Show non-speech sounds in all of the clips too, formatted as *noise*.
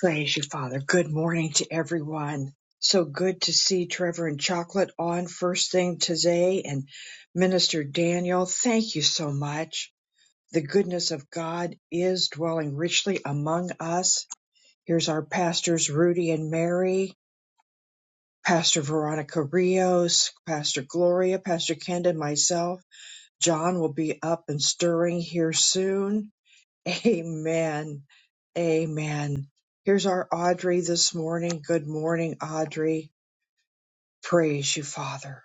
Praise you, Father. Good morning to everyone. So good to see Trevor and Chocolate on first thing today and Minister Daniel. Thank you so much. The goodness of God is dwelling richly among us. Here's our pastors, Rudy and Mary, Pastor Veronica Rios, Pastor Gloria, Pastor Kenda, and myself. John will be up and stirring here soon. Amen. Amen. Here's our Audrey this morning. Good morning, Audrey. Praise you, Father.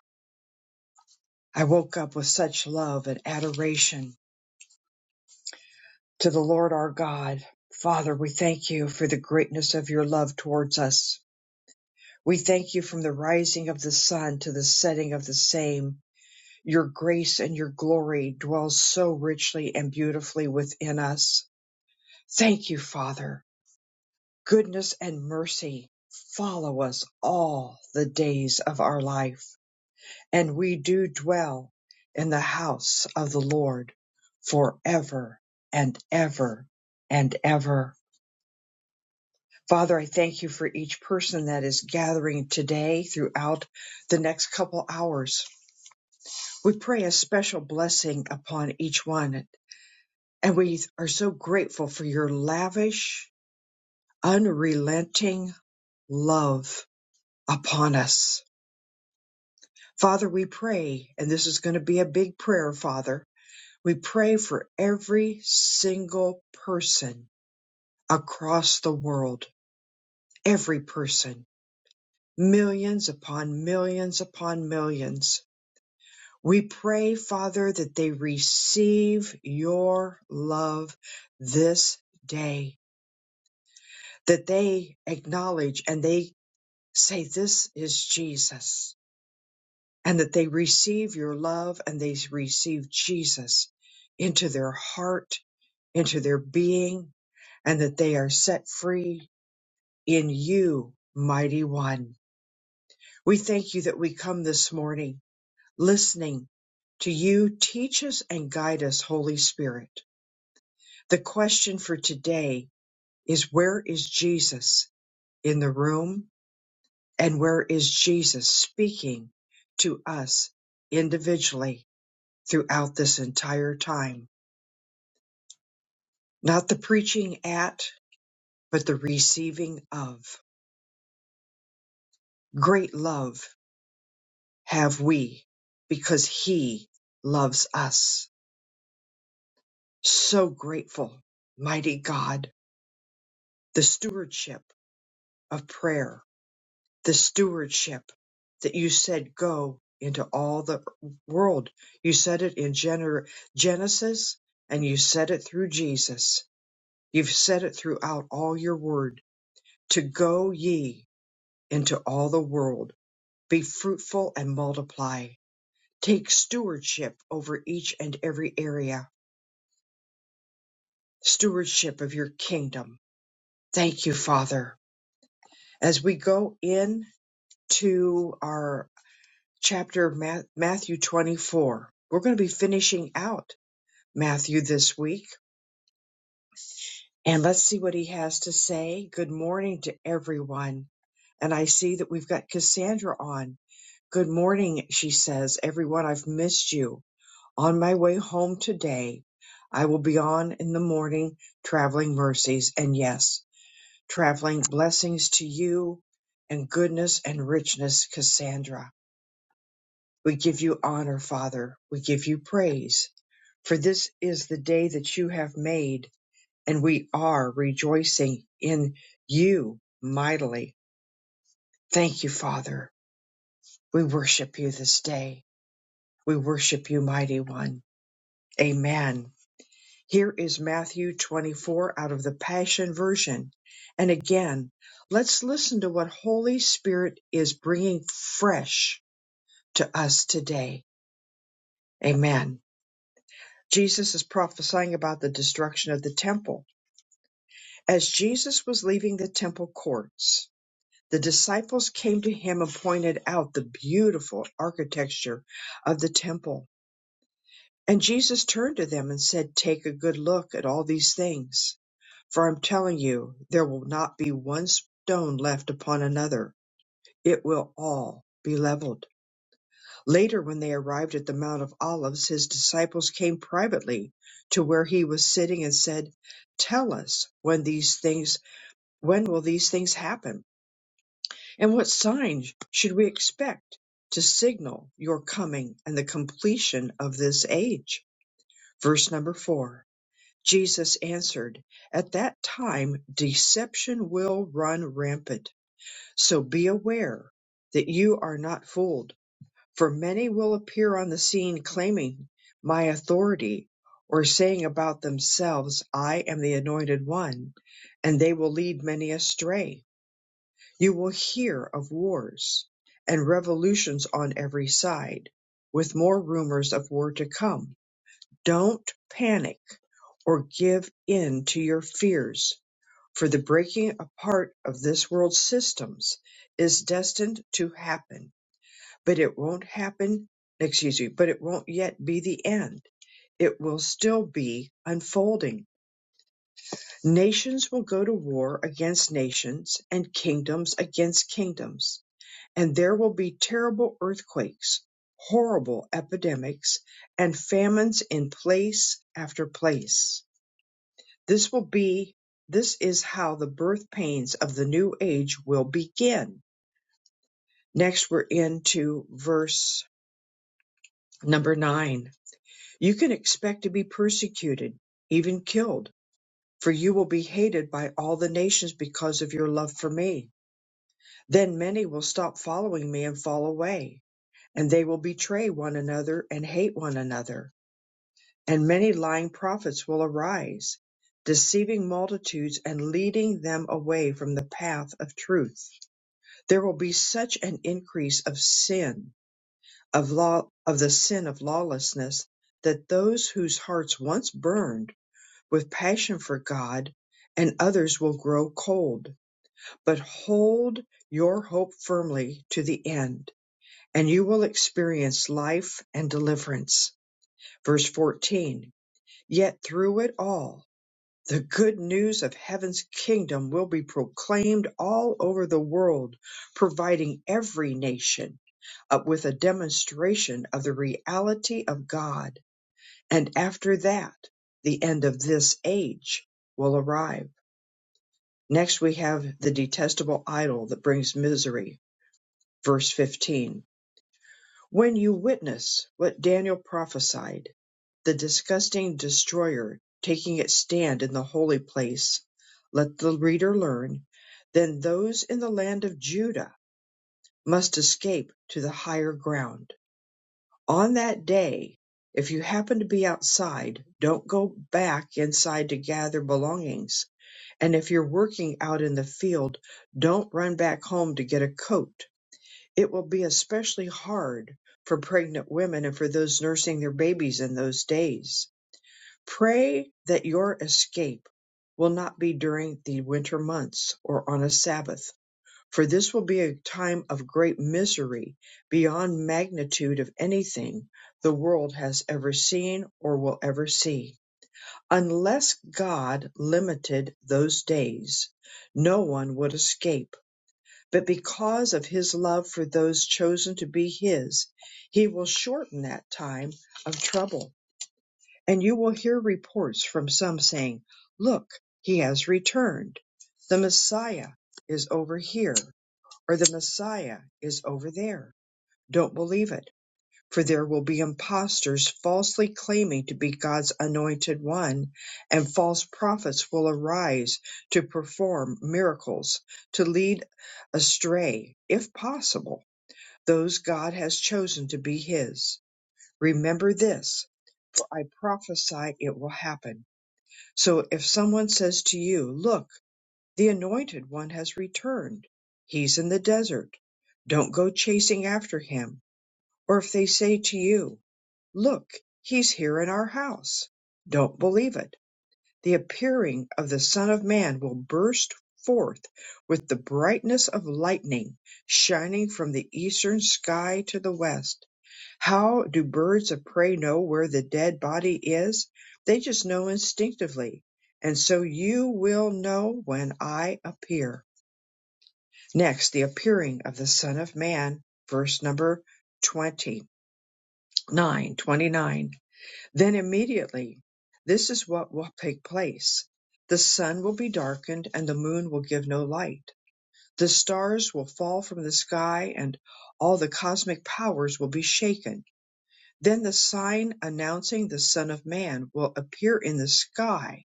I woke up with such love and adoration to the Lord our God. Father, we thank you for the greatness of your love towards us. We thank you from the rising of the sun to the setting of the same. Your grace and your glory dwells so richly and beautifully within us. Thank you, Father. goodness and mercy follow us all the days of our life, and we do dwell in the house of the Lord forever and ever and ever. Father, I thank you for each person that is gathering today throughout the next couple hours. We pray a special blessing upon each one, and we are so grateful for your lavish, unrelenting love upon us. Father, we pray, and this is going to be a big prayer, Father. We pray for every single person across the world, every person, millions upon millions upon millions. We pray, Father, that they receive your love this day, that they acknowledge and they say, This is Jesus. and that they receive your love and they receive Jesus into their heart, into their being, and that they are set free in you, mighty one. We thank you that we come this morning listening to you. Teach us and guide us, Holy Spirit. The question for today is where is Jesus in the room and where is Jesus speaking to us individually throughout this entire time? not the preaching at, but the receiving of. Great love have we because he loves us. So grateful, mighty God, the stewardship of prayer, the stewardship that you said go into all the world. You said it in Gener- Genesis and you said it through Jesus. You've said it throughout all your word to go ye into all the world Be fruitful and multiply. Take stewardship over each and every area, stewardship of your kingdom. Thank you, Father. As we go in to our chapter Ma- Matthew 24, we're going to be finishing out Matthew this week. And let's see what he has to say. Good morning to everyone. And I see that we've got Cassandra on. Good morning, she says. Everyone, I've missed you. On my way home today, I will be on in the morning traveling mercies and yes, traveling blessings to you and goodness and richness, Cassandra. We give you honor, Father. We give you praise. For this is the day that you have made, and we are rejoicing in you mightily. Thank you, Father. We worship you this day. We worship you, Mighty One. Amen. Here is Matthew 24 out of the Passion Version. And again, let's listen to what Holy Spirit is bringing fresh to us today. Amen. Jesus is prophesying about the destruction of the temple. As Jesus was leaving the temple courts, the disciples came to him and pointed out the beautiful architecture of the temple. And Jesus turned to them and said, Take a good look at all these things. For I'm telling you, there will not be one stone left upon another; it will all be leveled. Later, when they arrived at the Mount of Olives, his disciples came privately to where he was sitting and said, Tell us when these things, when will these things happen? And what sign should we expect to signal your coming and the completion of this age? Verse number four. Jesus answered, At that time deception will run rampant, so be aware that you are not fooled, for many will appear on the scene claiming my authority or saying about themselves, 'I am the anointed one, and they will lead many astray. You will hear of wars and revolutions on every side, with more rumors of war to come don't panic or give in to your fears, for the breaking apart of this world's systems is destined to happen, but it won't happen, excuse me, but it won't yet be the end. It will still be unfolding. Nations will go to war against nations and kingdoms against kingdoms, and there will be terrible earthquakes, horrible epidemics, and famines in place after place This will be this is how the birth pains of the new age will begin. Next we're into verse number 9. You can expect to be persecuted, even killed, for you will be hated by all the nations because of your love for me. Then many will stop following me and fall away, and they will betray one another and hate one another. And many lying prophets will arise, deceiving multitudes and leading them away from the path of truth There will be such an increase of sin, of law, of the sin of lawlessness, that those whose hearts once burned with passion for God and others will grow cold. But hold your hope firmly to the end, and you will experience life and deliverance. Verse 14 Yet through it all, the good news of heaven's kingdom will be proclaimed all over the world, providing every nation uh, with a demonstration of the reality of God. And after that, the end of this age will arrive. Next, we have the detestable idol that brings misery, verse 15. When you witness what Daniel prophesied, the disgusting destroyer taking its stand in the holy place, let the reader learn, then those in the land of Judah must escape to the higher ground. On that day, if you happen to be outside, don't go back inside to gather belongings. And if you're working out in the field, don't run back home to get a coat it will be especially hard for pregnant women and for those nursing their babies in those days. Pray that your escape will not be during the winter months or on a Sabbath, for this will be a time of great misery beyond magnitude of anything the world has ever seen or will ever see. Unless God limited those days, no one would escape but because of his love for those chosen to be his, he will shorten that time of trouble. And you will hear reports from some saying, Look, he has returned. The Messiah is over here, or the Messiah is over there. Don't believe it for there will be impostors falsely claiming to be God's anointed one, and false prophets will arise to perform miracles, to lead astray, if possible, those God has chosen to be His. Remember this, for I prophesy it will happen. So if someone says to you, Look, the anointed one has returned, he's in the desert, don't go chasing after him or if they say to you, Look, he's here in our house, don't believe it. The appearing of the Son of Man will burst forth with the brightness of lightning, shining from the eastern sky to the west. How do birds of prey know where the dead body is? They just know instinctively. And so you will know when I appear. Next, the appearing of the Son of Man, verse number 20 9 29. then immediately this is what will take place the sun will be darkened and the moon will give no light the stars will fall from the sky and all the cosmic powers will be shaken then the sign announcing the son of man will appear in the sky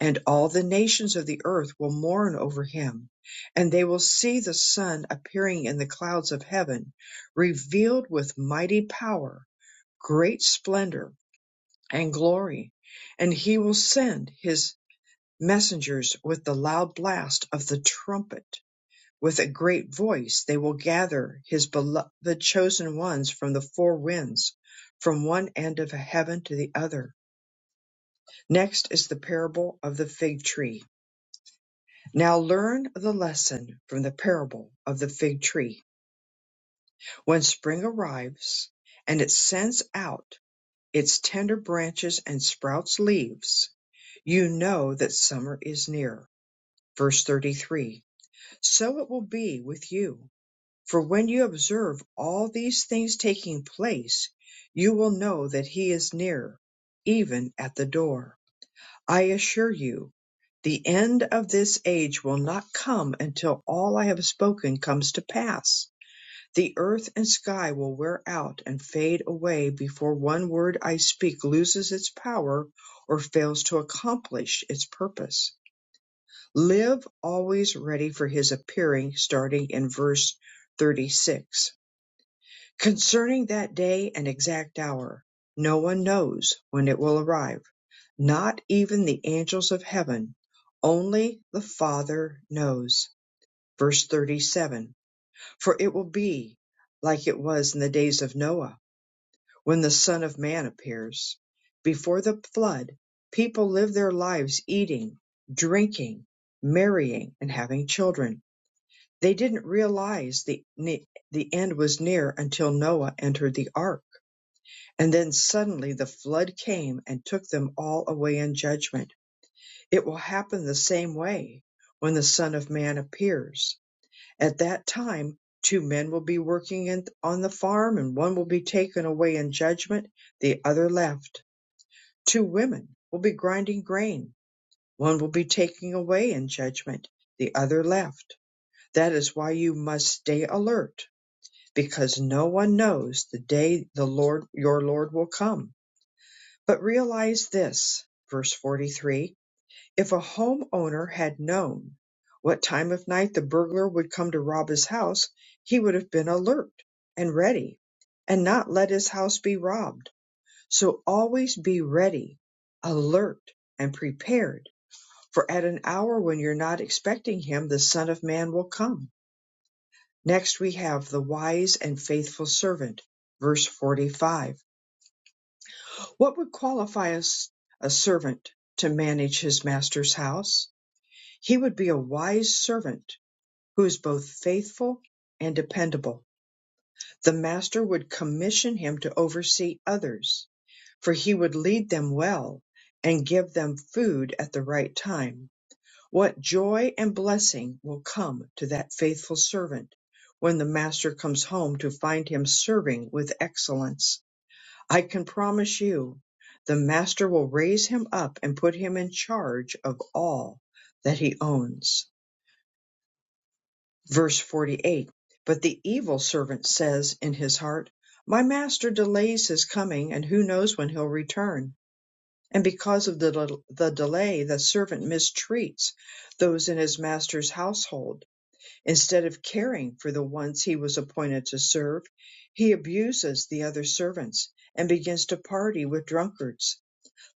and all the nations of the earth will mourn over him and they will see the sun appearing in the clouds of heaven revealed with mighty power great splendor and glory, and he will send his messengers with the loud blast of the trumpet. With a great voice they will gather his beloved chosen ones from the four winds, from one end of heaven to the other. Next is the parable of the fig tree. Now learn the lesson from the parable of the fig tree. When spring arrives and it sends out its tender branches and sprouts leaves, you know that summer is near. Verse 33 So it will be with you. For when you observe all these things taking place, you will know that He is near, even at the door. I assure you, the end of this age will not come until all I have spoken comes to pass. The earth and sky will wear out and fade away before one word I speak loses its power or fails to accomplish its purpose. Live always ready for his appearing, starting in verse 36. Concerning that day and exact hour, no one knows when it will arrive, not even the angels of heaven, only the Father knows. Verse 37 for it will be like it was in the days of Noah, when the Son of Man appears. Before the flood, people lived their lives eating, drinking, marrying, and having children. They didn't realize the, the end was near until Noah entered the ark. And then suddenly the flood came and took them all away in judgment. It will happen the same way when the Son of Man appears at that time, two men will be working in, on the farm, and one will be taken away in judgment, the other left. Two women will be grinding grain, one will be taken away in judgment, the other left. That is why you must stay alert, because no one knows the day the Lord your Lord will come. But realize this, verse 43 if a homeowner had known what time of night the burglar would come to rob his house, he would have been alert and ready and not let his house be robbed. So always be ready, alert, and prepared, for at an hour when you're not expecting him, the Son of Man will come. Next, we have the wise and faithful servant, verse 45. What would qualify a a servant to manage his master's house? He would be a wise servant who is both faithful and dependable. The master would commission him to oversee others, for he would lead them well and give them food at the right time. What joy and blessing will come to that faithful servant when the master comes home to find him serving with excellence. I can promise you, the master will raise him up and put him in charge of all that he owns. Verse 48 But the evil servant says in his heart, My master delays his coming, and who knows when he'll return? And because of the, del- the delay, the servant mistreats those in his master's household. Instead of caring for the ones he was appointed to serve, he abuses the other servants and begins to party with drunkards.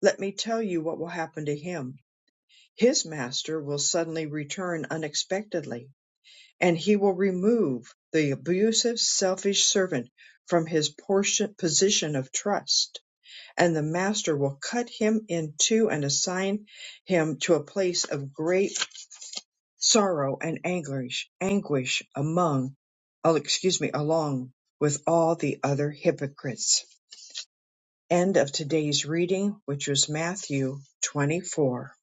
Let me tell you what will happen to him. His master will suddenly return unexpectedly and he will remove the abusive, selfish servant from his portion, position of trust, and the master will cut him in two and assign him to a place of great sorrow and anguish, anguish among, oh, excuse me, along with all the other hypocrites. End of today's reading, which was Matthew 24.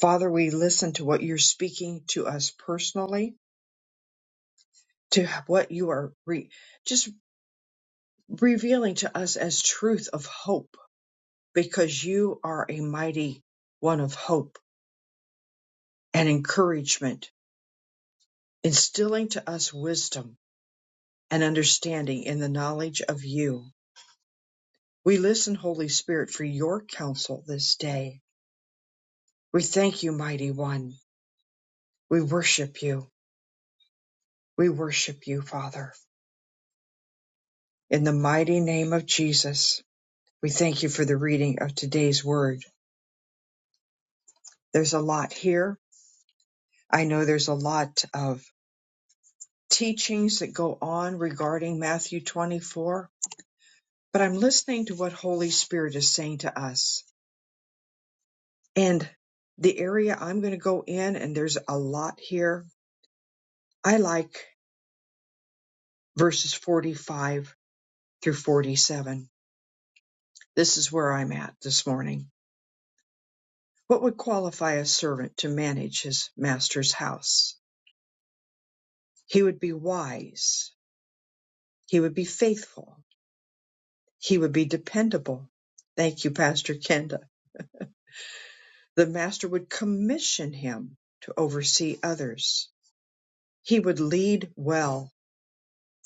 Father, we listen to what you're speaking to us personally, to what you are re- just. revealing to us as truth of hope because you are a mighty one of hope and encouragement, instilling to us wisdom and understanding in the knowledge of you. We listen, Holy Spirit, for your counsel this day. We thank you, mighty one. We worship you. We worship you, Father. In the mighty name of Jesus, we thank you for the reading of today's word. There's a lot here. I know there's a lot of teachings that go on regarding Matthew 24, but I'm listening to what Holy Spirit is saying to us. And the area I'm going to go in, and there's a lot here. I like verses 45 through 47. This is where I'm at this morning. What would qualify a servant to manage his master's house? He would be wise. He would be faithful. He would be dependable. Thank you, Pastor Kenda The master would commission him to oversee others. He would lead well,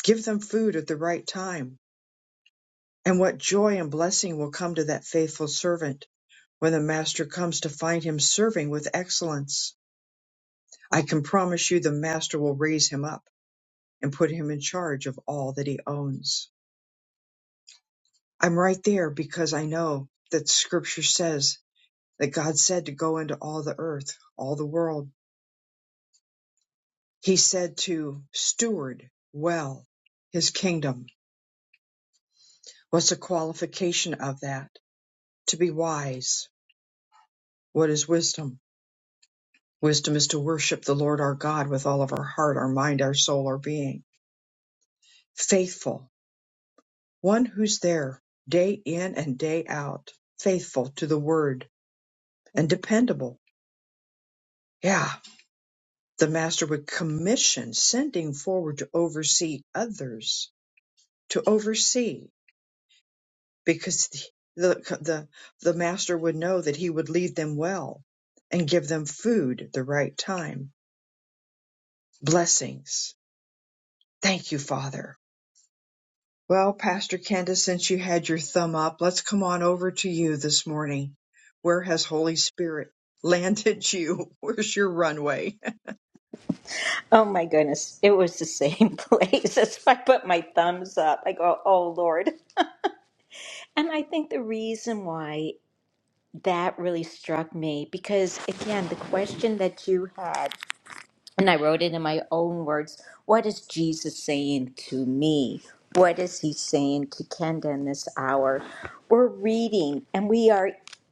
give them food at the right time. And what joy and blessing will come to that faithful servant when the master comes to find him serving with excellence. I can promise you the master will raise him up and put him in charge of all that he owns. I'm right there because I know that scripture says that God said to go into all the earth, all the world He said to steward well his kingdom. What's a qualification of that? To be wise. What is wisdom? Wisdom is to worship the Lord our God with all of our heart, our mind, our soul, our being. Faithful. One who's there day in and day out, faithful to the word and dependable. Yeah. The master would commission sending forward to oversee others, to oversee. because the, the the master would know that he would lead them well and give them food at the right time blessings thank you father well pastor candace since you had your thumb up let's come on over to you this morning where has holy spirit landed you *laughs* where's your runway Oh my goodness, it was the same *laughs* place. That's why I put my thumbs up. I go, oh Lord. And I think the reason why that really struck me, because again, the question that you had and I wrote it in my own words. What is Jesus saying to me? What is he saying to Kenda in this hour? We're reading, and we are,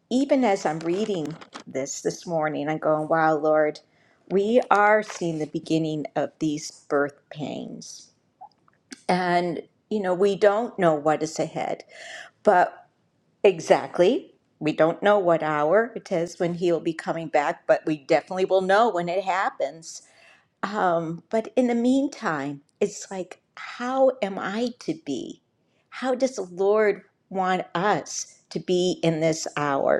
even as I'm reading this this morning, I'm going, wow, Lord, we are seeing the beginning of these birth pains. And, you know, we don't know what is ahead, but exactly, we don't know what hour it is when he will be coming back, but we definitely will know when it happens. Um, but in the meantime, it's like, how am I to be? How does the Lord want us to be in this hour?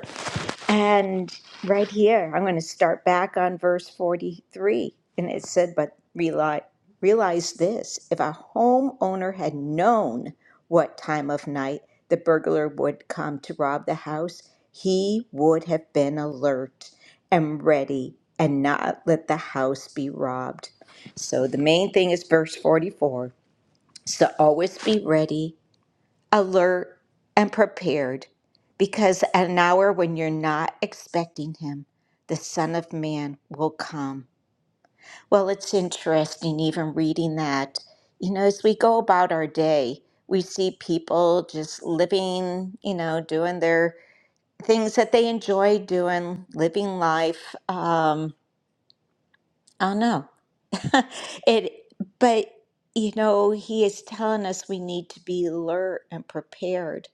And right here, I'm going to start back on verse 43. And it said, But realize, realize this if a homeowner had known what time of night the burglar would come to rob the house, he would have been alert and ready and not let the house be robbed. So the main thing is verse 44 so always be ready alert, and prepared because at an hour when you're not expecting him, the Son of Man will come. Well, it's interesting even reading that. You know, as we go about our day, we see people just living, you know, doing their things that they enjoy doing, living life. Um, I know. *laughs* it but you know, he is telling us we need to be alert and prepared.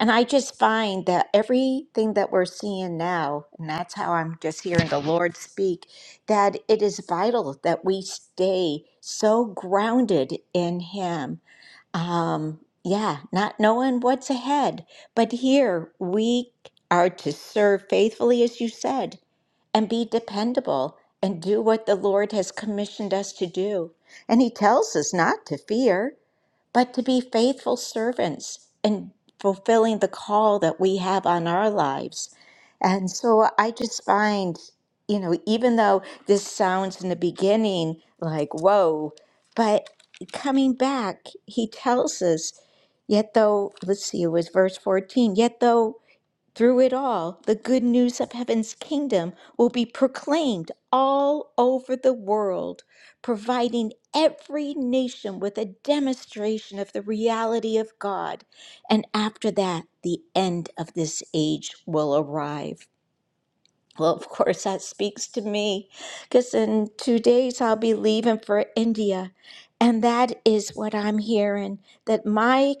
And I just find that everything that we're seeing now, and that's how I'm just hearing the Lord speak, that it is vital that we stay so grounded in him um, yeah, not knowing what's ahead. But here we are to serve faithfully, as you said, and be dependable and do what the Lord has commissioned us to do. And He tells us not to fear but to be faithful servants and fulfilling the call that we have on our lives. And so I just find, you know, even though this sounds in the beginning like, whoa, but coming back, he tells us, yet though, let's see, it was verse 14, yet though through it all, the good news of heaven's kingdom will be proclaimed all over the world, providing every nation with a demonstration of the reality of God. And after that, the end of this age will arrive. Well, of course, that speaks to me because in two days I'll be leaving for India. And that is what I'm hearing that my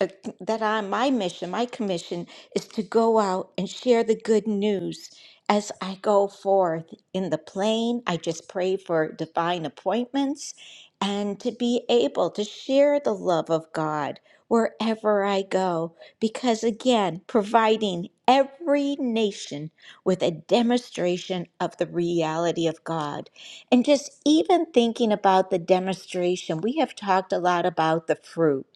uh, that I my mission, my commission is to go out and share the good news as I go forth in the plane. I just pray for divine appointments and to be able to share the love of God wherever I go because again, providing every nation with a demonstration of the reality of God. And just even thinking about the demonstration, we have talked a lot about the fruit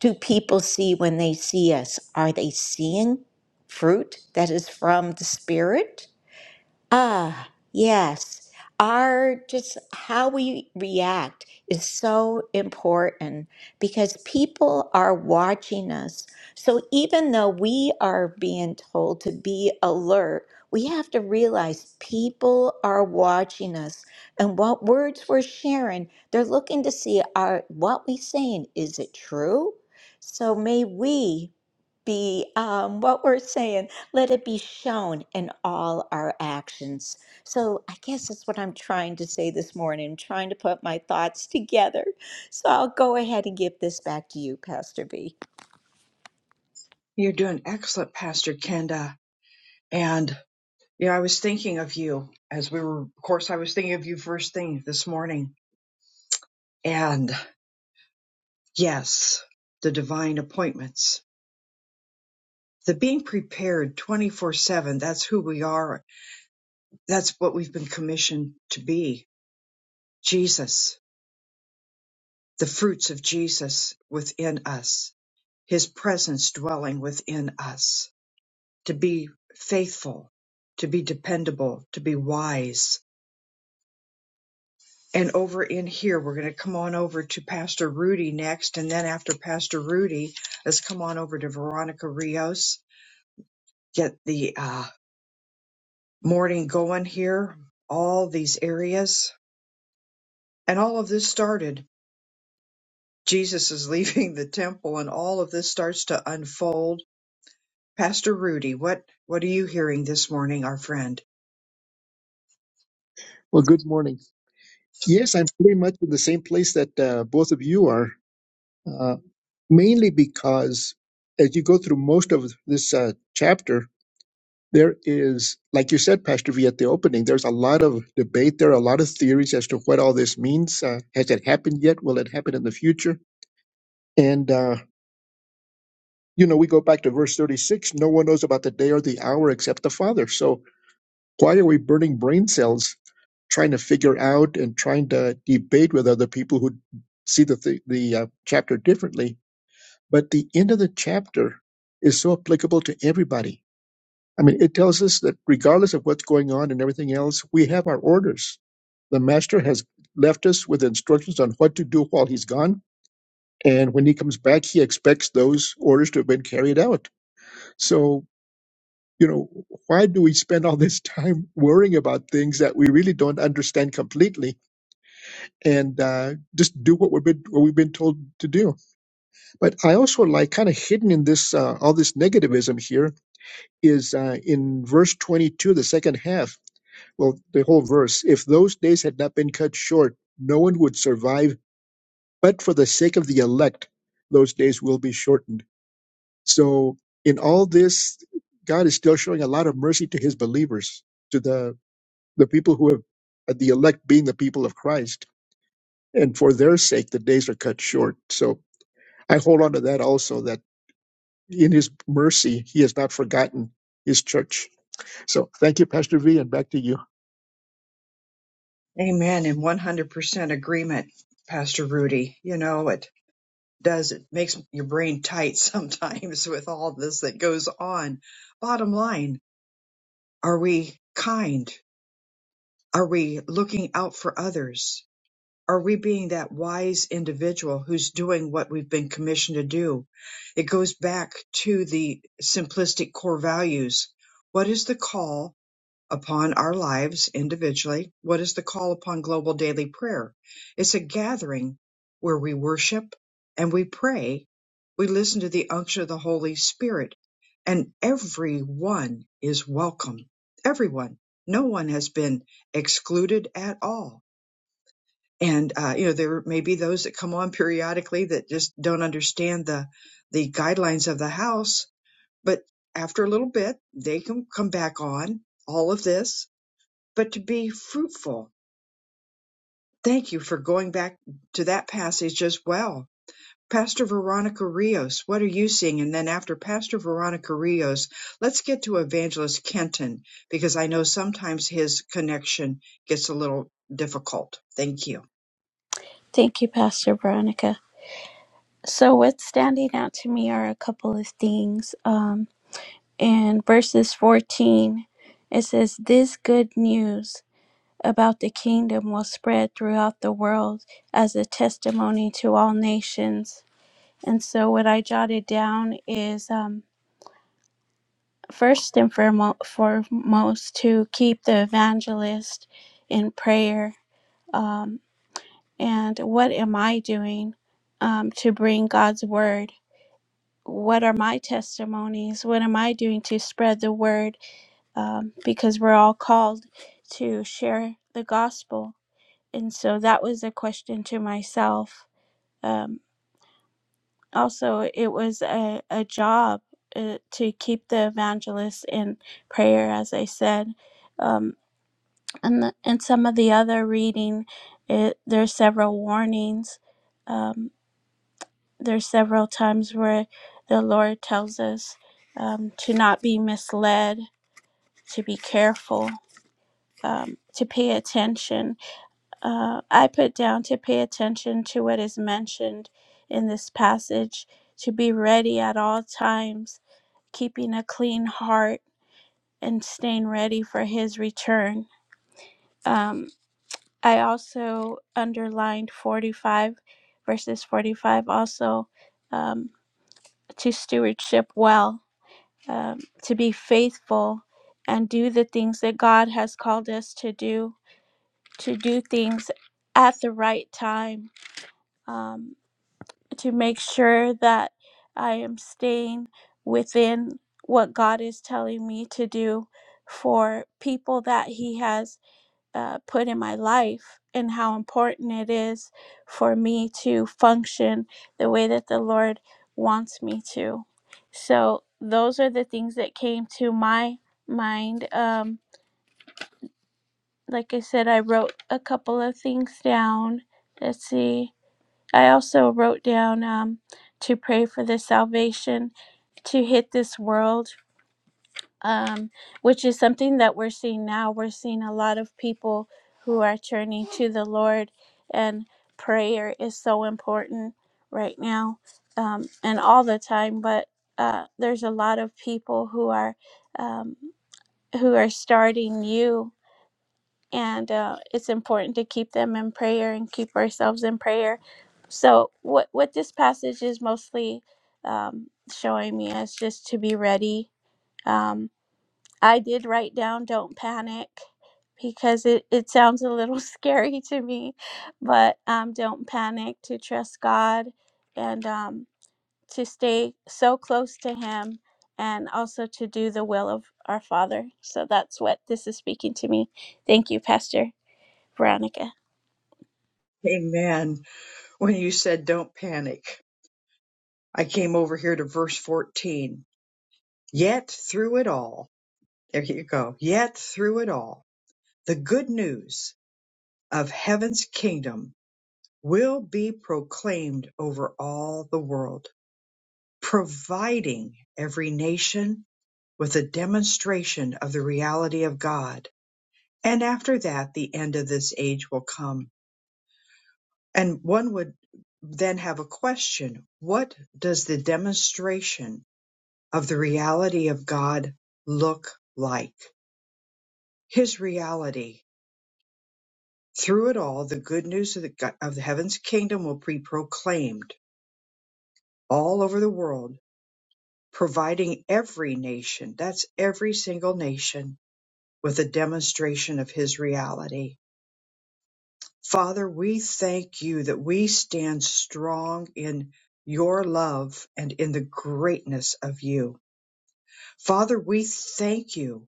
do people see when they see us? Are they seeing fruit that is from the Spirit? Ah, yes. Our just how we react is so important because people are watching us. So even though we are being told to be alert, we have to realize people are watching us and what words we're sharing. They're looking to see are what we saying, is it true? So may we be um, what we're saying let it be shown in all our actions. So, I guess that's what I'm trying to say this morning. I'm trying to put my thoughts *laughs* together. So, I'll go ahead and give this back to you, Pastor V. *laughs* you're doing excellent pastor kenda and you know i was thinking of you as we were of course i was thinking of you first thing this morning and. Yes, the divine appointments, the being prepared 24 7. That's who we are. That's what we've been commissioned to be. Jesus, the fruits of Jesus within us, his presence dwelling within us, to be faithful, to be dependable, to be wise. And over in here, we're going to come on over to Pastor Rudy next. And then after Pastor Rudy, let's come on over to Veronica Rios, get the uh. morning going here, all these areas. And all of this started. Jesus is *laughs* leaving the temple and all of this starts to unfold. Pastor Rudy, what, what are you hearing this morning, our friend? Well, good morning. Yes, I'm pretty much in the same place that uh, both of you are, uh, mainly because as you go through most of this uh, chapter, there is, like you said, Pastor V, at the opening, there's a lot of debate. There are a lot of theories as to what all this means. Uh, has it happened yet? Will it happen in the future? And, uh, you know, we go back to verse 36 no one knows about the day or the hour except the Father. So Why are we burning brain cells trying to figure out and trying to debate with other people who see the, th- the uh, chapter differently? But the end of the chapter is so applicable to everybody. I mean, it tells us that regardless of what's going on and everything else, we have our orders. The master has left us with instructions on what to do while he's gone. And when he comes back, he expects those orders to have been carried out. So you know, why do we spend all this time worrying about things that we really don't understand completely and uh, just do what we've been what we've been told to do? But I also like kind of hidden in this uh, all this negativism here is uh, in verse 22, the second half. Well, the whole verse. If those days had not been cut short, no one would survive. But for the sake of the elect, those days will be shortened. So in all this, God is still showing a lot of mercy to His believers. to the the people who have the elect being the people of Christ, and for their sake the days are cut short. So I hold on to that also that in His mercy He has not forgotten His church. So thank you, Pastor V, and back to you. Amen. In 100% agreement, Pastor Rudy. You know, it does, it makes your brain tight *laughs* sometimes with all this that goes on. Bottom line, are we kind? Are we looking out for others? Are we being that wise individual who's doing what we've been commissioned to do? It goes back to the simplistic core values. What is the call upon our lives individually? What is the call upon global daily prayer? It's a gathering where we worship and we pray. We listen to the unction of the Holy Spirit and everyone is welcome. Everyone. No one has been excluded at all and uh, you know there may be those that come on periodically that just don't understand the the guidelines of the house but after a little bit they can come back on all of this but to be fruitful thank you for going back to that passage as well pastor veronica rios what are you seeing and then after pastor veronica rios let's get to evangelist kenton because i know sometimes his connection gets a little difficult thank you Thank you, Pastor Veronica. So, what's standing out to me are a couple of things. Um, in verses 14, it says, This good news about the kingdom will spread throughout the world as a testimony to all nations. And so, what I jotted down is um, first and foremo- foremost to keep the evangelist in prayer. Um, and what am I doing um, to bring God's word? what are my testimonies? What am I doing to spread the word? Um, because we're all called to share the gospel. And so that was a question to myself. Um, also, it was a, a job uh, to keep the evangelists in prayer, as I said. Um, and, the, and some of the other reading, it, there's several warnings. Um, there's several times where the Lord tells us um, to not be misled, to be careful, um, to pay attention. Uh, I put down to pay attention to what is mentioned in this passage, to be ready at all times, keeping a clean heart and staying ready for His return. Um, I also underlined 45, verses 45 also um, to stewardship well um, to be faithful and do the things that God has called us to do, to do things at the right time, um, to make sure that I am staying within what God is telling me to do for people that He has uh, put in my life and how important it is for me to function the way that the Lord wants me to. So those are the things that came to my mind. Um, like I said, I wrote a couple of things down. Let's see. I also wrote down um, to pray for the salvation to hit this world um, which is something that we're seeing now. We're seeing a lot of people who are turning to the Lord, and prayer is so important right now um, and all the time. But uh, there's a lot of people who are um, who are starting new, and uh, it's important to keep them in prayer and keep ourselves in prayer. So what what this passage is mostly um, showing me is just to be ready. Um, I did write down don't panic because it, it sounds a little *laughs* scary to me, but um, don't panic to trust God and um, to stay so close to Him and also to do the will of our Father. So that's what this is speaking to me. Thank you, Pastor Veronica. amen When you said don't panic, I came over here to verse 14. Yet through it all, there you go. Yet through it all, the good news of heaven's kingdom will be proclaimed over all the world, providing every nation with a demonstration of the reality of God. And after that, the end of this age will come. And one would then have a question. What does the demonstration of the reality of God look like? His reality. Through it all, the good news of the, go- of the heaven's kingdom will be proclaimed all over the world, providing every nation, that's every single nation, with a demonstration of His reality. Father, we thank you that we stand strong in your love and in the greatness of you. Father, we thank you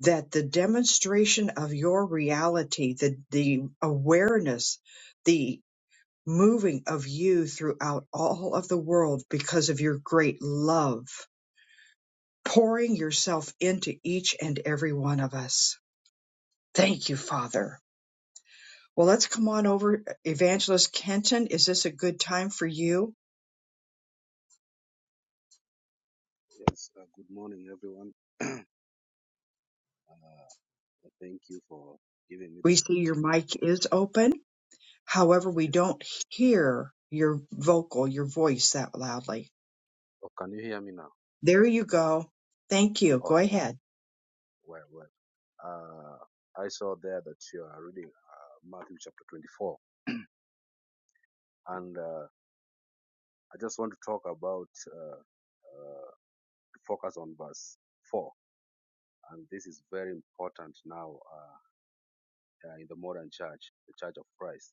that the demonstration of your reality, the, the awareness, the moving of you throughout all of the world because of your great love, pouring yourself into each and every one of us. Thank you, Father. Well, let's come on over. Evangelist Kenton, is this a good time for you? Yes, uh, good morning, everyone. *clears throat* uh, thank you for giving me We this see your opportunity. mic is open. However, we Yes. don't hear your vocal, your voice that loudly. Oh, can you hear me now? There you go. Thank you. Oh, Go ahead. well, well. Uh, I saw there that you are reading uh, Matthew chapter 24, and uh, I just want to talk about uh, uh, focus on verse 4. And this is very important now uh, uh, in the modern church, the church of Christ,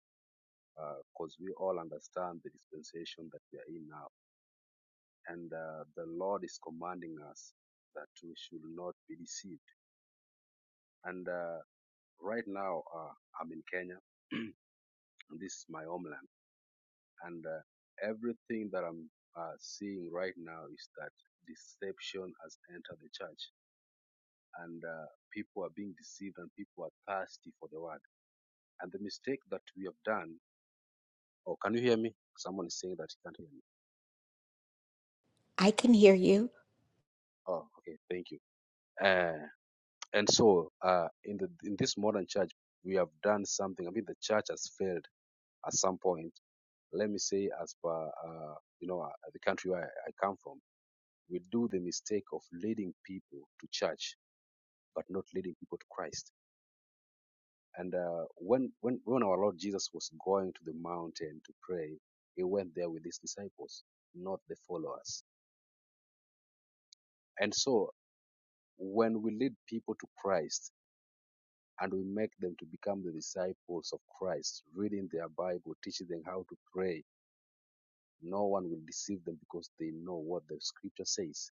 because we all understand the dispensation that we are in now and uh, the Lord is commanding us that we should not be deceived. And uh, right now, uh, I'm in Kenya. *clears throat* this is my homeland, and uh, everything that I'm uh, seeing right now is that deception has entered the church, and uh, people are being deceived, and people are thirsty for the word. And the mistake that we have done. Oh, can you hear me? Someone is saying that he can't hear me. I can hear you. Oh, okay, thank you. Uh, And so, uh, in the in this modern church, we have done something. I mean, the church has failed at some point. Let me say, as per uh, you know, uh, the country where I, I come from, we do the mistake of leading people to church, but not leading people to Christ. And uh, when when when our Lord Jesus was going to the mountain to pray, he went there with his disciples, not the followers. And so, when we lead people to Christ, and we make them to become the disciples of Christ, reading their Bible, teaching them how to pray. No one will deceive them because they know what the scripture says.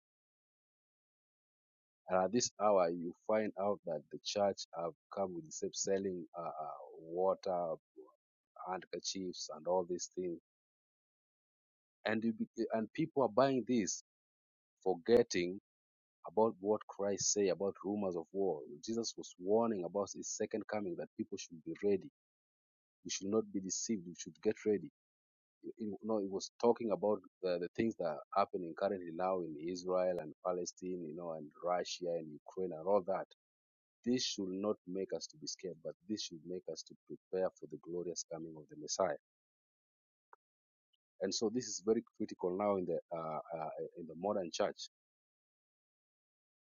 And at this hour, you find out that the church have come with selling uh, uh, water, handkerchiefs, and all these things. And you be, and people are buying this, forgetting about what Christ say about rumors of war. Jesus was warning about his second coming that people should be ready. We should not be deceived. We should get ready you know, it was talking about the, the things that are happening currently now in Israel and Palestine, you know, and Russia and Ukraine and all that. This should not make us to be scared, but this should make us to prepare for the glorious coming of the Messiah. And so this is very critical now in the uh, uh, in the modern church.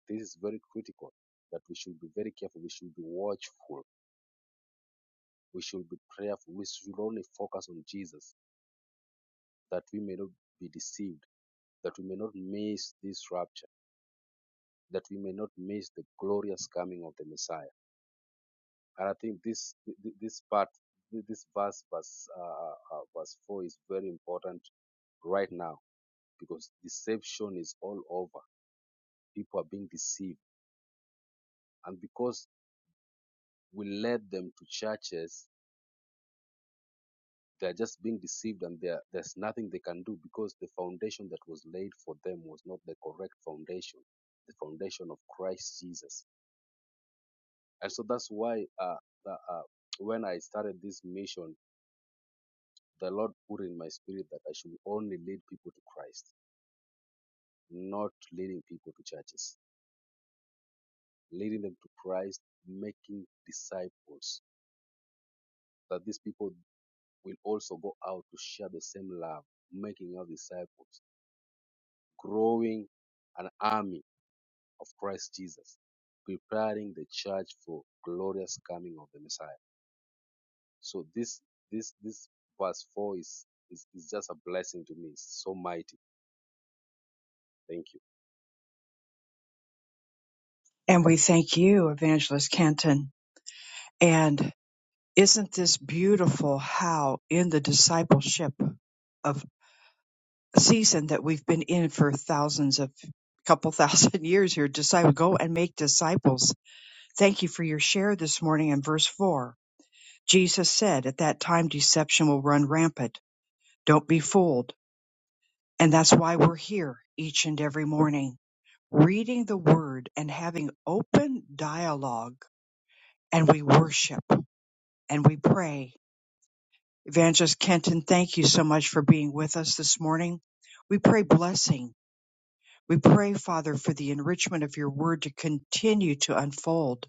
This is very critical that we should be very careful. We should be watchful. We should be prayerful. We should only focus on Jesus, that we may not be deceived, that we may not miss this rapture that we may not miss the glorious coming of the Messiah. And I think this this part, this verse, verse uh, uh, uh, verse four, is very important right now because deception is all over. People are being deceived, and because we led them to churches, they are just being deceived, and there there's nothing they can do because the foundation that was laid for them was not the correct foundation, the foundation of Christ Jesus. And so that's why uh, the, uh, when I started this mission the Lord put in my spirit that I should only lead people to Christ, not leading people to churches, leading them to Christ, making disciples, that these people will also go out to share the same love, making out disciples, growing an army of Christ Jesus, preparing the church for glorious coming of the Messiah. So this this this verse four is is, is just a blessing to me. It's so mighty. Thank you. And we thank you, Evangelist Kenton. And isn't this beautiful how in the discipleship of season that we've been in for thousands of couple thousand *laughs* years here, disciple go and make disciples. Thank you for your share this morning in verse four. Jesus said, At that time deception will run rampant. Don't be fooled. And that's why we're here each and every morning, reading the word and having open dialogue and we worship and we pray. Evangelist Kenton, thank you so much for being with us this morning. We pray blessing. We pray, Father, for the enrichment of your word to continue to unfold.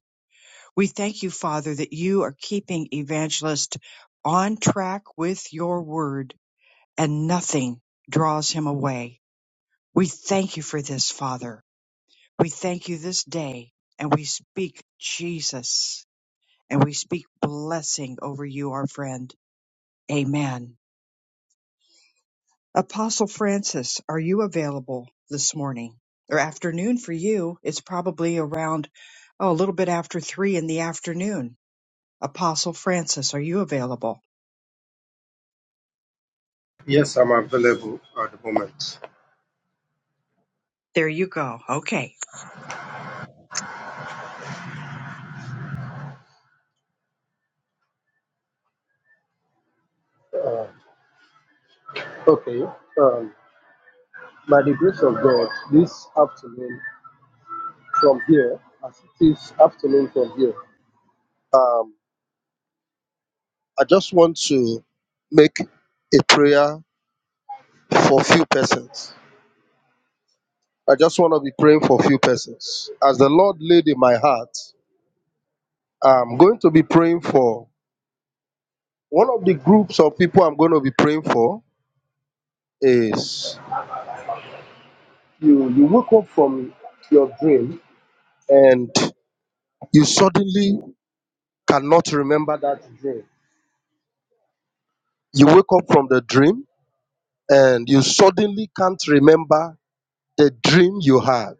We thank you, Father, that you are keeping Evangelist on track with your word and nothing draws him away. We thank you for this, Father. We thank you this day and we speak Jesus and we speak blessing over you, our friend. Amen. Apostle Francis, are you available this morning or afternoon for you? It's probably around, oh, a little bit after three in the afternoon. Apostle Francis, are you available? Yes, I'm available at the moment. There you go. Okay. Okay. Um, by the grace of God, this afternoon from here, as it is afternoon from here, um, I just want to make a prayer for few persons. I just want to be praying for few persons. As the Lord laid in my heart, I'm going to be praying for one of the groups of people I'm going to be praying for is you you wake up from your dream and you suddenly cannot remember that dream. You wake up from the dream and you suddenly can't remember the dream you had.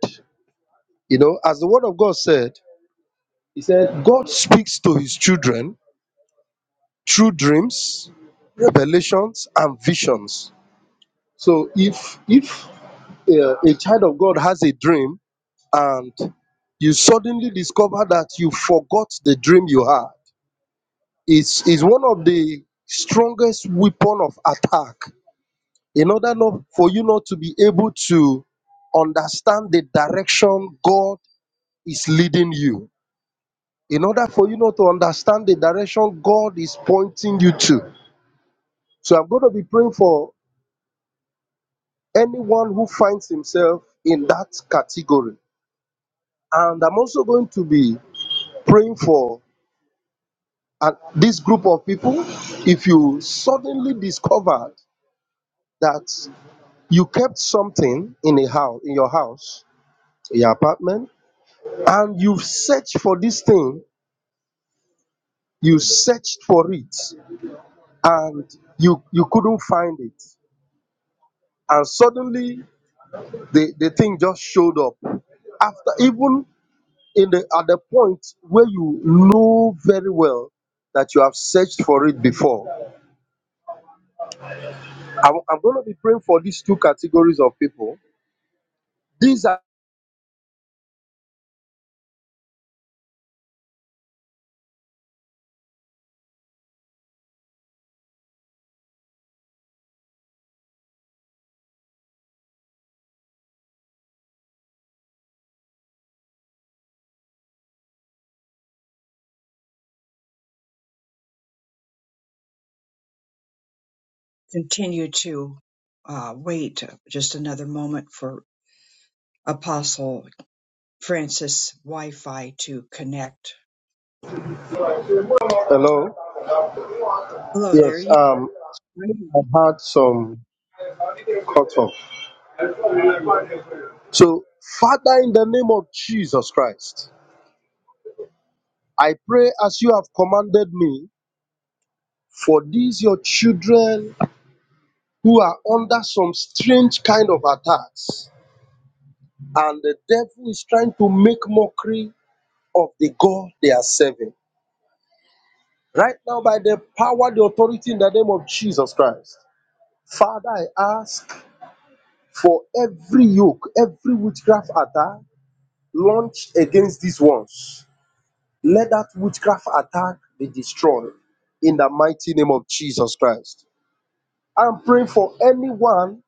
You know, as the word of God said, He said, God speaks to his children through dreams, revelations, and visions. So if if uh, a child of God has a dream and you suddenly discover that you forgot the dream you had, it's, it's one of the strongest weapon of attack in order not for you not to be able to understand the direction God is leading you, in order for you not to understand the direction God is pointing you to. So I'm going to be praying for anyone who finds himself in that category. And I'm also going to be praying for uh, this group of people. If you suddenly discovered that you kept something in a house, in your house, in your apartment, and you've searched for this thing you searched for it and you you couldn't find it and suddenly the the thing just showed up after even in the at the point where you know very well that you have searched for it before i'm, I'm going to be praying for these two categories of people these are Continue to uh, wait just another moment for Apostle Francis' Wi Fi to connect. hello Hello, there yes you um are. i had some cut off so father in the name of jesus christ I pray as you have commanded me for these your children who are under some strange kind of attacks, and the devil is trying to make mockery of the God they are serving. Right now, by the power, the authority in the name of Jesus Christ, Father, I ask for every yoke, every witchcraft attack launched against these ones. Let that witchcraft attack be destroyed in the mighty name of Jesus Christ. I'm praying for anyone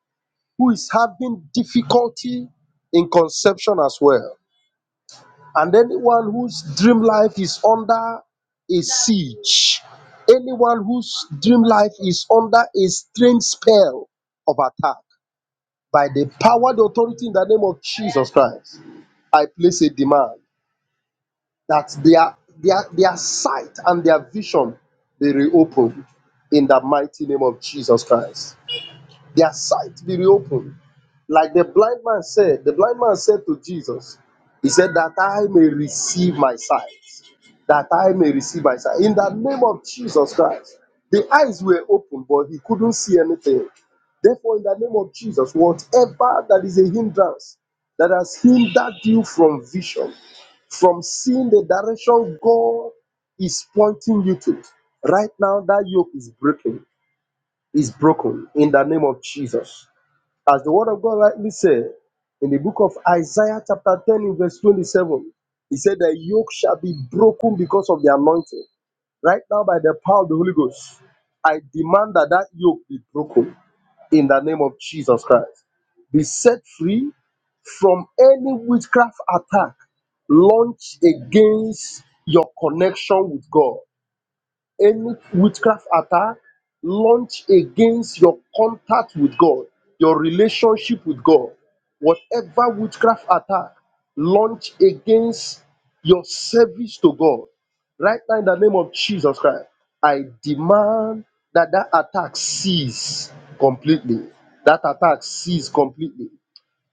who is having difficulty in conception as well, and anyone whose dream life is under a siege, anyone whose dream life is under a strange spell of attack by the power, the authority in the name of Jesus Christ. I place a demand that their their their sight and their vision be reopened in the mighty name of Jesus Christ. their sight be reopened. Like the blind man said, the blind man said to Jesus, He said, That I may receive my sight, that I may receive my sight. In the name of Jesus Christ, the eyes were open, but he couldn't see anything. Therefore, in the name of Jesus, whatever that is a hindrance that has hindered you from vision, from seeing the direction God is pointing you to, right now that yoke is breaking, is broken in the name of Jesus. As the word of God rightly said in the book of Isaiah, chapter 10, in verse 27, he said, The yoke shall be broken because of the anointing. Right now, by the power of the Holy Ghost, I demand that that yoke be broken in the name of Jesus Christ. Be set free from any witchcraft attack launched against your connection with God any witchcraft attack launched against your contact with God, your relationship with God, whatever witchcraft attack launched against your service to God, right now in the name of Jesus Christ, I demand that that attack cease completely. That attack cease completely.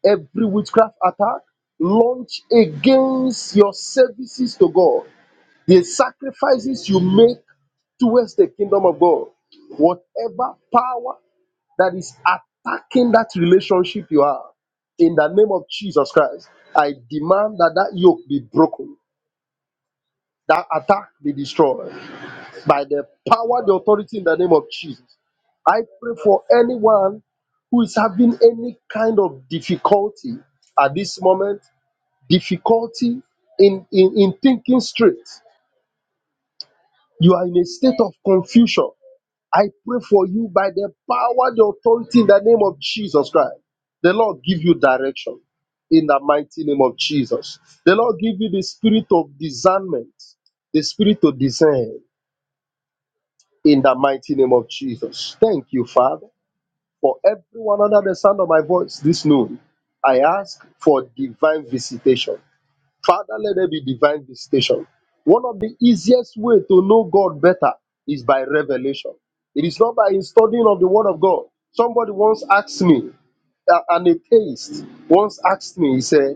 Every witchcraft attack launched against your services to God the sacrifices you make towards the kingdom of God, whatever power that is attacking that relationship you have, in the name of Jesus Christ, I demand that that yoke be broken, that attack be destroyed by the power, the authority in the name of Jesus. I pray for anyone who is having any kind of difficulty at this moment, difficulty in, in, in thinking straight, You are in a state of confusion. I pray for you by the power, the authority in the name of Jesus Christ. The Lord give you direction in the mighty name of Jesus. The Lord give you the spirit of discernment, the spirit to discern in the mighty name of Jesus. Thank you, Father, for everyone under the sound of my voice this noon. I ask for divine visitation Father, let there be divine visitation. One of the easiest way to know God better is by revelation. It is not by studying of the Word of God. Somebody once asked me, an atheist once asked me, he said,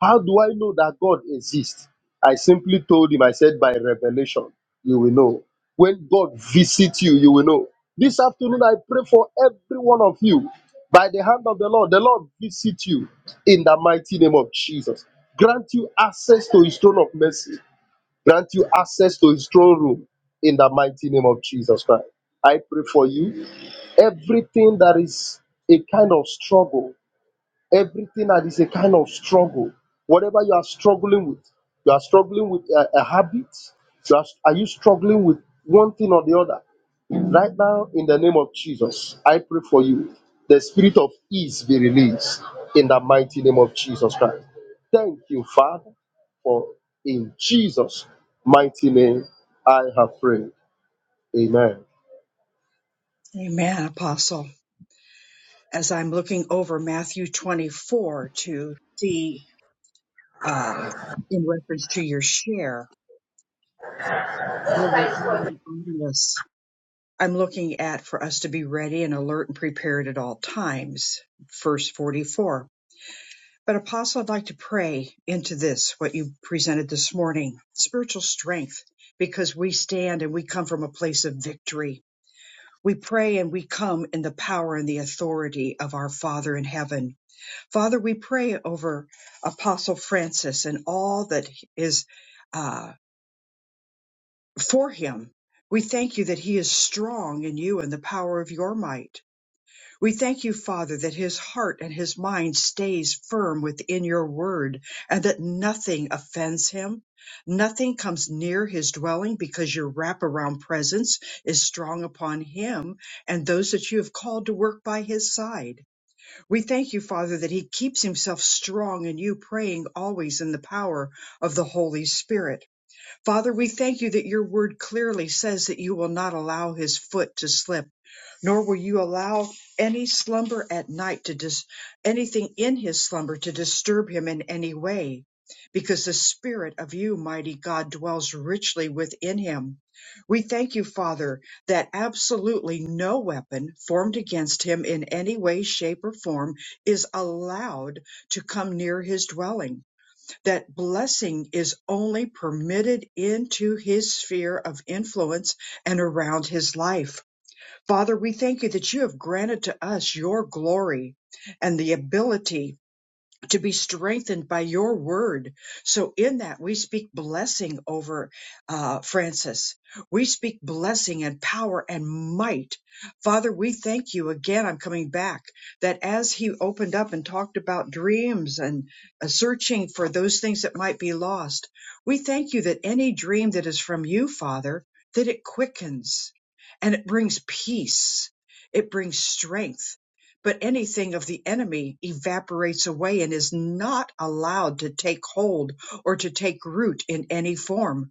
How do I know that God exists? I simply told him, I said, By revelation, you will know. When God visits you, you will know. This afternoon, I pray for every one of you by the hand of the Lord. The Lord visit you in the mighty name of Jesus. Grant you access to his throne of mercy. Grant you access to his throne room in the mighty name of Jesus Christ. I pray for you. Everything that is a kind of struggle everything that is a kind of struggle whatever you are struggling with you are struggling with a, a habit you are, are you struggling with one thing or the other right now in the name of jesus i pray for you the spirit of ease be released in the mighty name of jesus christ thank you father for in jesus mighty name i have prayed amen Amen, Apostle. As I'm looking over Matthew 24 to see um, in reference to your share, really on on this, I'm looking at for us to be ready and alert and prepared at all times, verse 44. But Apostle, I'd like to pray into this, what you presented this morning, spiritual strength, because we stand and we come from a place of victory. We pray and we come in the power and the authority of our Father in heaven. Father, we pray over Apostle Francis and all that is. uh, for him. We thank you that he is strong in you and the power of your might. We thank you, Father, that his heart and his mind stays firm within your word and that nothing offends him. Nothing comes near his dwelling because your wraparound presence is strong upon him and those that you have called to work by his side. We thank you, Father, that he keeps himself strong in you, praying always in the power of the Holy Spirit Father, we thank you that your word clearly says that you will not allow his foot to slip, nor will you allow any slumber at night to dis- anything in his slumber to disturb him in any way, because the spirit of you, mighty God, dwells richly within him. We thank you, Father, that absolutely no weapon formed against him in any way, shape, or form is allowed to come near his dwelling that blessing is only permitted into his sphere of influence and around his life. Father, we thank you that you have granted to us your glory and the ability to be strengthened by your word. So, in that, we speak blessing over uh, Francis. We speak blessing and power and might. Father, we thank you again. I'm coming back that as he opened up and talked about dreams and uh, searching for those things that might be lost, we thank you that any dream that is from you, Father, that it quickens and it brings peace. It brings strength but anything of the enemy evaporates away and is not allowed to take hold or to take root in any form.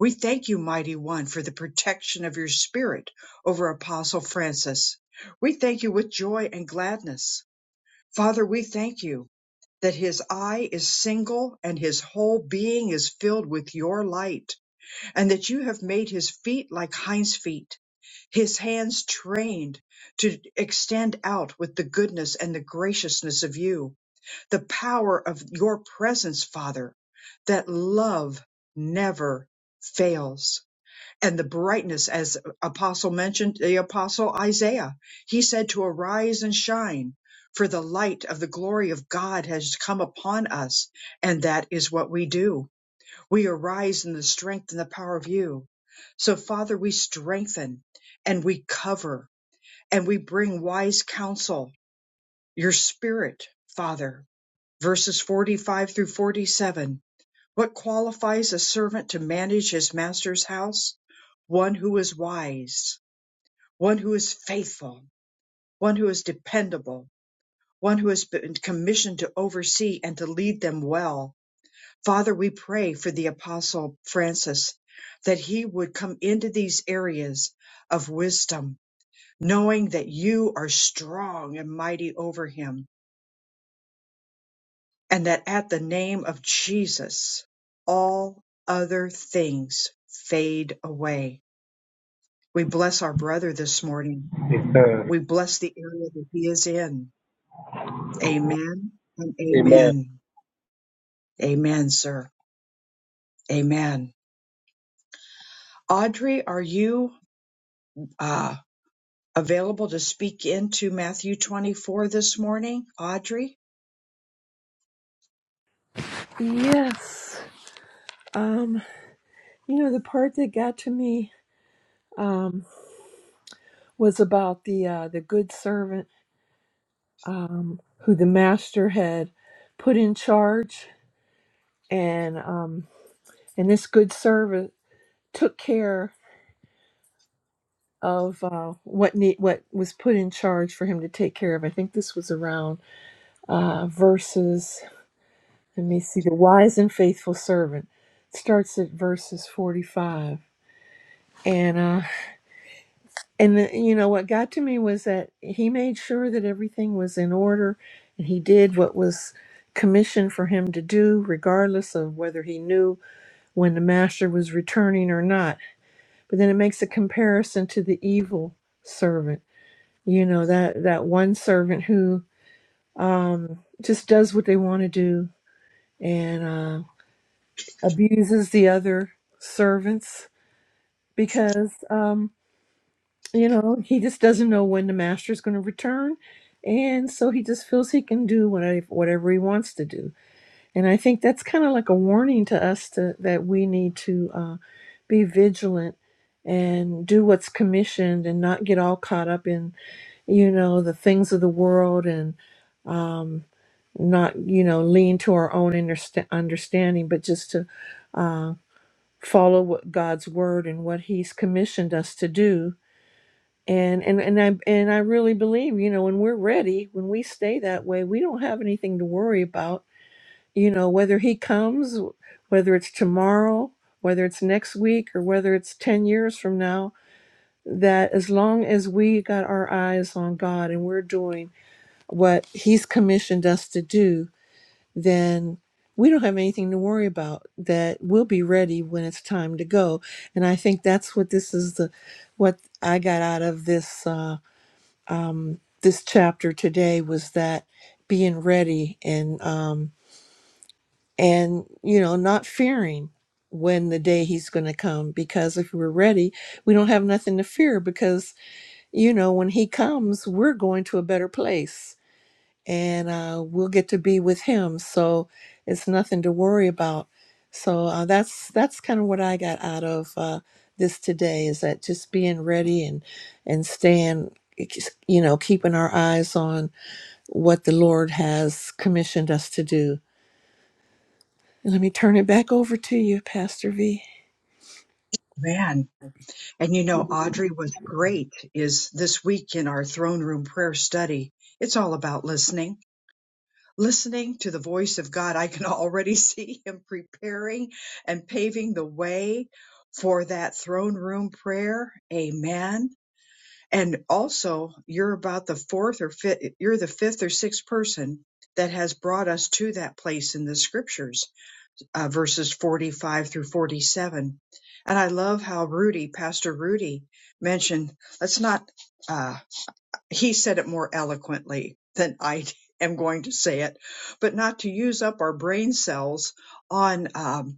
We thank you, mighty one, for the protection of your spirit over Apostle Francis. We thank you with joy and gladness. Father, we thank you that his eye is single and his whole being is filled with your light and that you have made his feet like hinds feet, his hands trained to extend out with the goodness and the graciousness of you, the power of your presence, Father, that love never fails. And the brightness, as Apostle mentioned, the Apostle Isaiah, he said to arise and shine. For the light of the glory of God has come upon us, and that is what we do we arise in the strength and the power of you. So, Father, we strengthen and we cover and we bring wise counsel, your spirit, Father. Verses 45 through 47. What qualifies a servant to manage his master's house? One who is wise, one who is faithful, one who is dependable, one who has been commissioned to oversee and to lead them well Father, we pray for the Apostle Francis that he would come into these areas of wisdom, knowing that you are strong and mighty over him, and that at the name of Jesus, all other things fade away. We bless our brother this morning. We bless the area that he is in. Amen and Amen. amen. Amen, sir. Amen. Audrey, are you? uh, available to speak into Matthew 24 this morning, Audrey? Yes. Um, you know, the part that got to me um, was about the uh, the good servant um, who the master had put in charge, and um, and this good servant took care of uh, what need what was put in charge for him to take care of. I think this was around uh, verses. Let me see. The wise and faithful servant starts at verses forty five, and uh, and the, you know what got to me was that he made sure that everything was in order and he did what was commissioned for him to do regardless of whether he knew when the master was returning or not but then it makes a comparison to the evil servant you know that that one servant who um just does what they want to do and uh abuses the other servants because um You know, he just doesn't know when the master is going to return. And so he just feels he can do whatever, whatever he wants to do. And I think that's kind of like a warning to us to, that we need to uh, be vigilant and do what's commissioned and not get all caught up in, you know, the things of the world and um, not, you know, lean to our own understa- understanding, but just to uh, follow what God's word and what he's commissioned us to do and and and I and I really believe, you know, when we're ready, when we stay that way, we don't have anything to worry about. You know, whether he comes, whether it's tomorrow, whether it's next week, or whether it's ten years from now. That as long as we got our eyes on God and we're doing what He's commissioned us to do, then we don't have anything to worry about. That we'll be ready when it's time to go. And I think that's what this is the, what I got out of this. Uh, this chapter today was that being ready and um and you know not fearing when the day he's going to come because if we're ready we don't have nothing to fear because you know when he comes we're going to a better place and uh, we'll get to be with him so it's nothing to worry about so uh, that's that's kind of what i got out of uh, this today is that just being ready and and staying you know keeping our eyes on what the Lord has commissioned us to do. Let me turn it back over to you, Pastor V. Man, and you know, Audrey was great is this week in our throne room prayer study. It's all about listening, listening to the voice of God. I can *laughs* already see him preparing and paving the way for that throne room prayer. Amen. And also, you're about the fourth or fifth, you're the fifth or sixth person that has brought us to that place in the scriptures uh, verses 45 through 47. And I love how Rudy, Pastor Rudy, mentioned, let's not, uh, he said it more eloquently than I *laughs* am going to say it, but not to use up our brain cells on um,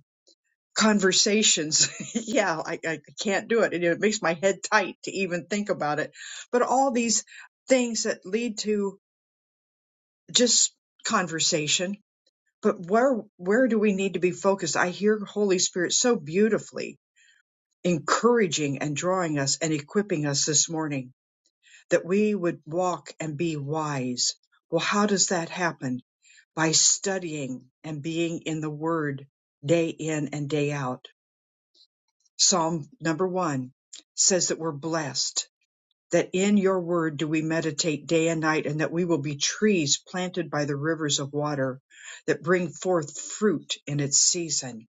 conversations. *laughs* yeah, I, I can't do it. And it makes my head tight to even think about it. But all these things that lead to just conversation but where where do we need to be focused i hear holy spirit so beautifully encouraging and drawing us and equipping us this morning that we would walk and be wise well how does that happen by studying and being in the word day in and day out psalm number 1 says that we're blessed that in your word do we meditate day and night and that we will be trees planted by the rivers of water that bring forth fruit in its season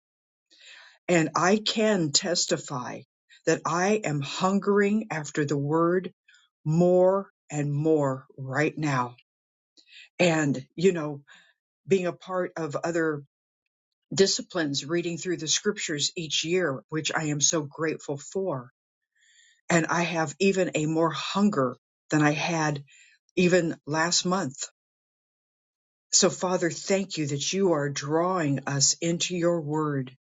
And I can testify that I am hungering after the word more and more right now. And, you know, being a part of other disciplines, reading through the scriptures each year, which I am so grateful for. And I have even a more hunger than I had even last month. So, Father, thank you that you are drawing us into your word.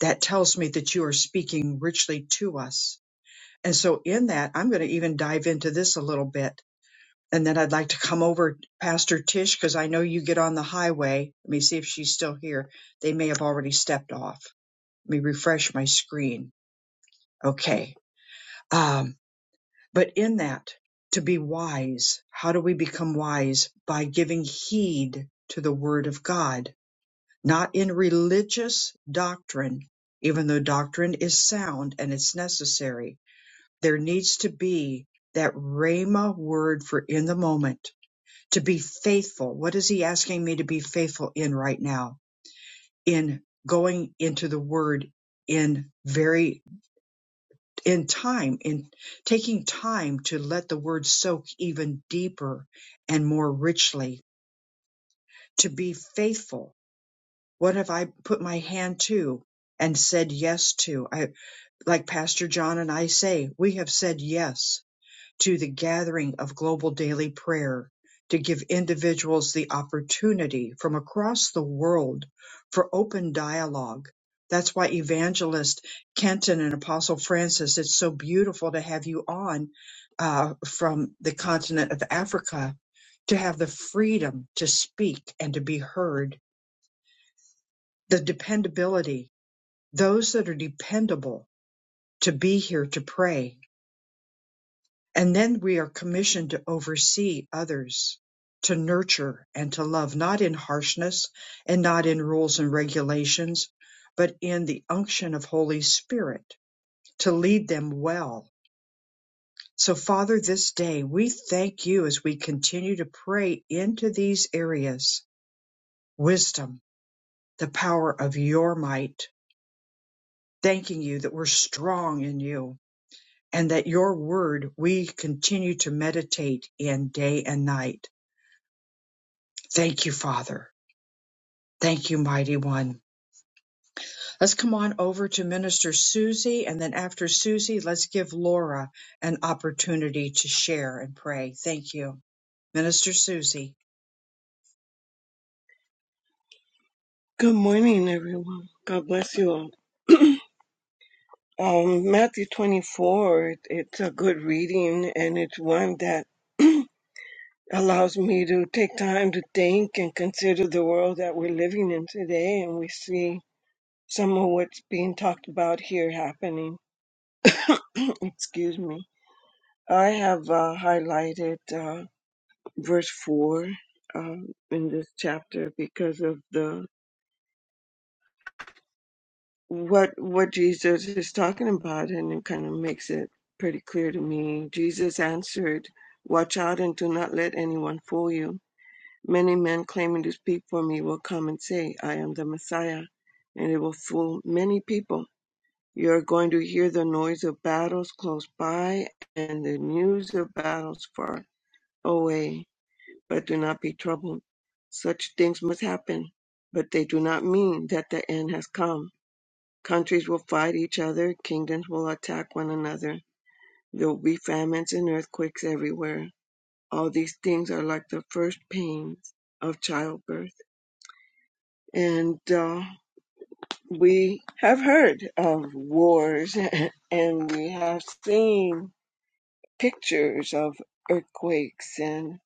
That tells me that you are speaking richly to us And so in that, I'm going to even dive into this a little bit. And then I'd like to come over, Pastor Tish, because I know you get on the highway. Let me see if she's still here. They may have already stepped off. Let me refresh my screen. Okay. Um, but in that, to be wise, how do we become wise? By giving heed to the word of God, not in religious doctrine, even though doctrine is sound and it's necessary, there needs to be that Rhema word for in the moment to be faithful. What is he asking me to be faithful in right now? In going into the word in very in time in taking time to let the word soak even deeper and more richly to be faithful what have i put my hand to and said yes to i like pastor john and i say we have said yes to the gathering of global daily prayer to give individuals the opportunity from across the world for open dialogue. That's why evangelist Kenton and Apostle Francis, it's so beautiful to have you on uh, from the continent of Africa to have the freedom to speak and to be heard, the dependability, those that are dependable to be here to pray And then we are commissioned to oversee others, to nurture and to love, not in harshness and not in rules and regulations, but in the unction of Holy Spirit to lead them well. So, Father, this day we thank you as we continue to pray into these areas wisdom, the power of your might, thanking you that we're strong in you and that your word we continue to meditate in day and night Thank you, Father. Thank you, Mighty One. Let's come on over to Minister Susie, and then after Susie, let's give Laura an opportunity to share and pray. Thank you. Minister Susie. Good morning, everyone. God bless you all. *clears throat* Um, Matthew 24, it- it's a good reading and it's one that *clears throat* allows me to take time to think and consider the world that we're living in today. And we see some of what's being talked about here happening. *clears throat* Excuse me. I have uh, highlighted uh, verse 4 uh, in this chapter because of the what what Jesus is talking about, and it kind of makes it pretty clear to me. Jesus answered, "Watch out and do not let anyone fool you. Many men claiming to speak for me will come and say, 'I am the Messiah, and it will fool many people. You are going to hear the noise of battles close by and the news of battles far away, but do not be troubled. Such things must happen, but they do not mean that the end has come Countries will fight each other, kingdoms will attack one another. There will be famines and earthquakes everywhere. All these things are like the first pains of childbirth. And uh, we have heard of wars *laughs* and we have seen pictures of earthquakes and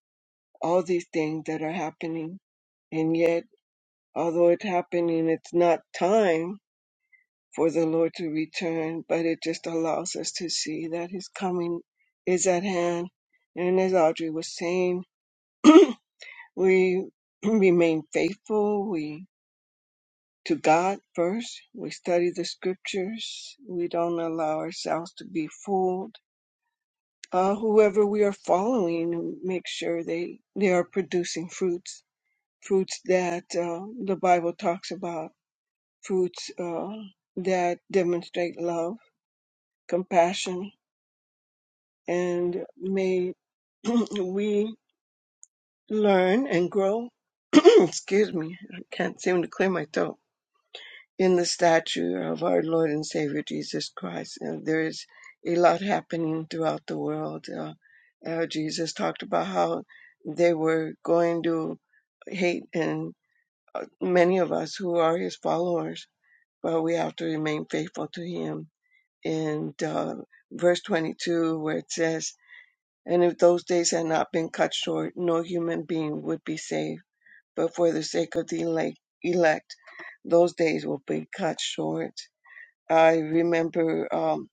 all these things that are happening. And yet, although it's happening, it's not time for the Lord to return, but it just allows us to see that His coming is at hand. And as Audrey was saying, *clears throat* we *clears throat* remain faithful. We to God first. We study the scriptures. We don't allow ourselves to be fooled. Uh, whoever we are following, make sure they they are producing fruits, fruits that uh, the Bible talks about, fruits uh, that demonstrate love, compassion, and may *clears throat* we learn and grow. *clears throat* excuse me, I can't seem to clear my throat. In the stature of our Lord and Savior Jesus Christ, And there is a lot happening throughout the world. Uh, uh, Jesus talked about how they were going to hate and uh, many of us who are his followers, but we have to remain faithful to him. And uh, verse 22, where it says, And if those days had not been cut short, no human being would be saved. But for the sake of the elect, elect those days will be cut short. I remember um,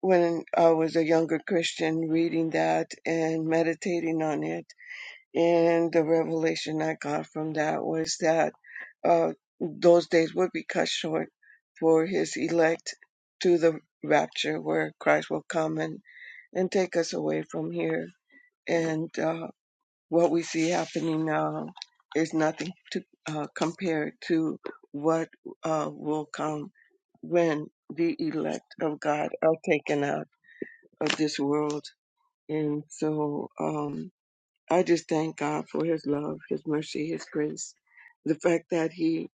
when I was a younger Christian reading that and meditating on it. And the revelation I got from that was that uh, those days would be cut short for his elect to the rapture where Christ will come and, and take us away from here. And uh, what we see happening now is nothing to uh, compare to what uh, will come when the elect of God are taken out of this world. And so um, I just thank God for His love, His mercy, His grace, the fact that He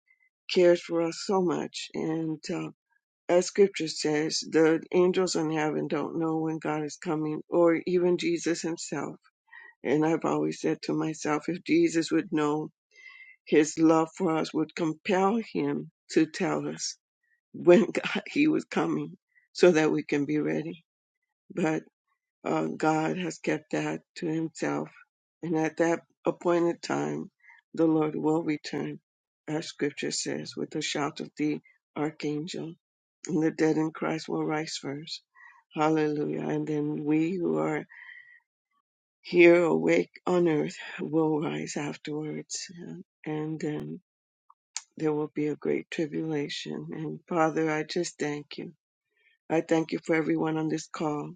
cares for us so much. And uh, as Scripture says, the angels in heaven don't know when God is coming, or even Jesus Himself and I've always said to myself, if Jesus would know his love for us would compel him to tell us when *laughs* God, he was coming so that we can be ready. But uh, God has kept that to himself. And at that appointed time, the Lord will return, as scripture says, with the shout of the archangel. And the dead in Christ will rise first. Hallelujah. And then we who are here awake on earth will rise afterwards and, and um, there will be a great tribulation and father i just thank you i thank you for everyone on this call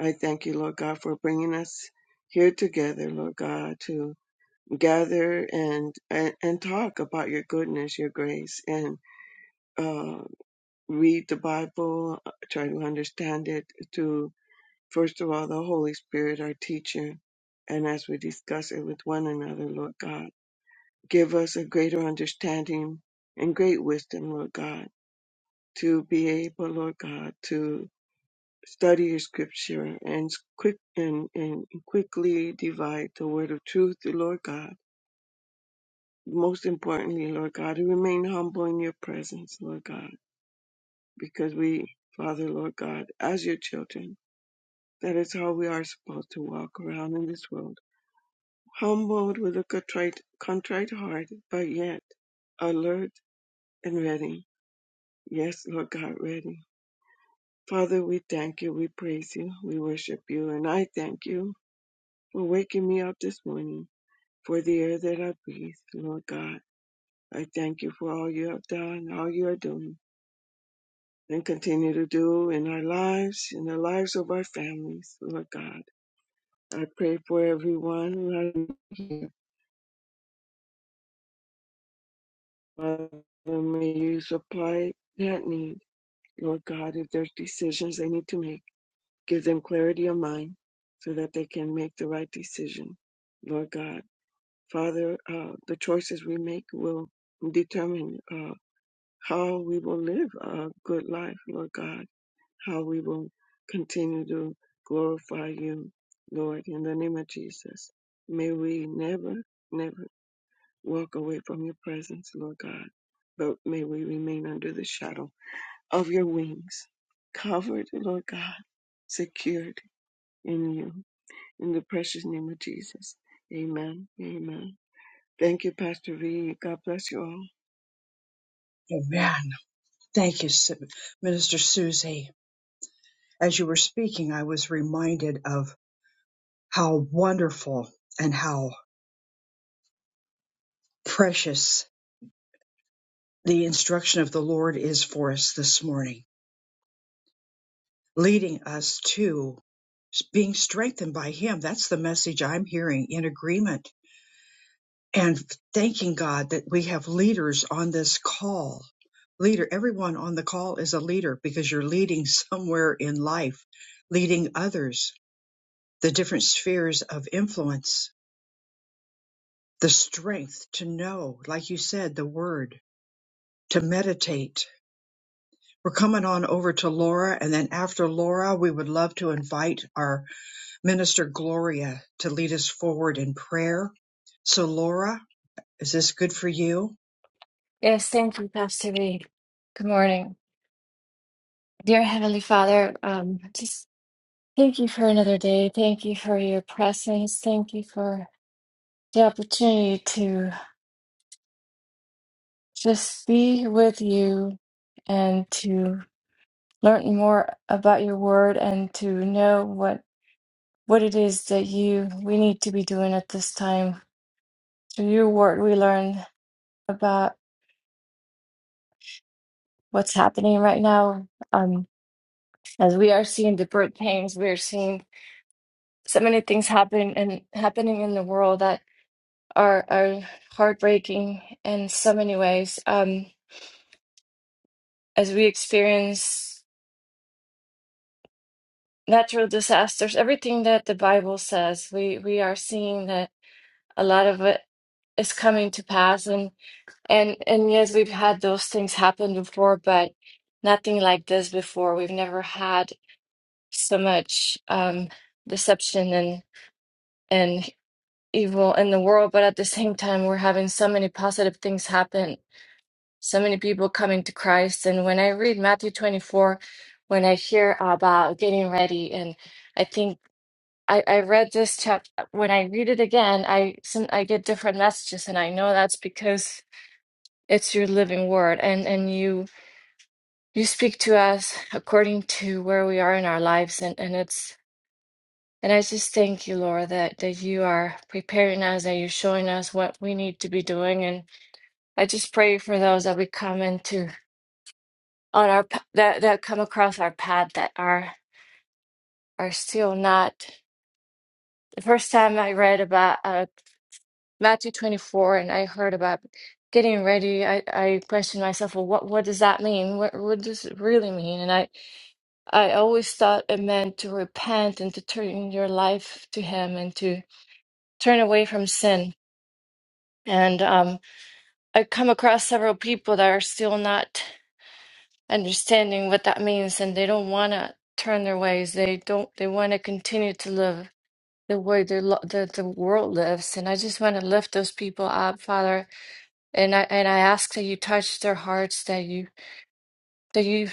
i thank you lord god for bringing us here together lord god to gather and and, and talk about your goodness your grace and uh read the bible uh, try to understand it to. First of all, the Holy Spirit, our teacher. And as we discuss it with one another, Lord God, give us a greater understanding and great wisdom, Lord God, to be able, Lord God, to study your scripture and s- quick and, and quickly divide the word of truth, Lord God. Most importantly, Lord God, to remain humble in your presence, Lord God, because we, Father, Lord God, as your children, that is how we are supposed to walk around in this world Humbled with a contrite, contrite heart, but yet alert and ready. Yes, Lord God, ready. Father, we thank you, we praise you, we worship you, and I thank you for waking me up this morning, for the air that I breathe, Lord God. I thank you for all you have done, all you are doing, and continue to do in our lives, in the lives of our families, Lord God. I pray for everyone who has here. Father, may you supply that need Lord God, if there's decisions they need to make, give them clarity of mind so that they can make the right decision. Lord God, Father, uh, the choices we make will determine uh, how we will live a good life, Lord God, how we will continue to glorify you, Lord, in the name of Jesus. May we never, never walk away from your presence, Lord God, but may we remain under the shadow of your wings, covered, Lord God, secured in you. In the precious name of Jesus. Amen. Amen. Thank you, Pastor V. God bless you all. Amen. Thank you, Su- Minister Susie. As you were speaking, I was reminded of how wonderful and how precious the instruction of the Lord is for us this morning. leading us to being strengthened by Him. That's the message I'm hearing in agreement and thanking God that we have leaders on this call. Leader, everyone on the call is a leader because you're leading *laughs* somewhere in life, leading others, the different spheres of influence, the strength to know, like you said, the word, to meditate. We're coming on over to Laura, and then after Laura, we would love to invite our Minister Gloria to lead us forward in prayer. So, Laura, is this good for you? Yes, thank you, Pastor V. Good morning. Dear Heavenly Father, um, just thank you for another day. Thank you for your presence. Thank you for the opportunity to just be with you and to learn more about your word and to know what what it is that you we need to be doing at this time. Through your word, we learn about what's happening right now. Um, as we are seeing the birth pains, we're seeing. so many things happening and happening in the world that are are heartbreaking in so many ways. Um, as we experience natural disasters, everything that the Bible says, we we are seeing that a lot of it is coming to pass. And and and yes, we've had those things happen before, but nothing like this before. We've never had so much um, deception and. and evil in the world, but at the same time, we're having so many positive things happen, so many people coming to Christ. And when I read Matthew 24, when I hear about getting ready, and I think I, I read this chapter, when I read it again, I, some, I get different messages, and I know that's because it's your living word and, and you you speak to us according to where we are in our lives and, and it's and I just thank you, Lord, that, that you are preparing us, that you're showing us what we need to be doing. and I just pray for those that we come into on our p- that that come across our path that are are still not. The first time I read about uh, Matthew 24 and I heard about getting ready, I, I questioned myself, well, what what does that mean? What what does it really mean? And I I always thought it meant to repent and to turn your life to Him and to turn away from sin. And um, I come across several people that are still not. understanding what that means and they don't want to turn their ways they don't they want to continue to live the way their lo- the, the world lives and i just want to lift those people up father and i and i ask that you touch their hearts that you that you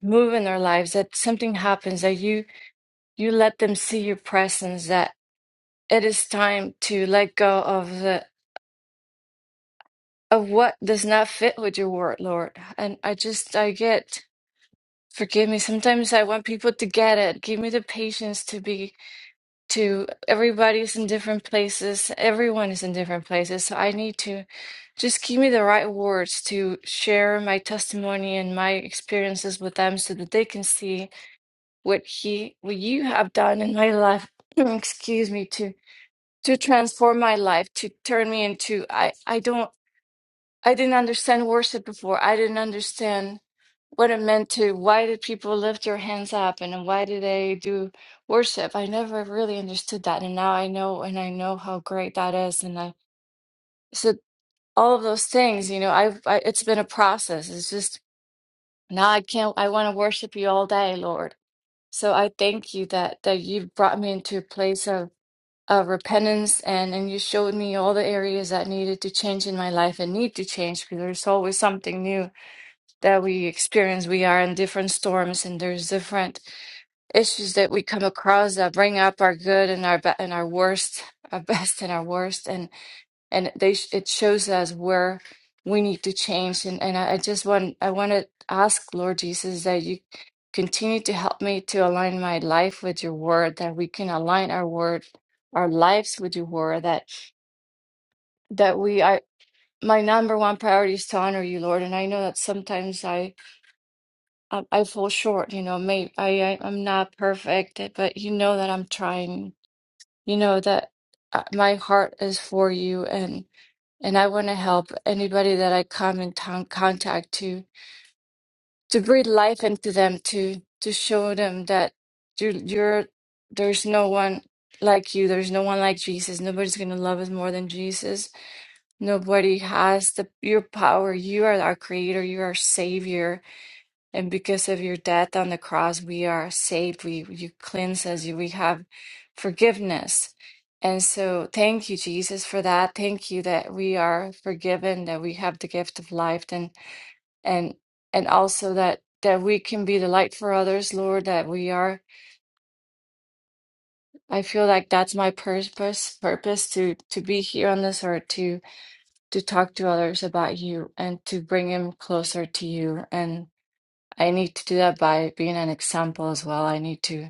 move in their lives that something happens that you you let them see your presence that it is time to let go of the of what does not fit with your word lord and i just i get Forgive me. Sometimes I want people to get it. Give me the patience to be to everybody's in different places. Everyone is in different places. So I need to just give me the right words to share my testimony and my experiences with them so that they can see what he what you have done in my life. *clears throat* Excuse me, to to transform my life, to turn me into I I don't I didn't understand worship before. I didn't understand what it meant to why did people lift their hands up and why did they do worship i never really understood that and now i know and i know how great that is and i said all of those things you know i've I, it's been a process it's just now i can't i want to worship you all day lord so i thank you that that you've brought me into a place of of repentance and and you showed me all the areas that needed to change in my life and need to change because there's always something new that we experience. We are in different storms, and there's different issues that we come across that bring up our good and our be- and our worst, our *laughs* best and our worst, and and they sh- it shows us where we need to change. And and I, I just want I want to ask Lord Jesus that you continue to help me to align my life with Your Word, that we can align our word, our lives with Your Word, that that we I My number one priority is to honor you, Lord. And I know that sometimes I I, I fall short, you know, may I, I I'm not perfect, eh, but you know that I'm trying. You know that uh, my heart is for you and and I want to help anybody that I come in ton- contact to to breathe life into them to to show them that you you're there's no one like you. There's no one like Jesus. Nobody's going to love us more than Jesus. Nobody has the your power. You are our creator. You are our savior and because of your death on the cross, we are saved. We you cleanse us. You- We have forgiveness. And so thank you, Jesus, for that. Thank you that we are forgiven, that we have the gift of life and and and also that that we can be the light for others, Lord, that we are I feel like that's my purpose purpose to to be here on this earth to to talk to others about you and to bring them closer to you and I need to do that by being an example as well. I need to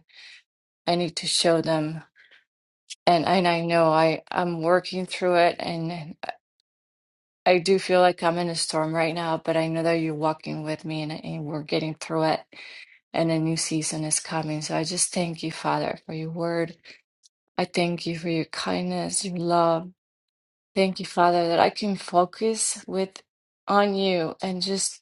I need to show them. And and I know I I'm working through it and I do feel like I'm in a storm right now, but I know that you're walking with me and, and we're getting through it and a new season is coming. So I just thank you, Father, for your word. I thank you for your kindness, your love. Thank you, Father, that I can focus with on you and just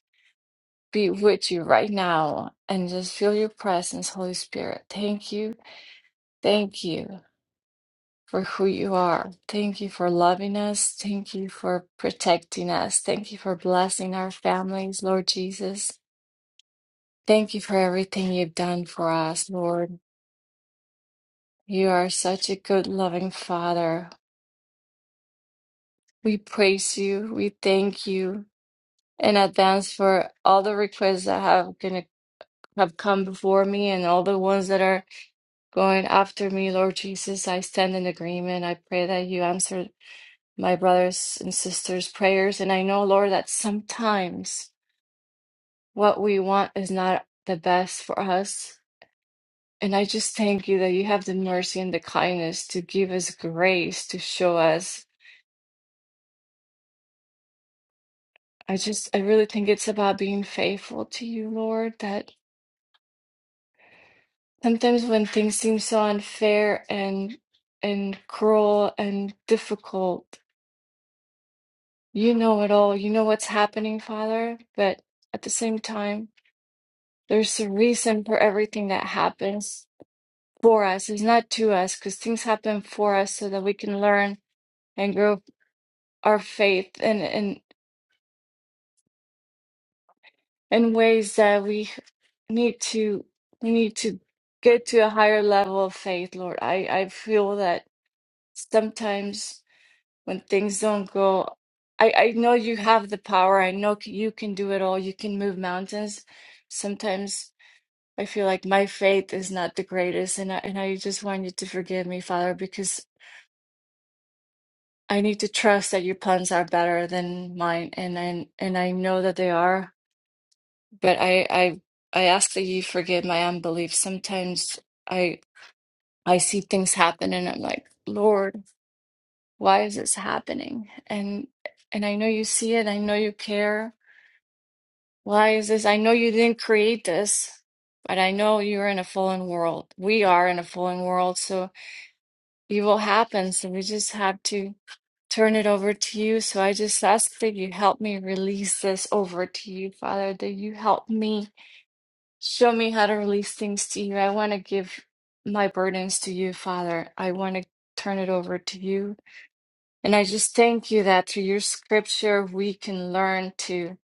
be with you right now and just feel your presence, Holy Spirit. Thank you. Thank you. for who you are. Thank you for loving us. Thank you for protecting us. Thank you for blessing our families, Lord Jesus. Thank you for everything you've done for us, Lord. You are such a good, loving Father. We praise you. We thank you in advance for all the requests that have gonna have come before me and all the ones that are going after me, Lord Jesus. I stand in agreement. I pray that you answer my brothers and sisters' prayers. And I know, Lord, that sometimes what we want is not the best for us. And I just thank you that you have the mercy and the kindness to give us grace to show us. I just, I really think it's about being faithful to you, Lord, that sometimes when things seem so unfair and and cruel and difficult, you know it all. You know what's happening, Father, but at the same time, There's a reason for everything that happens for us. It's not to us because things happen for us so that we can learn and grow our faith in, in in ways that we need to we need to get to a higher level of faith, Lord. I, I feel that sometimes when things don't go I, I know you have the power. I know c- you can do it all. You can move mountains. Sometimes I feel like my faith is not the greatest, and I, and I just want you to forgive me, Father, because I need to trust that your plans are better than mine, and and and I know that they are. But I I I ask that you forgive my unbelief. Sometimes I I see things happen, and I'm like, Lord, why is this happening? And and I know you see it. I know you care. Why is this? I know you didn't create this, but I know you're in a fallen world. We are in a fallen world, so. evil happens and we just have to turn it over to you. So I just ask that you help me release this over to you, Father, that you help me show me how to release things to you. I want to give my burdens to you, Father. I want to turn it over to you. And I just thank you that through your scripture, we can learn to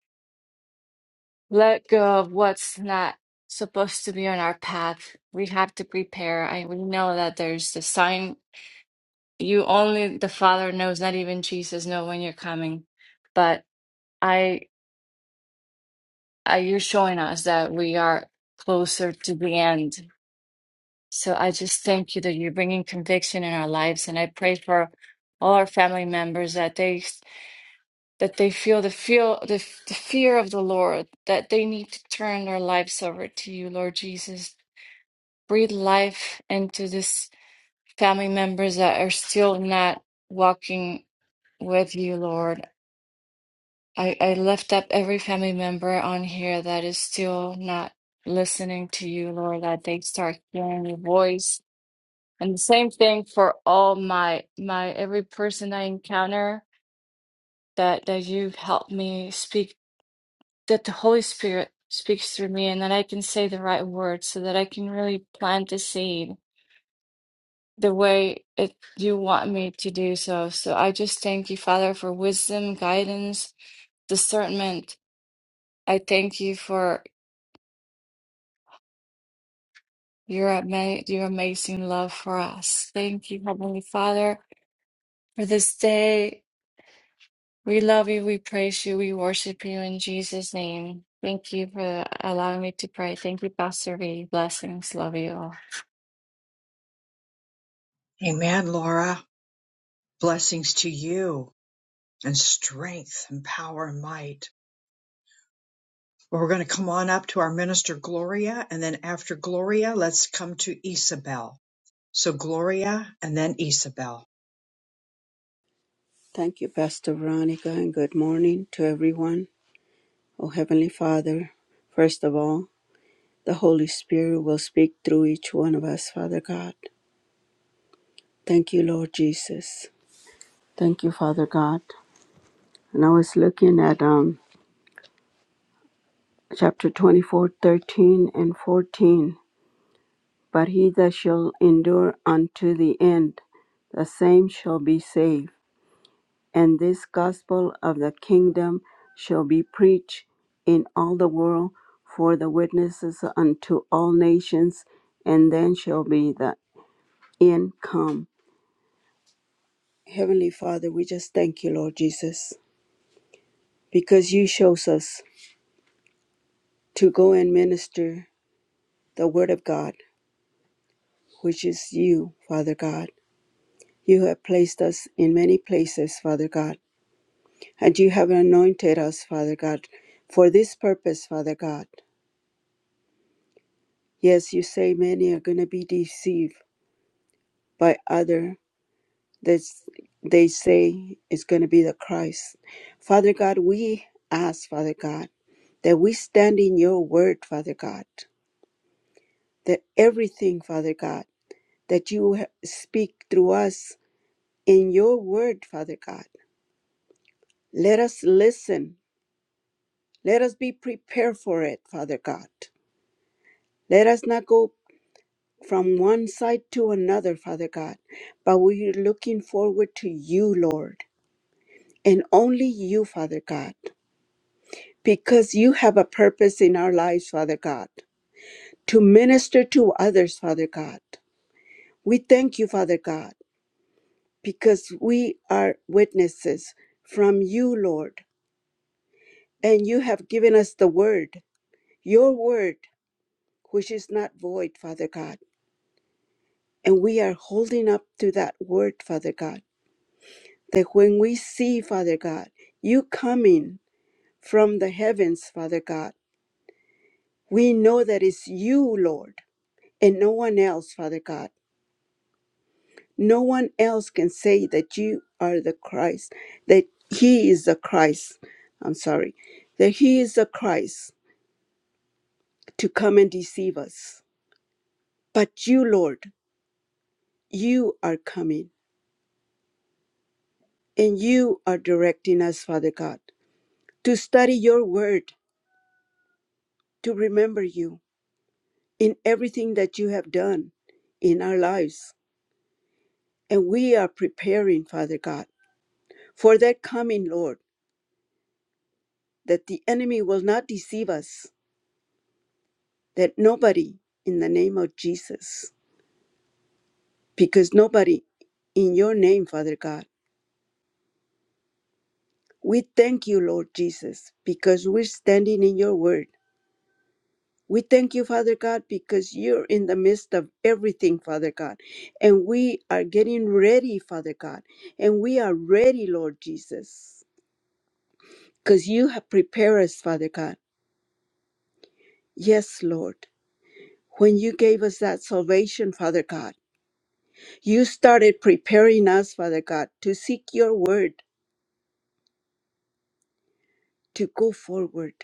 let go of what's not supposed to be on our path. We have to prepare. I we know that there's the sign you only the Father knows, not even Jesus know when you're coming. But I, I, you're showing us that we are closer to the end. So I just thank you that you're bringing conviction in our lives, and I pray for all our family members that they that they feel the feel the, the fear of the Lord, that they need to turn their lives over to you, Lord Jesus. Breathe life into this family members that are still not walking with you, Lord I, I lift up every family member on here that is still not listening to you, Lord, that they start hearing your voice. And the same thing for all my my every person I encounter that that you've helped me speak, that the Holy Spirit speaks through me and that I can say the right words so that I can really plant the seed the way it you want me to do so. So I just thank you, Father, for wisdom, guidance, discernment. I thank you for Your ama your amazing love for us. Thank you, Heavenly Father, for this day. We love you, we praise you, we worship you in Jesus' name. Thank you for allowing me to pray. Thank you, Pastor V. Blessings. Love you all. Amen, Laura. Blessings to you and strength and power and might. Well, we're going to come on up to our minister Gloria, and then after Gloria, let's come to Isabel. So, Gloria and then Isabel. Thank you, Pastor Veronica, and good morning to everyone. Oh, Heavenly Father, first of all, the Holy Spirit will speak through each one of us, Father God. Thank you, Lord Jesus. Thank you, Father God. And I was looking at um, chapter 24 13 and 14. But he that shall endure unto the end, the same shall be saved. And this gospel of the kingdom shall be preached in all the world for the witnesses unto all nations, and then shall be the end come. Heavenly Father, we just thank you, Lord Jesus, because you shows us to go and minister the Word of God, which is you, Father God. You have placed us in many places, Father God, and you have anointed us, Father God, for this purpose, Father God. Yes, you say many are going to be deceived by other that they say is going to be the Christ. Father God, we ask, Father God, that we stand in your word, Father God, that everything, Father God, that you speak through us in your word, Father God. Let us listen. Let us be prepared for it, Father God. Let us not go from one side to another, Father God, but we are looking forward to you, Lord, and only you, Father God, because you have a purpose in our lives, Father God, to minister to others, Father God. We thank you, Father God, because we are witnesses from you, Lord, and you have given us the word your word, which is not void, Father God. And we are holding up to that word, Father God, that when we see, Father God, you coming from the heavens, Father God, we know that it's you, Lord, and no one else, Father God. No one else can say that you are the Christ, that he is the Christ. I'm sorry, that he is the Christ to come and deceive us. But you, Lord, you are coming. And you are directing us, Father God, to study your word, to remember you in everything that you have done in our lives. And we are preparing, Father God, for that coming, Lord, that the enemy will not deceive us, that nobody in the name of Jesus, because nobody in your name, Father God, we thank you, Lord Jesus, because we're standing in your word We thank you, Father God, because you're in the midst of everything, Father God. And we are getting ready, Father God. And we are ready, Lord Jesus, because you have prepared us, Father God. Yes, Lord. When you gave us that salvation, Father God, you started preparing us, Father God, to seek your word, to go forward,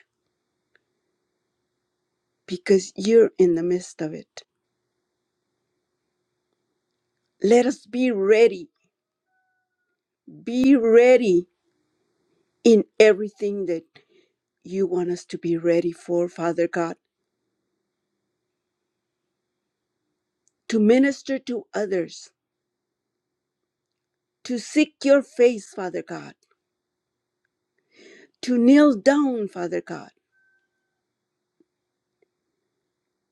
because you're in the midst of it. Let us be ready, be ready in everything that you want us to be ready for, Father God, to minister to others, to seek your face, Father God, to kneel down, Father God,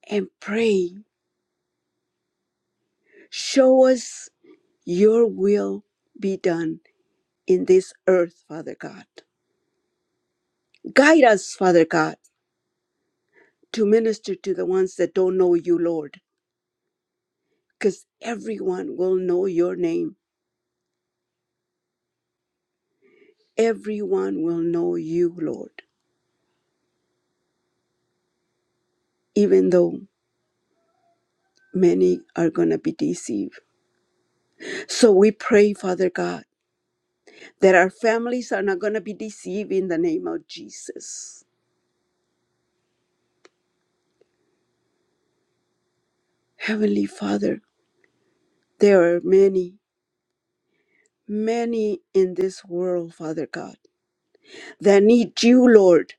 and pray. Show us your will be done in this earth, Father God. Guide us, Father God, to minister to the ones that don't know you, Lord, because everyone will know your name. Everyone will know you, Lord, even though many are going to be deceived So we pray, Father God, that our families are not going to be deceived in the name of Jesus. Heavenly Father, there are many, many in this world, Father God, that need you, Lord.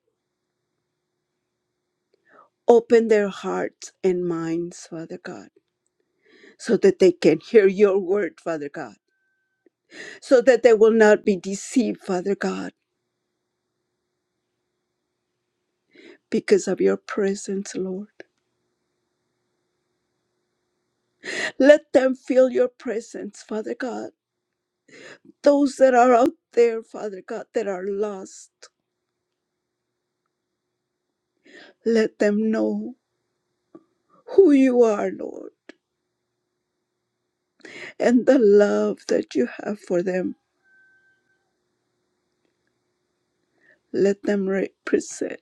Open their hearts and minds, Father God, so that they can hear your word, Father God, so that they will not be deceived, Father God, because of your presence, Lord. Let them feel your presence, Father God. Those that are out there, Father God, that are lost. Let them know who you are, Lord, and the love that you have for them. Let them represent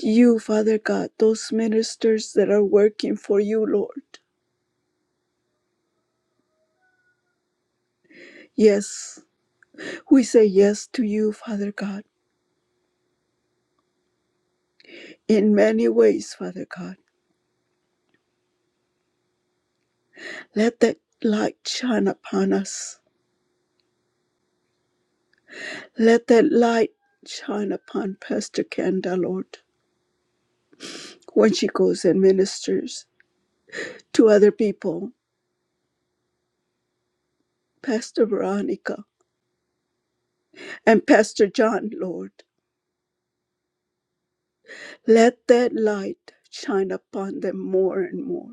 you, Father God, those ministers that are working for you, Lord. Yes, we say yes to you, Father God, in many ways, Father God. Let that light shine upon us. Let that light shine upon Pastor Kenda, Lord, when she goes and ministers to other people. Pastor Veronica. And Pastor John, Lord, let that light shine upon them more and more.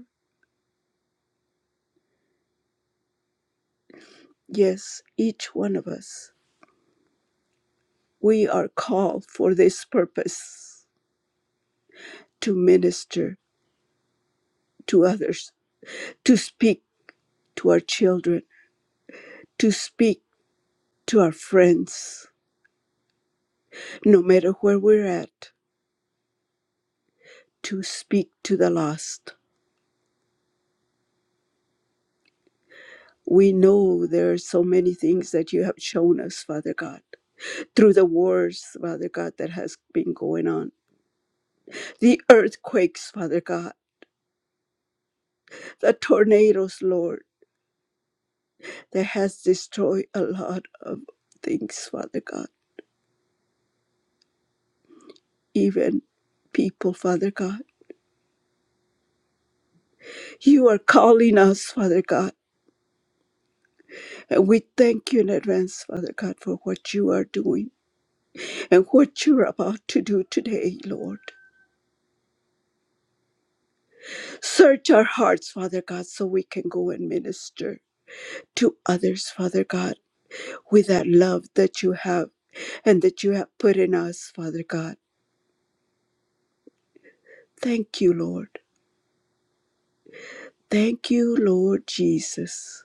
Yes, each one of us, we are called for this purpose to minister to others, to speak to our children, to speak to our friends, no matter where we're at, to speak to the lost. We know there are so many things that you have shown us, Father God, through the wars, Father God, that has been going on the earthquakes, Father God, the tornadoes, Lord, that has destroyed a lot of things, Father God, even people, Father God. You are calling us, Father God, and we thank you in advance, Father God, for what you are doing and what you're about to do today, Lord. Search our hearts, Father God, so we can go and minister to others, Father God, with that love that you have and that you have put in us, Father God. Thank you, Lord. Thank you, Lord Jesus,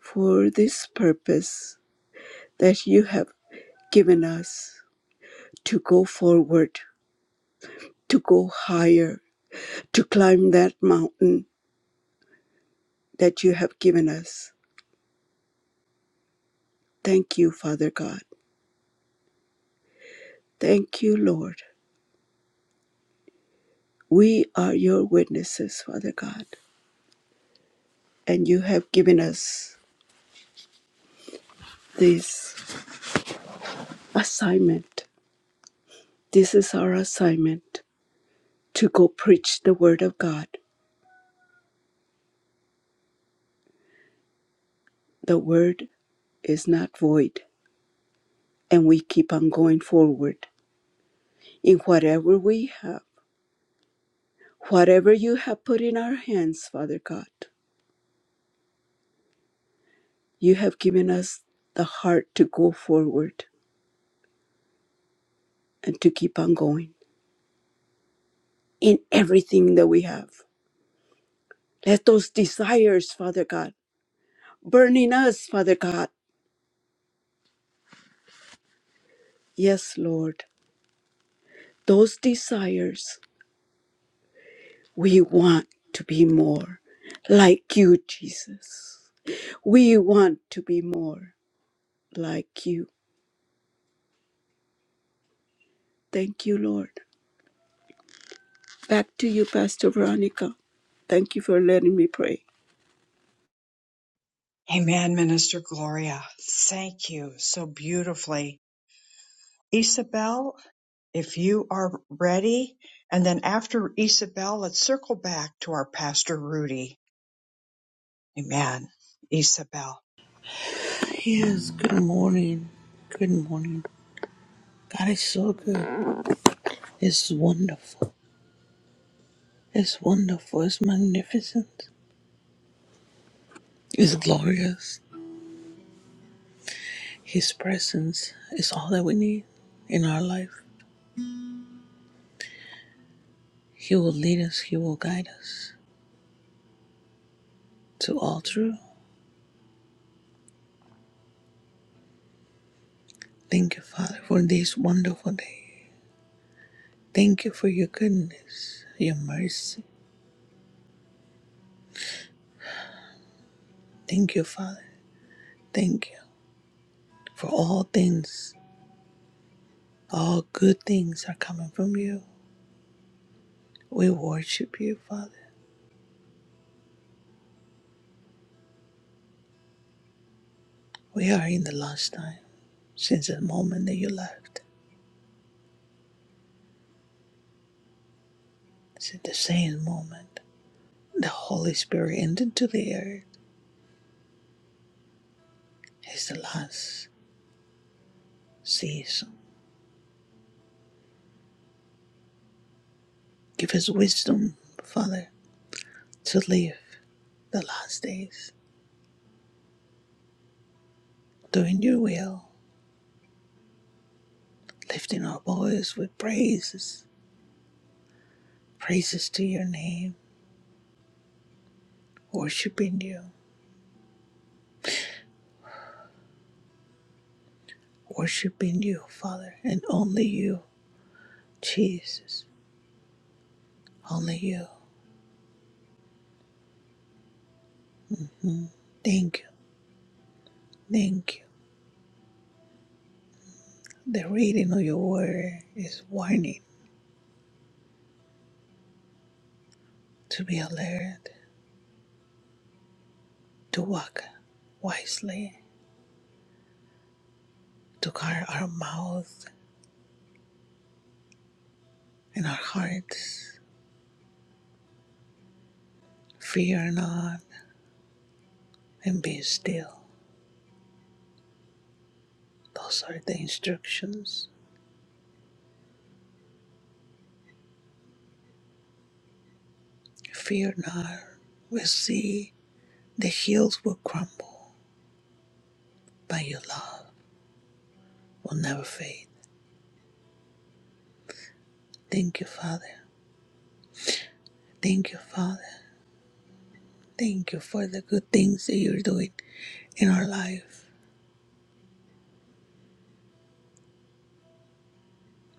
for this purpose that you have given us to go forward, to go higher, to climb that mountain that you have given us. Thank you, Father God. Thank you, Lord. We are your witnesses, Father God, and you have given us this assignment. This is our assignment to go preach the word of God. The word is not void and we keep on going forward in whatever we have, whatever you have put in our hands, Father God. You have given us the heart to go forward and to keep on going in everything that we have. Let those desires, Father God, burn in us, Father God. Yes, Lord, those desires, we want to be more like you, Jesus. We want to be more like you. Thank you, Lord Back to you, Pastor Veronica. Thank you for letting me pray. Amen, Minister Gloria. Thank you so beautifully. Isabel, if you are ready. And then after Isabel, let's circle back to our Pastor Rudy. Amen. Isabel. Yes, good morning. Good morning. God is so good. It's wonderful. It's wonderful. It's magnificent. It's glorious. His presence is all that we need in our life. He will lead us, He will guide us to all truth. Thank you, Father, for this wonderful day. Thank you for your goodness, your mercy. Thank you, Father. Thank you for all things. All good things are coming from you. We worship you, Father. We are in the last time since the moment that you left. Since the same moment, the Holy Spirit entered to the earth. It's the last season. Give us wisdom, Father, to live the last days, doing your will, lifting our voice with praises, praises to your name, worshiping you, worshiping you, Father, and only you, Jesus, only you. Thank you, thank you. The reading of your word is warning to be alert, to walk wisely, to guard our mouth and our hearts. Fear not and be still. Those are the instructions. Fear not. We see the hills will crumble, but your love will never fade. Thank you, Father. Thank you, Father. Thank you for the good things that you're doing in our life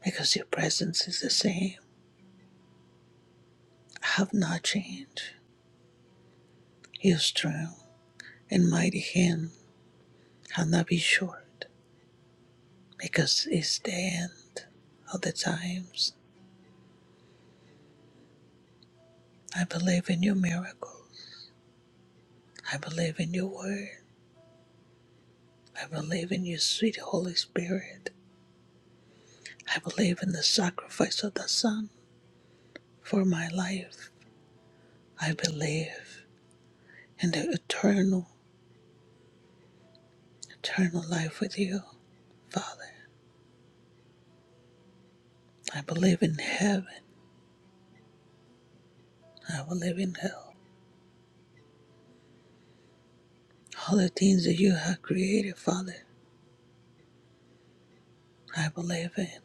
because your presence is the same. have not changed. His strong and mighty hand have not been short, because it's the end of the times. I believe in your miracles. I believe in your word. I believe in your sweet Holy Spirit. I believe in the sacrifice of the Son for my life. I believe in the eternal, eternal life with you, Father. I believe in heaven. I believe in hell. All the things that you have created, Father. I believe in,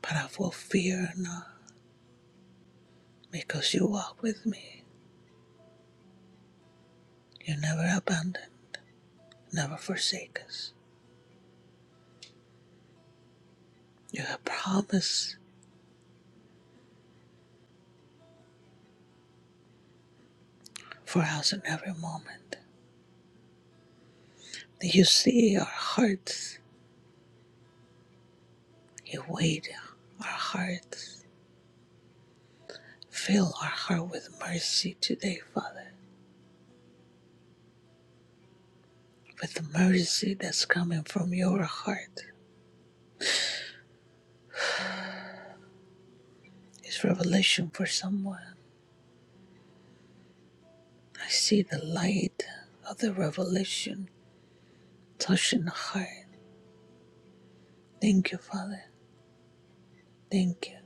but I will fear not, because you walk with me. You never abandon, never forsake us. You have promised for us in every moment. You see our hearts, you wait our hearts. Fill our heart with mercy today, Father, with the mercy that's coming from your heart. It's revelation for someone. I see the light of the revelation touching the heart. Thank you, Father. Thank you.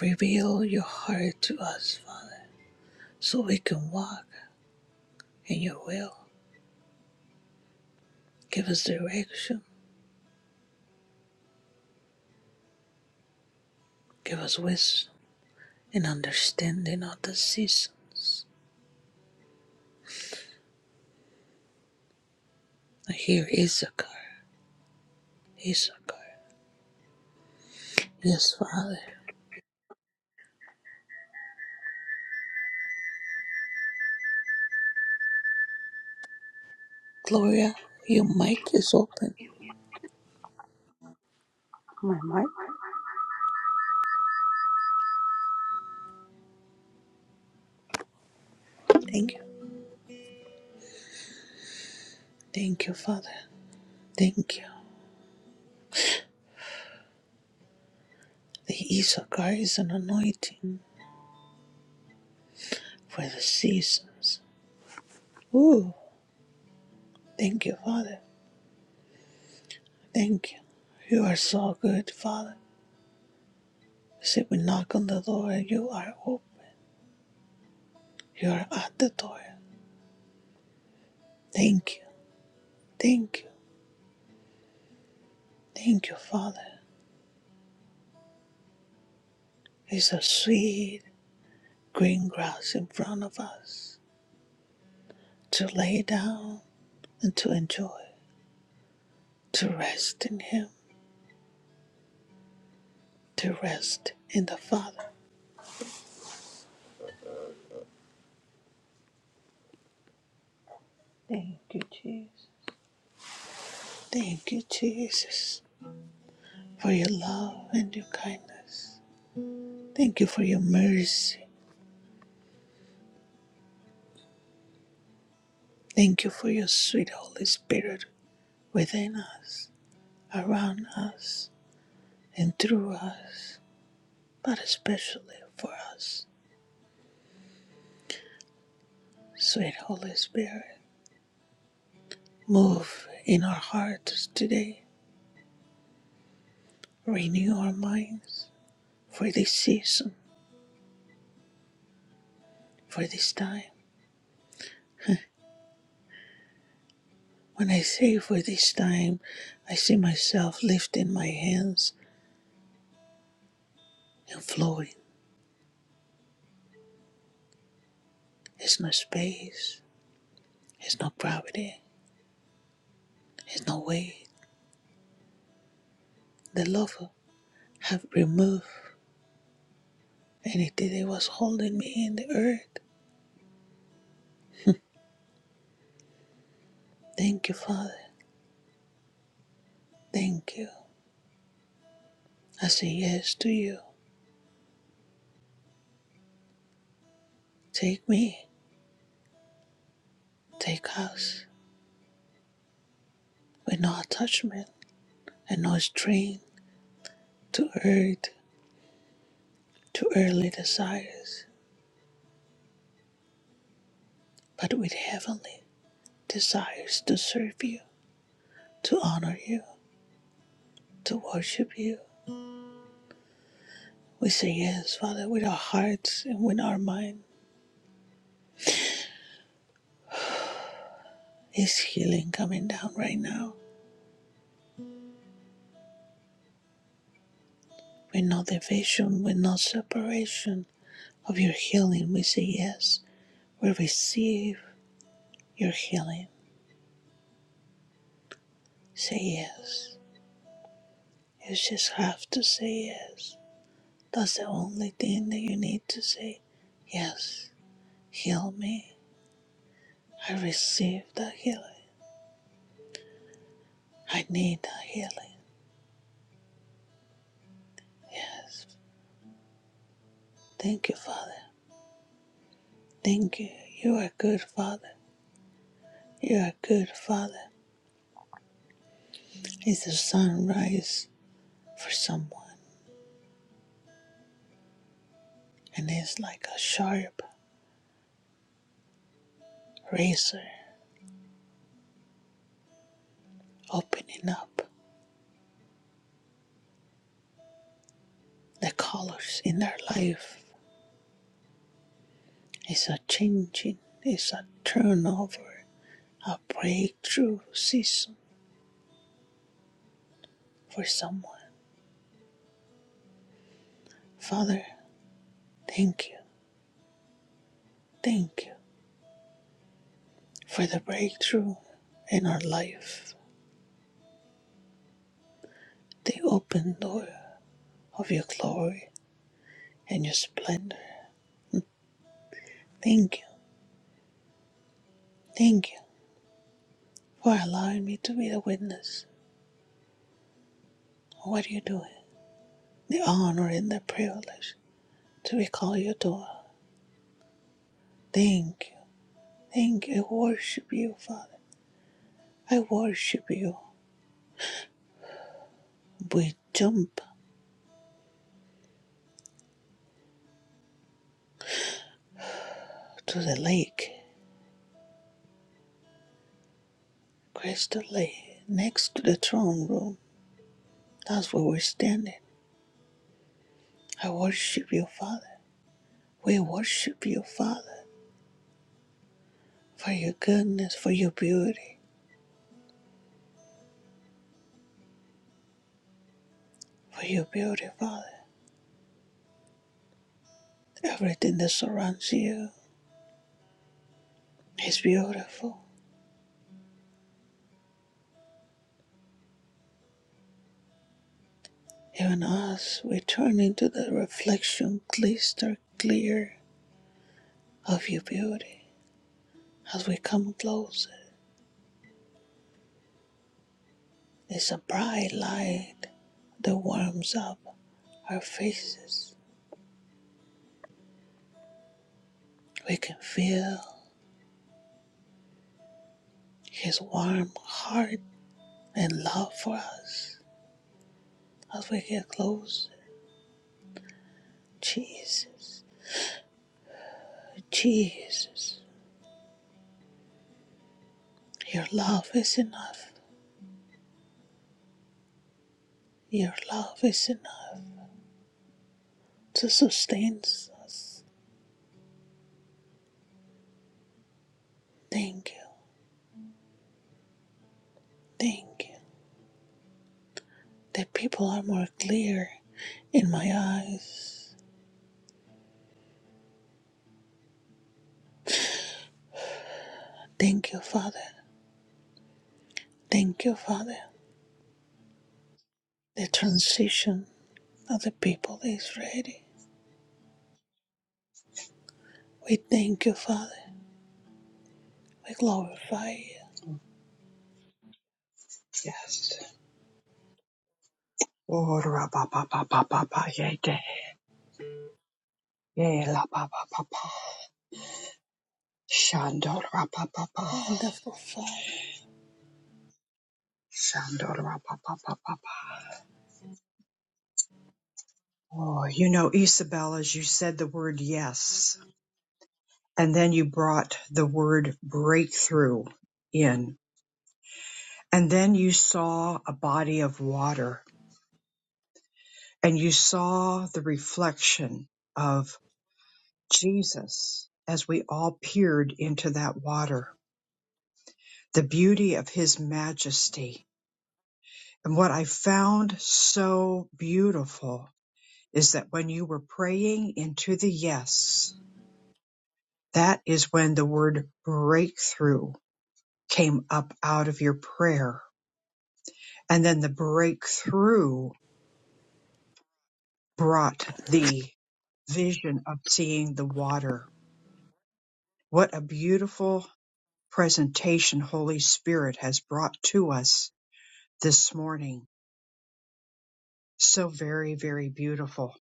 Reveal your heart to us, Father, so we can walk in your will. Give us direction, give us wisdom and understanding of the seasons. I hear Issachar, Issachar. Yes, Father. Gloria, your mic is open. Oh My mic. Thank you. Thank you, Father. Thank you. The Issachar is an anointing for the seasons. Ooh, thank you, Father. Thank you. You are so good, Father. Say we knock on the door and you are open. You're at the door. Thank you. Thank you. Thank you, Father. It's a sweet green grass in front of us to lay down and to enjoy, to rest in Him, to rest in the Father. Thank you, Jesus. Thank you, Jesus, for your love and your kindness. Thank you for your mercy. Thank you for your sweet Holy Spirit within us, around us, and through us. but especially for us. Sweet Holy Spirit, move in our hearts today, renew our minds for this season, for this time. When I say for this time, I see myself lifting my hands and flowing. There's no space, There's no gravity, There's no weight. The love have removed anything that was holding me in the earth. Thank you, Father. Thank you. I say yes to you. Take me. Take us with no attachment and no strain to earth, to earthly desires, but with heavenly desires to serve you, to honor you, to worship you. We say yes, Father, with our hearts and with our mind. Is healing coming down right now? With no division, with no separation of your healing, we say yes. We receive your healing. Say yes. You just have to say yes. That's the only thing that you need to say. Yes, heal me. I receive the healing. I need the healing. Yes. Thank you, Father. Thank you. You are good, Father. You are good, Father. It's a sunrise for someone, and it's like a sharp razor opening up the colors in their life. It's a changing, it's a turnover, a breakthrough season for someone. Father, Thank you, thank you for the breakthrough in our life, the open door of your glory and your splendor. Thank you, thank you for allowing me to be the witness of what you're doing, the honor and the privilege to be called your daughter. Thank you, thank you. I worship you, Father. I worship you. We jump to the lake, crystal lake, next to the throne room. That's where we're standing. I worship you, Father. We worship you, Father, for your goodness, for your beauty, for your beauty, Father. Everything that surrounds you is beautiful. Even us, we turn into the reflection, glister clear of your beauty. As we come closer, it's a bright light that warms up our faces. We can feel his warm heart and love for us as we get closer. Jesus. Jesus, your love is enough. Your love is enough to sustain us. Thank you. Thank you. The people are more clear in my eyes. Thank you, Father. Thank you, Father. The transition of the people is ready. We thank you, Father. We glorify you. Yes. Wonderful Father. Oh, you know, Isabel, as you said the word yes, and then you brought the word breakthrough in, and then you saw a body of water and you saw the reflection of Jesus as we all peered into that water, the beauty of his majesty. And what I found so beautiful is that when you were praying into the yes, that is when the word breakthrough came up out of your prayer. And then the breakthrough brought the vision of seeing the water. What a beautiful presentation Holy Spirit has brought to us this morning. So very, very beautiful.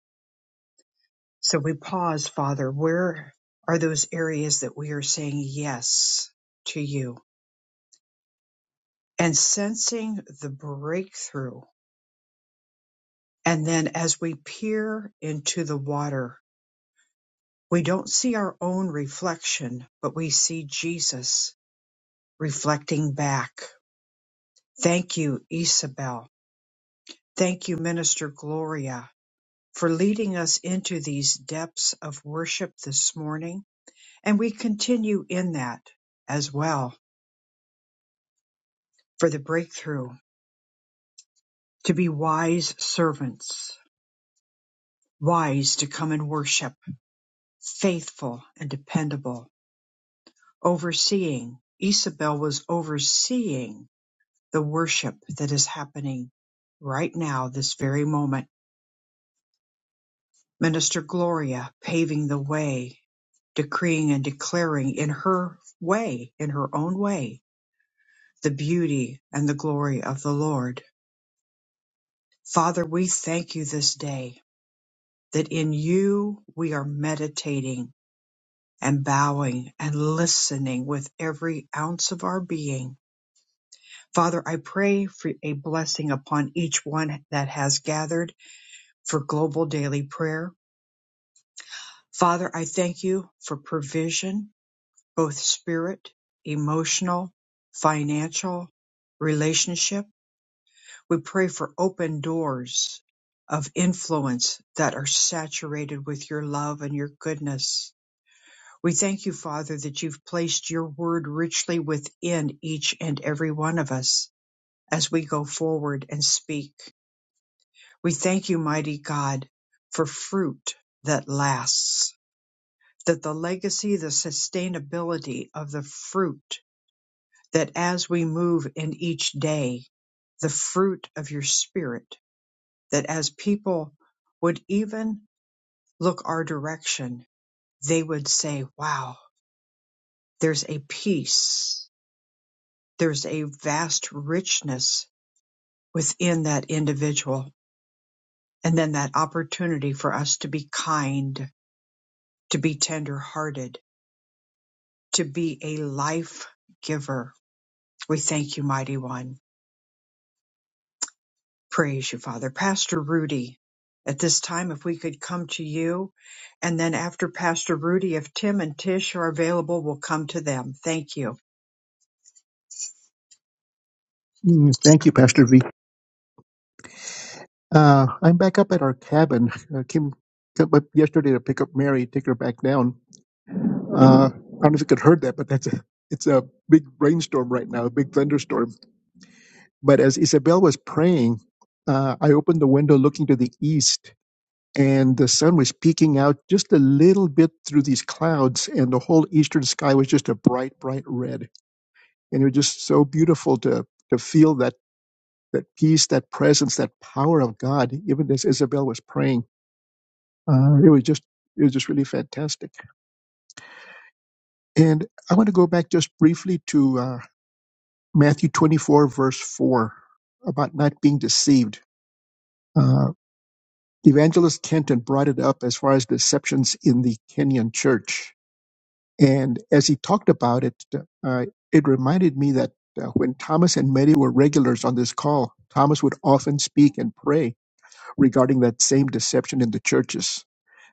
So we pause, Father. Where are those areas that we are saying yes to you and sensing the breakthrough? And then as we peer into the water, we don't see our own reflection, but we see Jesus reflecting back. Thank you, Isabel. Thank you, Minister Gloria for leading us into these depths of worship this morning. And we continue in that as well for the breakthrough to be wise servants, wise to come and worship, faithful and dependable, overseeing. Isabel was overseeing the worship that is happening right now, this very moment. Minister Gloria paving the way decreeing and declaring in her way, in her own way, the beauty and the glory of the Lord. Father, we thank you this day that in you we are meditating and bowing and listening with every ounce of our being. Father, I pray for a blessing upon each one that has gathered for global daily prayer. Father, I thank you for provision, both spirit, emotional, financial, relationship. We pray for open doors of influence that are saturated with your love and your goodness. We thank you, Father, that you've placed your word richly within each and every one of us as we go forward and speak. We thank you, mighty God, for fruit that lasts, that the legacy, the sustainability of the fruit, that as we move in each day, the fruit of your spirit that as people would even look our direction, they would say, Wow, there's a peace, there's a vast richness within that individual. And then that opportunity for us to be kind, to be tender hearted, to be a life giver. We thank you, mighty one. Praise you, Father. Pastor Rudy, at this time, if we could come to you. And then after Pastor Rudy, if Tim and Tish are available, we'll come to them. Thank you. Mm, Thank you, Pastor V. Uh, I'm back up at our cabin. Uh, Kim came up yesterday to pick up Mary, take her back down. Uh, I don't know if you could heard that, but that's a it's a big rainstorm right now, a big thunderstorm. But as Isabel was praying, uh, I opened the window looking to the east and the sun was peeking out just a little bit through these clouds and the whole eastern sky was just a bright bright red and it was just so beautiful to to feel that that peace that presence that power of god even as isabel was praying uh, it was just it was just really fantastic and i want to go back just briefly to uh, matthew 24 verse 4 about not being deceived uh, evangelist kenton brought it up as far as deceptions in the kenyan church And as he talked about it, uh, it reminded me that uh, when Thomas and Mary were regulars on this call, Thomas would often speak and pray regarding that same deception in the churches,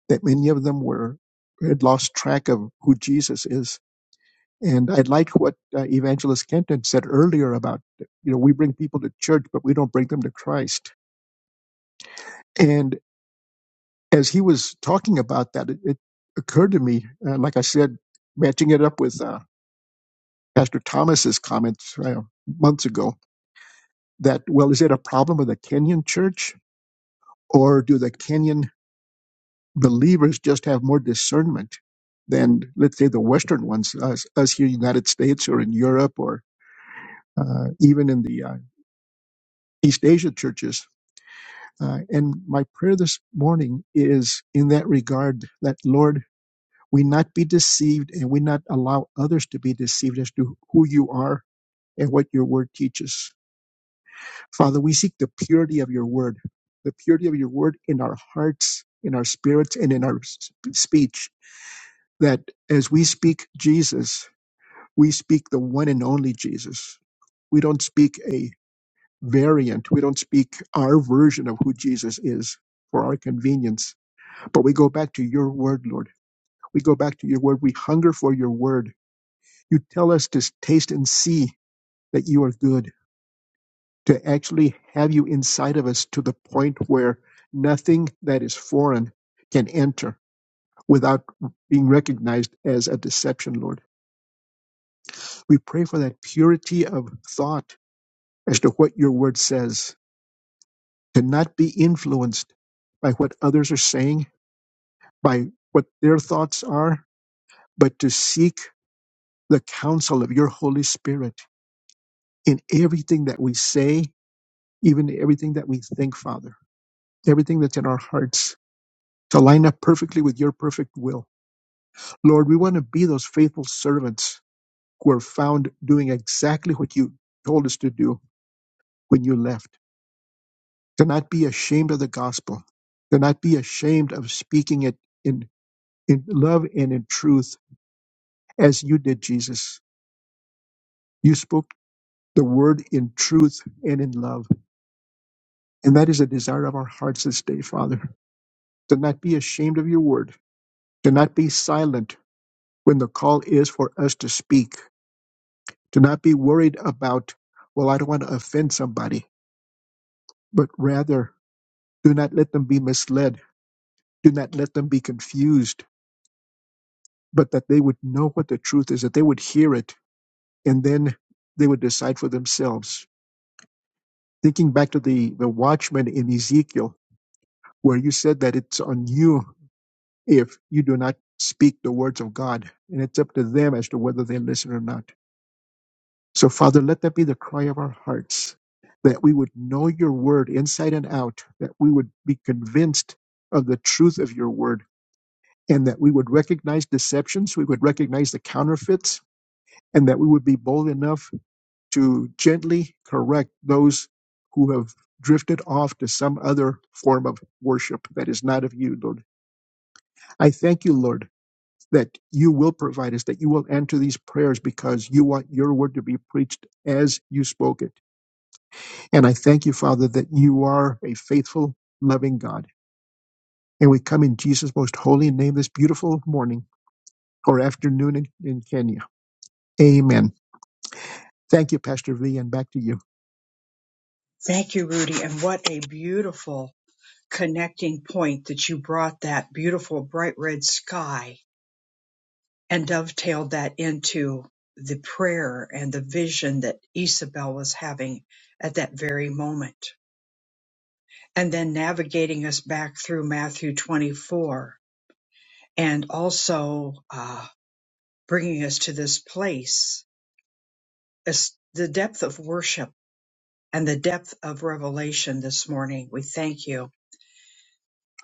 that many of them were had lost track of who Jesus is. And I like what uh, Evangelist Kenton said earlier about, you know, we bring people to church, but we don't bring them to Christ. And as he was talking about that, it, it occurred to me, uh, like I said, matching it up with uh, Pastor Thomas's comments uh, months ago that, well, is it a problem of the Kenyan church or do the Kenyan believers just have more discernment than, let's say, the Western ones, us, us here in the United States or in Europe or uh, even in the uh, East Asia churches? Uh, and my prayer this morning is in that regard that, Lord, we not be deceived and we not allow others to be deceived as to who you are and what your word teaches Father, we seek the purity of your word, the purity of your word in our hearts, in our spirits, and in our sp- speech. That as we speak Jesus, we speak the one and only Jesus. We don't speak a variant, we don't speak our version of who Jesus is for our convenience, but we go back to your word, Lord. We go back to your word. We hunger for your word. You tell us to taste and see that you are good to actually have you inside of us to the point where nothing that is foreign can enter without being recognized as a deception, Lord. We pray for that purity of thought as to what your word says, to not be influenced by what others are saying, by what their thoughts are, but to seek the counsel of your Holy Spirit in everything that we say, even everything that we think, Father, everything that's in our hearts to line up perfectly with your perfect will. Lord, we want to be those faithful servants who are found doing exactly what you told us to do when you left. To not be ashamed of the gospel, to not be ashamed of speaking it in, in love and in truth as you did, Jesus. You spoke the word in truth and in love. And that is a desire of our hearts this day, Father. To not be ashamed of your word, to not be silent when the call is for us to speak Do not be worried about, well, I don't want to offend somebody, but rather do not let them be misled. Do not let them be confused, but that they would know what the truth is, that they would hear it, and then they would decide for themselves. Thinking back to the, the watchman in Ezekiel, where you said that it's on you if you do not speak the words of God, and it's up to them as to whether they listen or not. So, Father, let that be the cry of our hearts that we would know your word inside and out, that we would be convinced of the truth of your word, and that we would recognize deceptions, we would recognize the counterfeits, and that we would be bold enough to gently correct those who have drifted off to some other form of worship that is not of you, Lord. I thank you, Lord, that you will provide us, that you will answer these prayers because you want your word to be preached as you spoke it And I thank you, Father, that you are a faithful, loving God. And we come in Jesus' most holy name this beautiful morning or afternoon in, in Kenya. Amen. Thank you, Pastor V, and back to you. Thank you, Rudy. And what a beautiful connecting point that you brought that beautiful bright red sky and dovetailed that into the prayer and the vision that Isabel was having at that very moment. And then navigating us back through Matthew 24 and also uh, bringing us to this place as the depth of worship and the depth of revelation this morning. We thank you.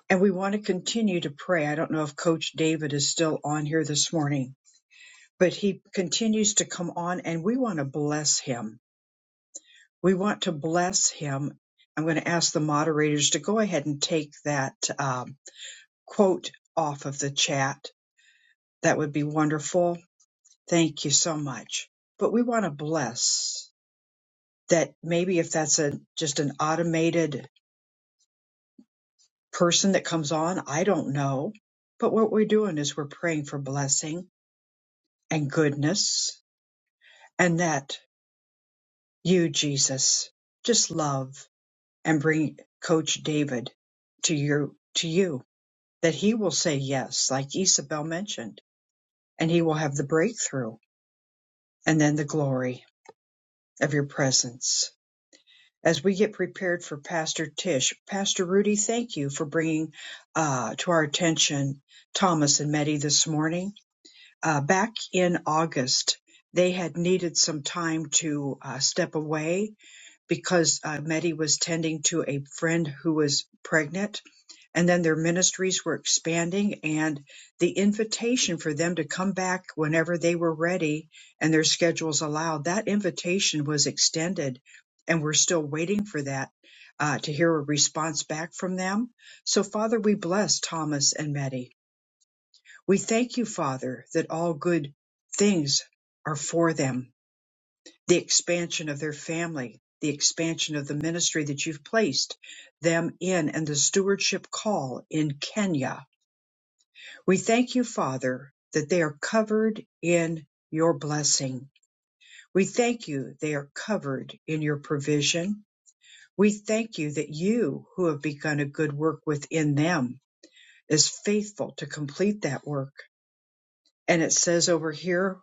And we want to continue to pray. I don't know if Coach David is still on here this morning, but he continues to come on and we want to bless him. We want to bless him. I'm going to ask the moderators to go ahead and take that um, quote off of the chat. That would be wonderful. Thank you so much. But we want to bless. that maybe if that's a just an automated person that comes on, I don't know. But what we're doing is we're praying for blessing and goodness and that you, Jesus, just love and bring Coach David to you to you. That he will say yes, like Isabel mentioned, and he will have the breakthrough and then the glory of your presence. as we get prepared for Pastor Tish. Pastor Rudy, thank you for bringing uh, to our attention Thomas and Meddy this morning. Uh, back in August, they had needed some time to uh, step away because uh, Meddy was tending to a friend who was pregnant. And then their ministries were expanding, and the invitation for them to come back whenever they were ready and their schedules allowed, that invitation was extended. And we're still waiting for that uh, to hear a response back from them. So, Father, we bless Thomas and Meddy. We thank you, Father, that all good things are for them the expansion of their family, the expansion of the ministry that you've placed them in, and the stewardship call in Kenya. We thank you, Father, that they are covered in your blessing. We thank you they are covered in your provision. We thank you that you, who have begun a good work within them, is faithful to complete that work. And it says over here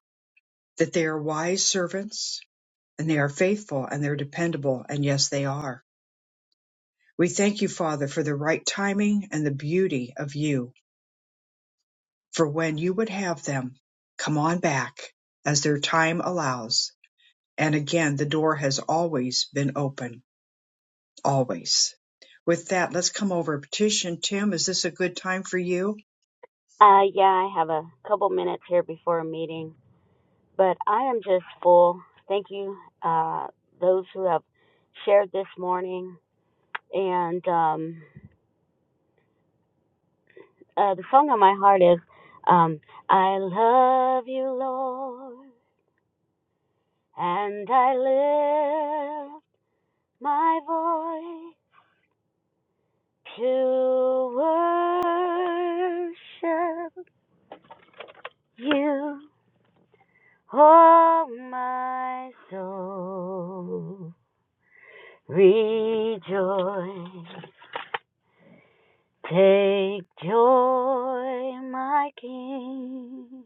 that they are wise servants and they are faithful and they're dependable. And yes, they are. We thank you, Father, for the right timing and the beauty of you, for when you would have them come on back as their time allows. And again, the door has always been open, always. With that, let's come over. Petition, Tim, is this a good time for you? Uh, yeah, I have a couple minutes here before a meeting, but I am just full. Thank you, uh, those who have shared this morning. And um, uh, the song on my heart is um, I love you, Lord, and I lift my voice to worship you, oh, my soul. Rejoice, take joy, my King,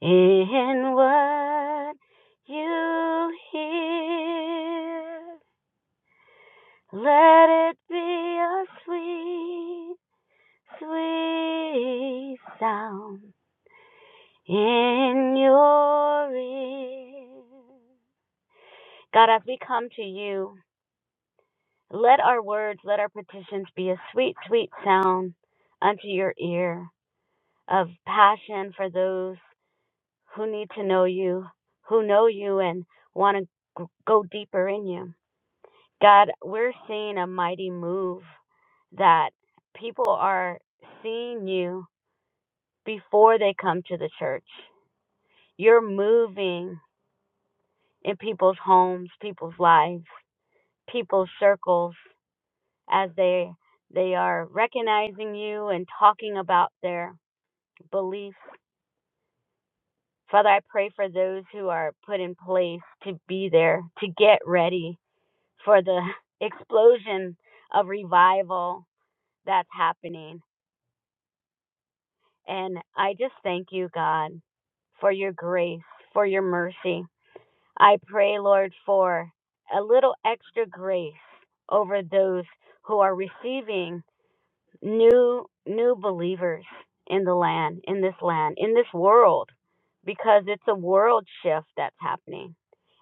in what you hear. Let it be a sweet, sweet sound in your ear. God, as we come to you, let our words, let our petitions be a sweet, sweet sound unto your ear. of passion for those who need to know you, who know you and want to go deeper in you. God, we're seeing a mighty move that people are seeing you before they come to the church. You're moving in people's homes, people's lives, people's circles as they they are recognizing you and talking about their beliefs Father, I pray for those who are put in place to be there, to get ready for the *laughs* explosion of revival that's happening. And I just thank you, God, for your grace, for your mercy. I pray, Lord, for a little extra grace over those who are receiving new new believers in the land, in this land, in this world, because it's a world shift that's happening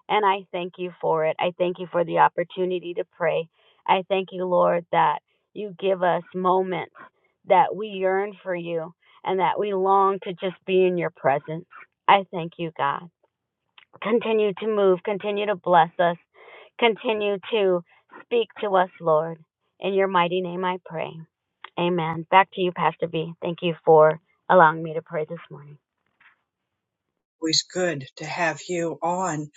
And I thank you for it. I thank you for the opportunity to pray. I thank you, Lord, that you give us moments that we yearn for you and that we long to just be in your presence. I thank you, God. Continue to move, continue to bless us, continue to speak to us, Lord. In your mighty name I pray. Amen. Back to you, Pastor B. Thank you for allowing me to pray this morning. always good to have you on.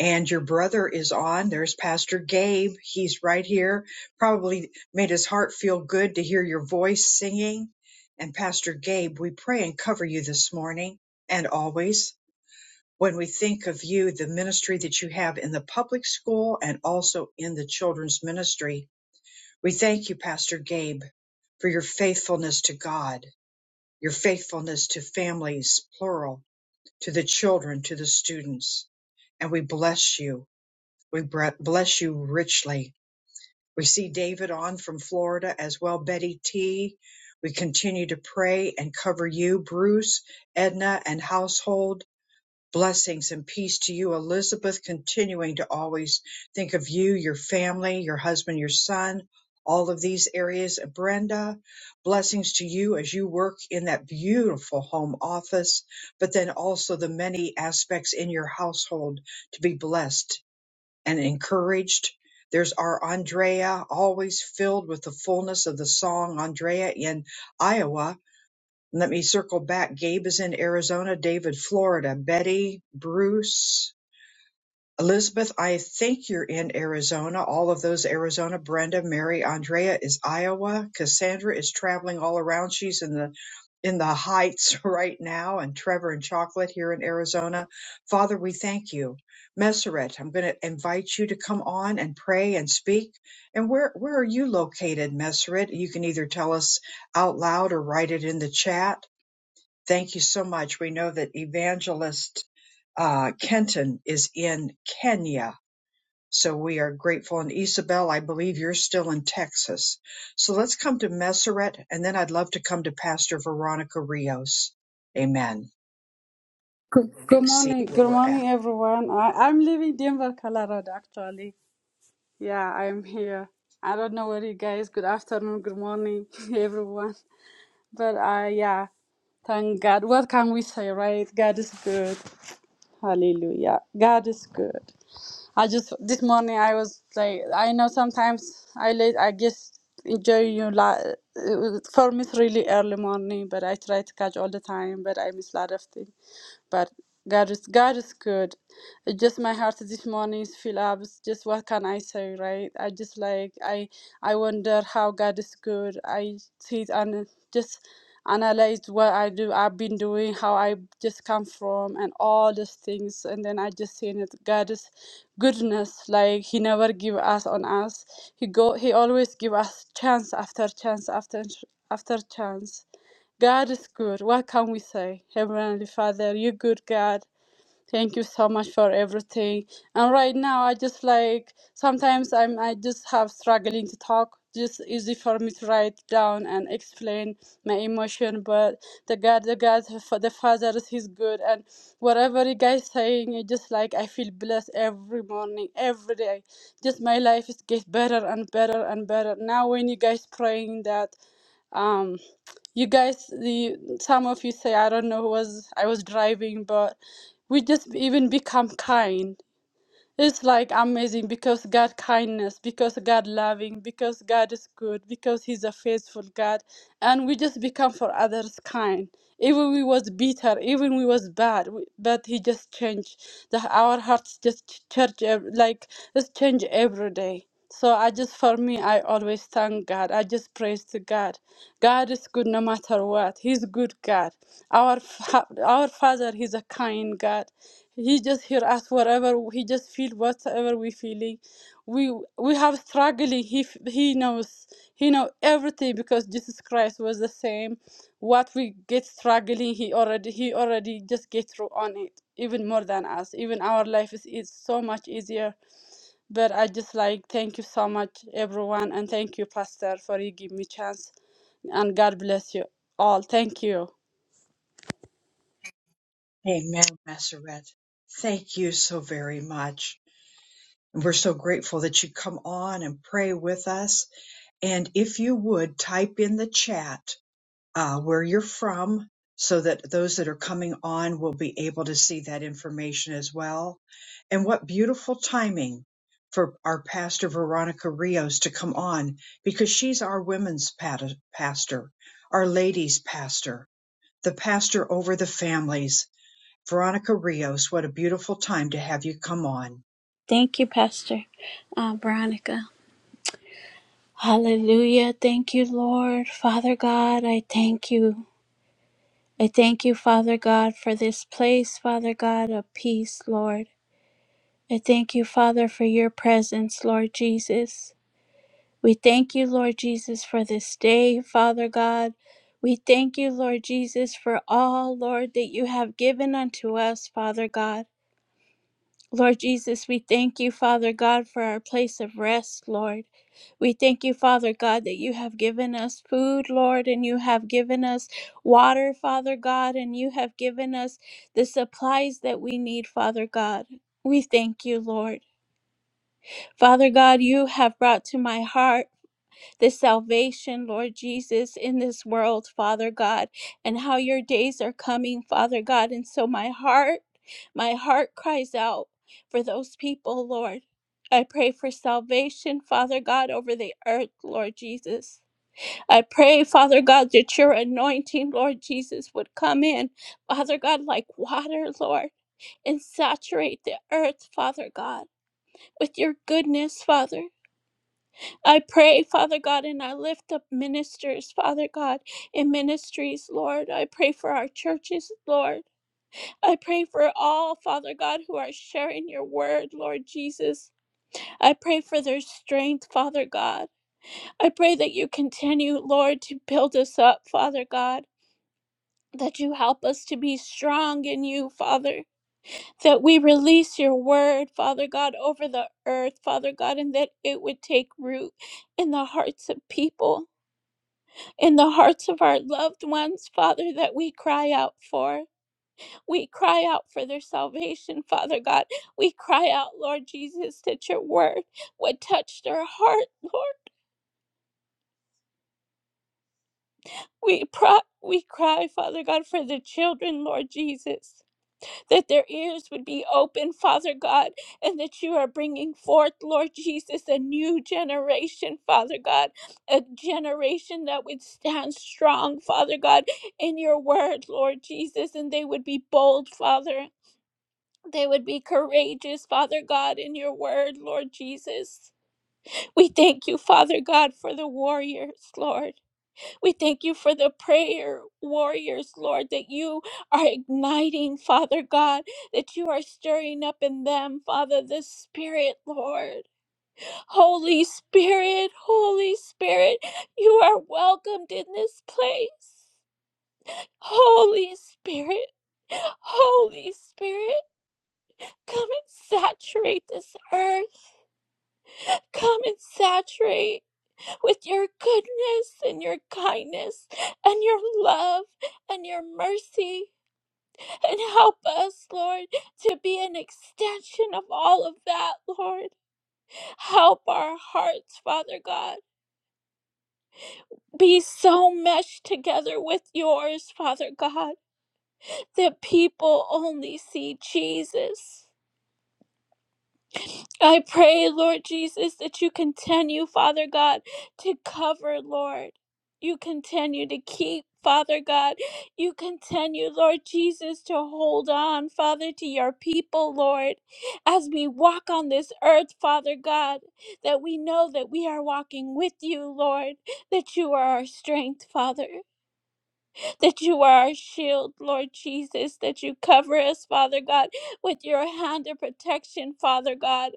And your brother is on. There's Pastor Gabe. He's right here. Probably made his heart feel good to hear your voice singing. And Pastor Gabe, we pray and cover you this morning and always. When we think of you, the ministry that you have in the public school and also in the children's ministry, we thank you, Pastor Gabe, for your faithfulness to God, your faithfulness to families, plural, to the children, to the students. And we bless you. We bre- bless you richly. We see David on from Florida as well, Betty T. We continue to pray and cover you, Bruce, Edna, and household. Blessings and peace to you, Elizabeth, continuing to always think of you, your family, your husband, your son, all of these areas. Brenda, blessings to you as you work in that beautiful home office, but then also the many aspects in your household to be blessed and encouraged. There's our Andrea, always filled with the fullness of the song, Andrea in Iowa let me circle back. Gabe is in Arizona, David, Florida, Betty, Bruce, Elizabeth, I think you're in Arizona. All of those Arizona. Brenda, Mary, Andrea is Iowa. Cassandra is traveling all around. She's in the in the heights *laughs* right now and Trevor and Chocolate here in Arizona. Father, we thank you. Messeret, I'm going to invite you to come on and pray and speak. And where where are you located, Messeret? You can either tell us out loud or write it in the chat Thank you so much. We know that Evangelist uh, Kenton is in Kenya. So we are grateful. And Isabel, I believe you're still in Texas. So let's come to Messeret, and then I'd love to come to Pastor Veronica Rios. Amen. Good, good We'll see morning, where good we're at. morning, everyone. I, I'm leaving Denver, Colorado, actually. Yeah, I'm here. I don't know where you guys. Good afternoon, good morning, *laughs* everyone. But uh, yeah, thank God. What can we say, right? God is good. Hallelujah. God is good. I just this morning I was like, I know sometimes I late. I just enjoy you la- for me it's really early morning, but I try to catch all the time, but I miss a lot of things. But God is God is good. It's just my heart this morning is filled up. It's just what can I say, right? I just like I I wonder how God is good. I see and just analyze what I do I've been doing, how I just come from and all these things and then I just seen it God is goodness, like he never give us on us. He go he always give us chance after chance after after chance. God is good. What can we say? Heavenly Father, you good God. Thank you so much for everything. And right now, I just like sometimes I'm I just have struggling to talk. Just easy for me to write down and explain my emotion. But the God, the God, for the Father is He's good. And whatever you guys saying, it just like I feel blessed every morning, every day. Just my life is get better and better and better. Now when you guys praying that. um you guys the some of you say i don't know was i was driving but we just even become kind it's like amazing because God kindness, because God loving, because God is good, because He's a faithful God, and we just become for others kind. Even we was bitter, even we was bad, we- but He just changed. The, our hearts just change, like it's change every day. So I just for me, I always thank God. I just praise to God. God is good no matter what. He's good God. Our fa- our Father, He's a kind God. He just hear us whatever he just feel whatever we feeling. We we have struggling. He f- he knows he know everything because Jesus Christ was the same. What we get struggling, he already he already just get through on it even more than us. Even our life is is so much easier. But I just like thank you so much everyone and thank you Pastor for you give me chance and God bless you all. Thank you. Amen, Messeret. Thank you so very much. And we're so grateful that you come on and pray with us. And if you would type in the chat uh, where you're from so that those that are coming on will be able to see that information as well. And what beautiful timing for our pastor Veronica Rios to come on because she's our women's pat- pastor, our ladies' pastor, the pastor over the families. Veronica Rios, what a beautiful time to have you come on. Thank you, Pastor uh, Veronica. Hallelujah. Thank you, Lord. Father God, I thank you. I thank you, Father God, for this place, Father God, of peace, Lord. I thank you, Father, for your presence, Lord Jesus. We thank you, Lord Jesus, for this day, Father God. We thank you, Lord Jesus, for all, Lord, that you have given unto us, Father God. Lord Jesus, we thank you, Father God, for our place of rest, Lord. We thank you, Father God, that you have given us food, Lord, and you have given us water, Father God, and you have given us the supplies that we need, Father God. We thank you, Lord. Father God, you have brought to my heart the salvation, Lord Jesus, in this world, Father God, and how your days are coming, Father God. And so my heart, my heart cries out for those people, Lord. I pray for salvation, Father God, over the earth, Lord Jesus. I pray, Father God, that your anointing, Lord Jesus, would come in, Father God, like water, Lord, and saturate the earth, Father God, with your goodness, Father. I pray, Father God, and I lift up ministers, Father God, in ministries, Lord. I pray for our churches, Lord. I pray for all, Father God, who are sharing your word, Lord Jesus. I pray for their strength, Father God. I pray that you continue, Lord, to build us up, Father God. That you help us to be strong in you, Father. That we release your word, Father God, over the earth, Father God, and that it would take root in the hearts of people. in the hearts of our loved ones, Father, that we cry out for. We cry out for their salvation, Father God. We cry out, Lord Jesus, that your word would touch their heart, Lord. We, pro- we cry, Father God, for the children, Lord Jesus. that their ears would be open, Father God, and that you are bringing forth, Lord Jesus, a new generation, Father God, a generation that would stand strong, Father God, in your word, Lord Jesus, and they would be bold, Father. They would be courageous, Father God, in your word, Lord Jesus. We thank you, Father God, for the warriors, Lord. We thank you for the prayer warriors, Lord, that you are igniting, Father God, that you are stirring up in them, Father, the Spirit, Lord. Holy Spirit, Holy Spirit, you are welcomed in this place. Holy Spirit, Holy Spirit, come and saturate this earth. Come and saturate. with your goodness and your kindness and your love and your mercy. And help us, Lord, to be an extension of all of that, Lord. Help our hearts, Father God. Be so meshed together with yours, Father God, that people only see Jesus. I pray, Lord Jesus, that you continue, Father God, to cover, Lord. You continue to keep, Father God. You continue, Lord Jesus, to hold on, Father, to your people, Lord, as we walk on this earth, Father God, that we know that we are walking with you, Lord, that you are our strength, Father, that you are our shield, Lord Jesus, that you cover us, Father God, with your hand of protection, Father God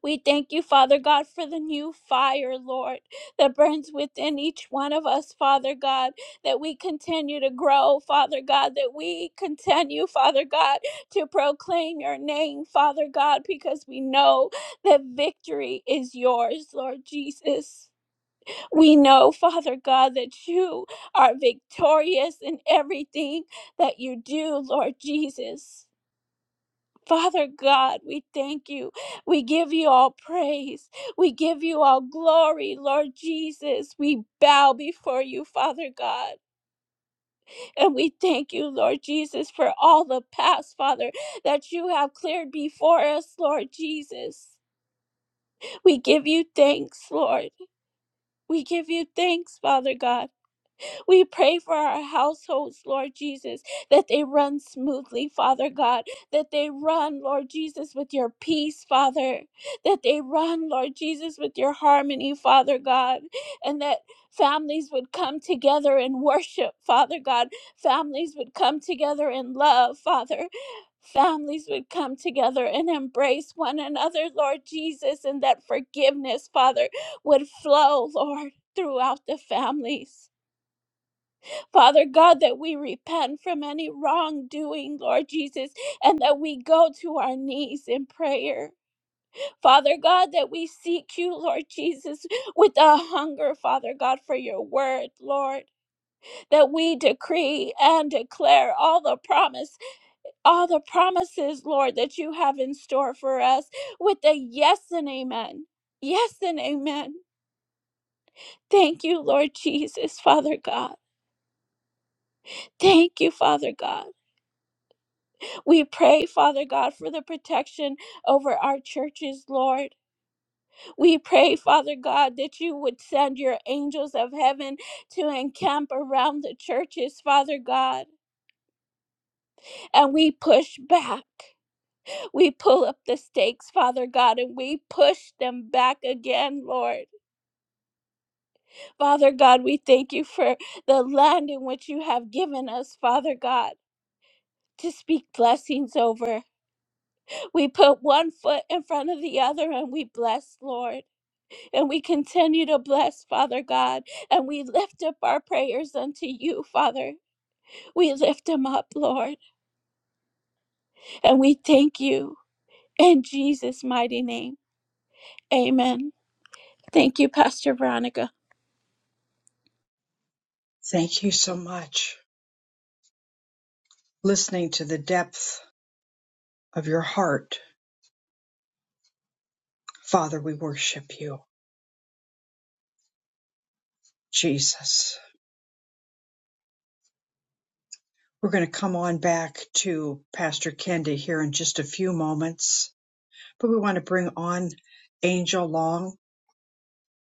we thank you, Father God, for the new fire, Lord, that burns within each one of us, Father God, that we continue to grow, Father God, that we continue, Father God, to proclaim your name, Father God, because we know that victory is yours, Lord Jesus. We know, Father God, that you are victorious in everything that you do, Lord Jesus. Father God, we thank you. We give you all praise. We give you all glory, Lord Jesus. We bow before you, Father God. And we thank you, Lord Jesus, for all the past, Father, that you have cleared before us, Lord Jesus. We give you thanks, Lord. We give you thanks, Father God. We pray for our households, Lord Jesus, that they run smoothly, Father God, that they run, Lord Jesus, with your peace, Father, that they run, Lord Jesus, with your harmony, Father God, and that families would come together and worship, Father God. Families would come together in love, Father. Families would come together and embrace one another, Lord Jesus, and that forgiveness, Father, would flow, Lord, throughout the families. Father God, that we repent from any wrongdoing, Lord Jesus, and that we go to our knees in prayer. Father God, that we seek you, Lord Jesus, with a hunger, Father God, for your word, Lord, that we decree and declare all the promise, all the promises, Lord, that you have in store for us with a yes and amen. Yes and amen. Thank you, Lord Jesus, Father God. Thank you, Father God. We pray, Father God, for the protection over our churches, Lord. We pray, Father God, that you would send your angels of heaven to encamp around the churches, Father God. And we push back. We pull up the stakes, Father God, and we push them back again, Lord. Father God, we thank you for the land in which you have given us, Father God. To speak blessings over. We put one foot in front of the other and we bless, Lord. And we continue to bless, Father God, and we lift up our prayers unto you, Father. We lift them up, Lord, and we thank you in Jesus' mighty name. Amen. Thank you, Pastor Veronica. Thank you so much. Listening to the depth of your heart, Father, we worship you, Jesus. We're going to come on back to Pastor Kenda here in just a few moments, but we want to bring on Angel Long.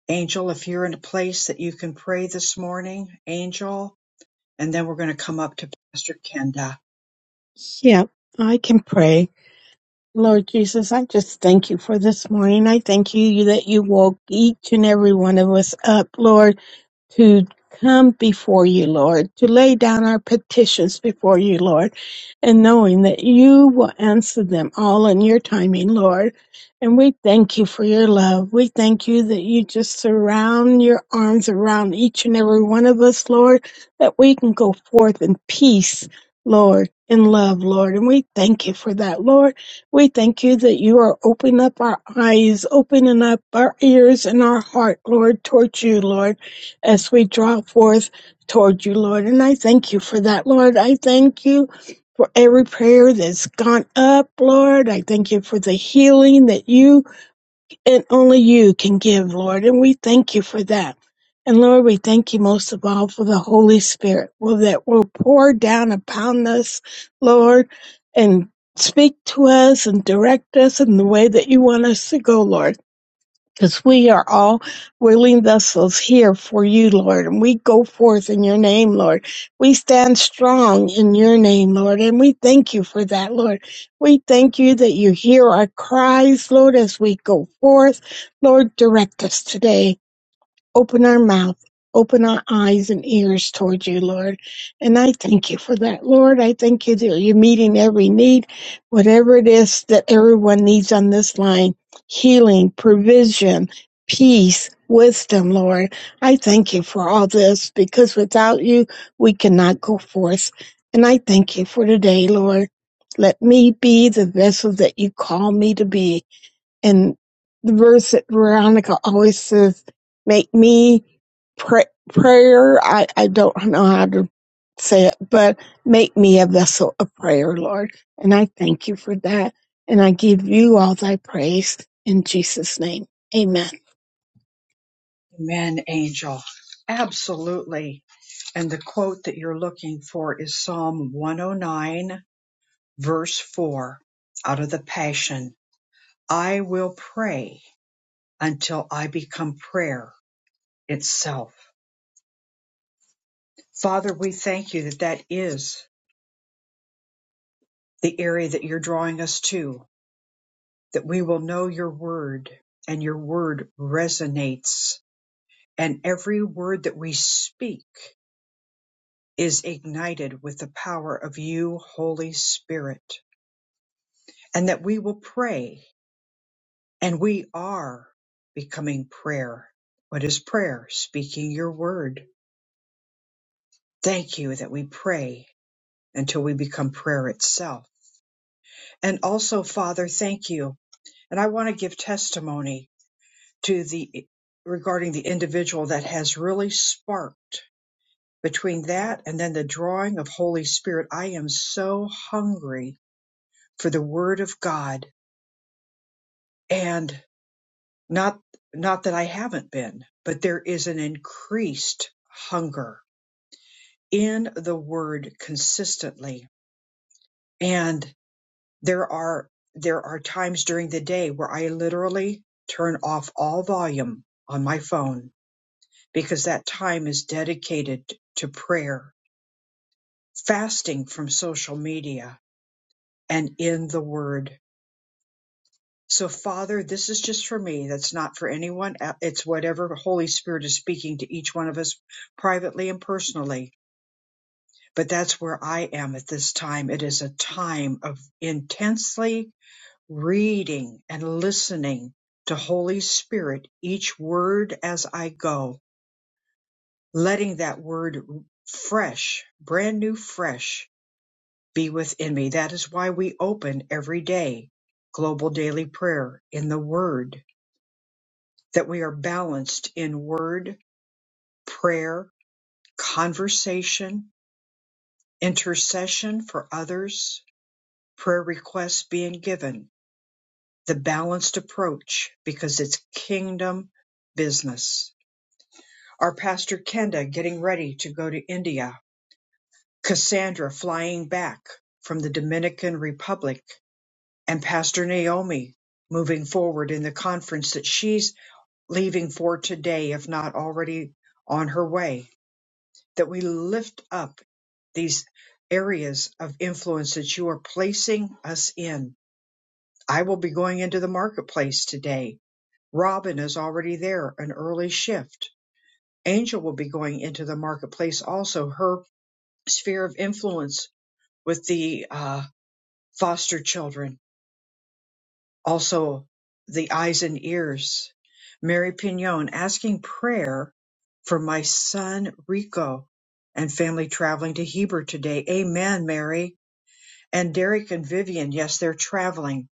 Angel, if you're in a place that you can pray this morning, Angel, and then we're going to come up to Pastor Kenda. Yeah, I can pray. Lord Jesus, I just thank you for this morning. I thank you that you woke each and every one of us up, Lord to come before you, Lord, to lay down our petitions before you, Lord, and knowing that you will answer them all in your timing, Lord. And we thank you for your love. We thank you that you just surround your arms around each and every one of us, Lord, that we can go forth in peace, Lord, in love, Lord. And we thank you for that, Lord. We thank you that you are opening up our eyes, opening up our ears and our heart, Lord, towards you, Lord as we draw forth toward you, Lord. And I thank you for that, Lord. I thank you for every prayer that's gone up, Lord. I thank you for the healing that you and only you can give, Lord. And we thank you for that. And Lord, we thank you most of all for the Holy Spirit well, that will pour down upon us, Lord, and speak to us and direct us in the way that you want us to go, Lord because we are all willing vessels here for you, Lord, and we go forth in your name, Lord. We stand strong in your name, Lord, and we thank you for that, Lord. We thank you that you hear our cries, Lord, as we go forth. Lord, direct us today. Open our mouth, open our eyes and ears toward you, Lord. And I thank you for that, Lord. I thank you that you're meeting every need, whatever it is that everyone needs on this line healing, provision, peace, wisdom, Lord. I thank you for all this because without you, we cannot go forth. And I thank you for today, Lord. Let me be the vessel that you call me to be and the verse that Veronica always says, "Make me pray, prayer." I I don't know how to say it, but make me a vessel of prayer, Lord. And I thank you for that, and I give you all thy praise in Jesus' name. Amen. Amen, Angel. Absolutely. And the quote that you're looking for is Psalm 109, verse 4, out of the Passion I will pray until I become prayer itself. Father, we thank you that that is the area that you're drawing us to, that we will know your word and your word resonates. And every word that we speak is ignited with the power of you, Holy Spirit, and that we will pray and we are becoming prayer. What is prayer? Speaking your word. Thank you that we pray until we become prayer itself. And also, Father, thank you And I want to give testimony to the regarding the individual that has really sparked between that and then the drawing of Holy Spirit. I am so hungry for the word of God and not not that I haven't been, but there is an increased hunger in the word consistently. And there are there are times during the day where I literally turn off all volume on my phone because that time is dedicated to prayer, fasting from social media, and in the Word. So, Father, this is just for me. That's not for anyone. e- It's whatever Holy Spirit is speaking to each one of us privately and personally. But that's where I am at this time. It is a time of intensely reading and listening to Holy Spirit, each word as I go, letting that word fresh, brand new, fresh be within me. That is why we open every day global daily prayer in the Word, that we are balanced in Word, prayer, conversation, intercession for others, prayer requests being given, the balanced approach, because it's kingdom business. Our pastor Kenda getting ready to go to India, Cassandra flying back from the Dominican Republic and Pastor Naomi moving forward in the conference that she's leaving for today, if not already on her way, that we lift up these areas of influence that you are placing us in. I will be going into the marketplace today. Robin is already there, an early shift. Angel will be going into the marketplace also, her sphere of influence with the uh, foster children also the eyes and ears. Mary Pignon asking prayer for my son Rico and family traveling to Heber today. Amen, Mary. And Derek and Vivian, yes, they're traveling.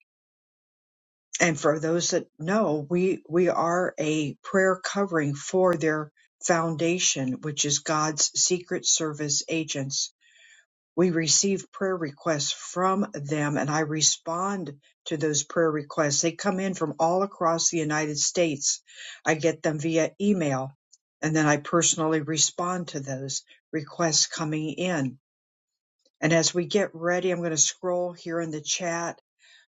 And for those that know, we, we are a prayer covering for their foundation, which is God's Secret Service agents we receive prayer requests from them and I respond to those prayer requests. They come in from all across the United States. I get them via email and then I personally respond to those requests coming in. And as we get ready, I'm going to scroll here in the chat.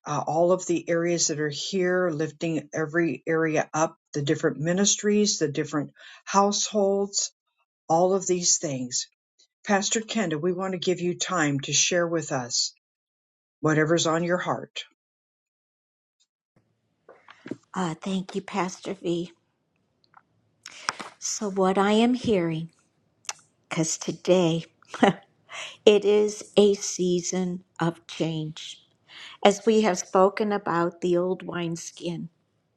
uh, all of the areas that are here, lifting every area up, the different ministries, the different households, all of these things. Pastor Kenda, we want to give you time to share with us whatever's on your heart. Ah, thank you, Pastor V. So, what I am hearing, because today *laughs* it is a season of change. As we have spoken about the old wineskin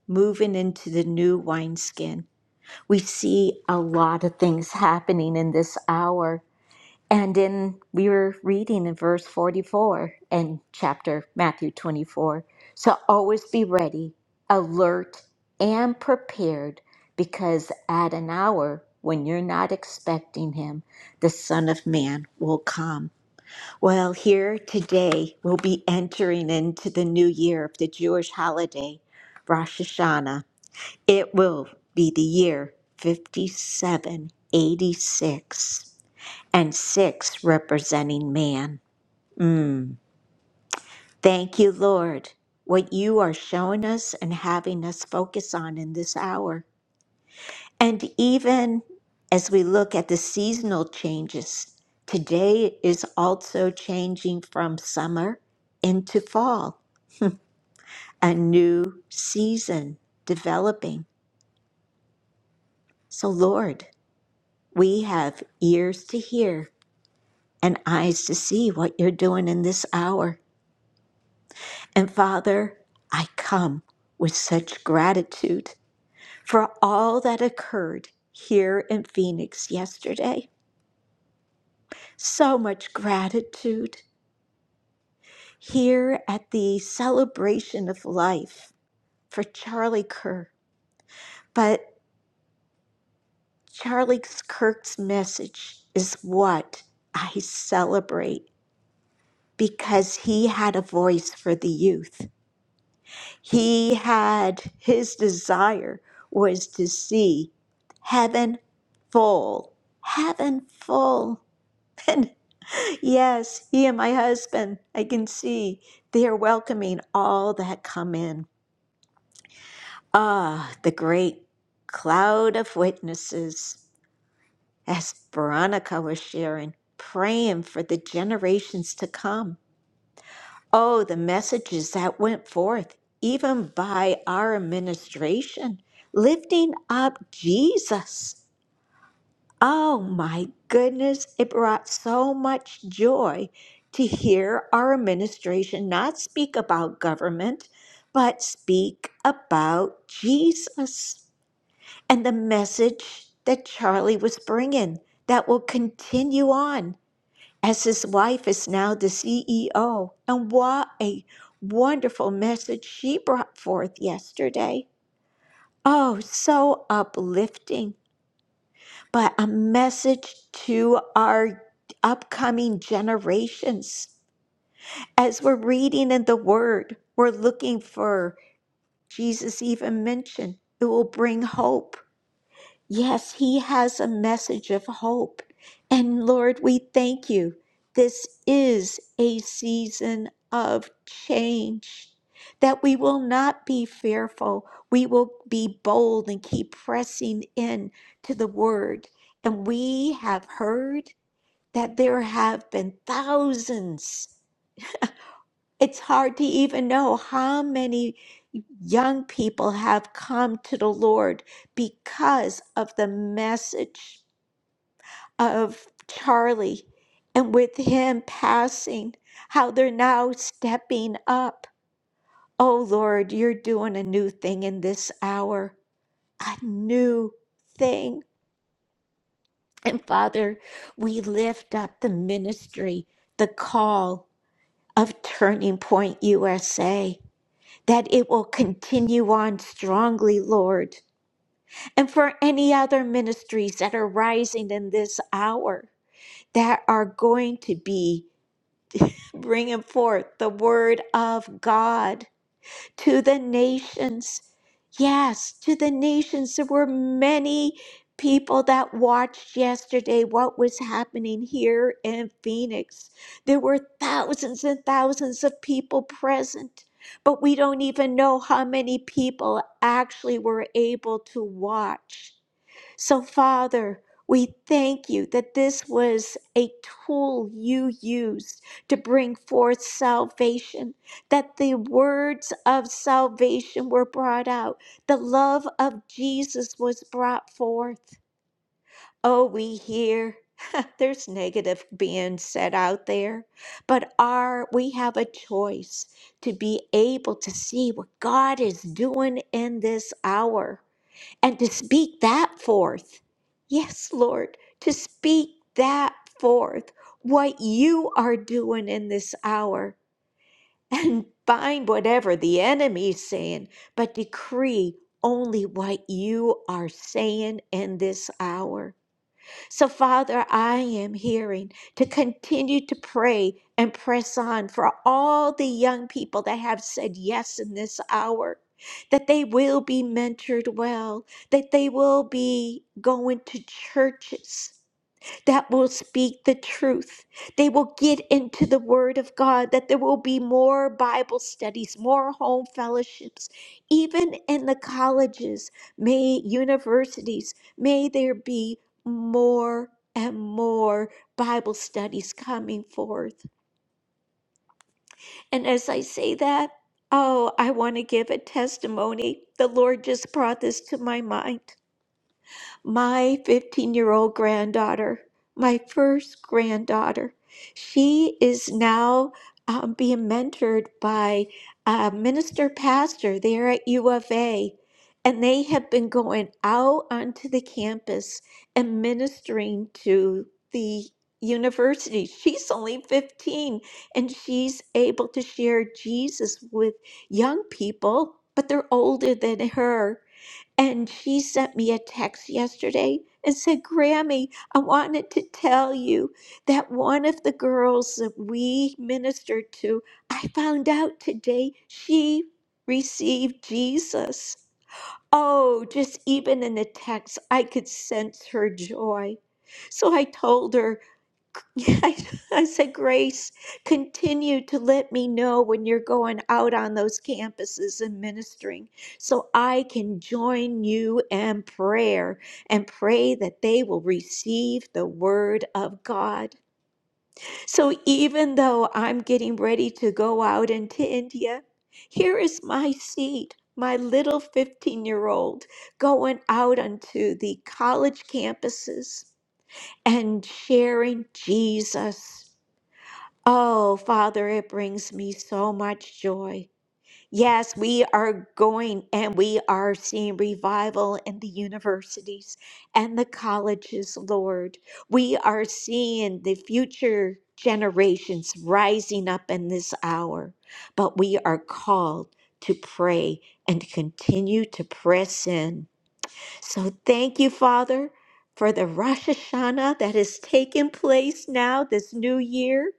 moving into the new wineskin, we see a lot of things happening in this hour. And in we were reading in verse 44 in chapter Matthew 24. So always be ready, alert, and prepared, because at an hour when you're not expecting him, the Son of Man will come. Well, here today we'll be entering into the new year of the Jewish holiday, Rosh Hashanah. It will be the year 5786 and six representing man. Mm. Thank you, Lord, what you are showing us and having us focus on in this hour. And even as we look at the seasonal changes, today is also changing from summer into fall, a new season developing. So, Lord, we have ears to hear and eyes to see what you're doing in this hour. And Father, I come with such gratitude for all that occurred here in Phoenix yesterday. So much gratitude here at the celebration of life for Charlie Kirk. But Charlie Kirk's message is what I celebrate because he had a voice for the youth. He had his desire was to see heaven full, heaven full. *laughs* And yes, he and my husband, I can see they are welcoming all that come in. Ah, the great cloud of witnesses, as Veronica was sharing, praying for the generations to come. Oh, the messages that went forth, even by our administration, lifting up Jesus. Oh my goodness, it brought so much joy to hear our administration not speak about government, but speak about Jesus and the message that Charlie was bringing that will continue on as his wife is now the CEO. And what a wonderful message she brought forth yesterday. Oh, so uplifting, but a message to our upcoming generations. As we're reading in the Word, we're looking for, Jesus even mentioned, it will bring hope Yes, he has a message of hope. And Lord, we thank you. This is a season of change, that we will not be fearful. We will be bold and keep pressing in to the word. And we have heard that there have been thousands. It's hard to even know how many young people have come to the Lord because of the message of Charlie and with him passing, how they're now stepping up. Oh Lord, you're doing a new thing in this hour, a new thing. And Father, we lift up the ministry, the call of Turning Point USA, that it will continue on strongly, Lord. And for any other ministries that are rising in this hour, that are going to be bringing forth the word of God to the nations. Yes, to the nations. There were many people that watched yesterday what was happening here in Phoenix. There were thousands and thousands of people present, but we don't even know how many people actually were able to watch. So, Father, we thank you that this was a tool you used to bring forth salvation, that the words of salvation were brought out, the love of Jesus was brought forth. Oh, we hear. *laughs* There's negative being said out there, but our we have a choice to be able to see what God is doing in this hour and to speak that forth. Yes, Lord, to speak that forth, what you are doing in this hour, and bind whatever the enemy is saying, but decree only what you are saying in this hour. So, Father, I am hearing to continue to pray and press on for all the young people that have said yes in this hour, that they will be mentored well, that they will be going to churches that will speak the truth. They will get into the Word of God, that there will be more Bible studies, more home fellowships, even in the colleges, may universities, may there be more and more Bible studies coming forth. And as I say that, oh, I want to give a testimony. The Lord just brought this to my mind my 15 year old granddaughter, my first granddaughter. She is now um, being mentored by a minister pastor there at U of A. And they have been going out onto the campus and ministering to the university. She's only 15 and she's able to share Jesus with young people, but they're older than her. And she sent me a text yesterday and said, Grammy, I wanted to tell you that one of the girls that we ministered to, I found out today she received Jesus. Oh, just even in the text, I could sense her joy. So I told her, *laughs* I, I said, Grace, continue to let me know when you're going out on those campuses and ministering so I can join you in prayer and pray that they will receive the word of God. So even though I'm getting ready to go out into India, here is my seed. My little 15 year old going out onto the college campuses and sharing Jesus. Oh, Father, it brings me so much joy. Yes, we are going and we are seeing revival in the universities and the colleges, Lord. We are seeing the future generations rising up in this hour, but we are called to pray and continue to press in. So thank you, Father, for the Rosh Hashanah that has taken place now this new year.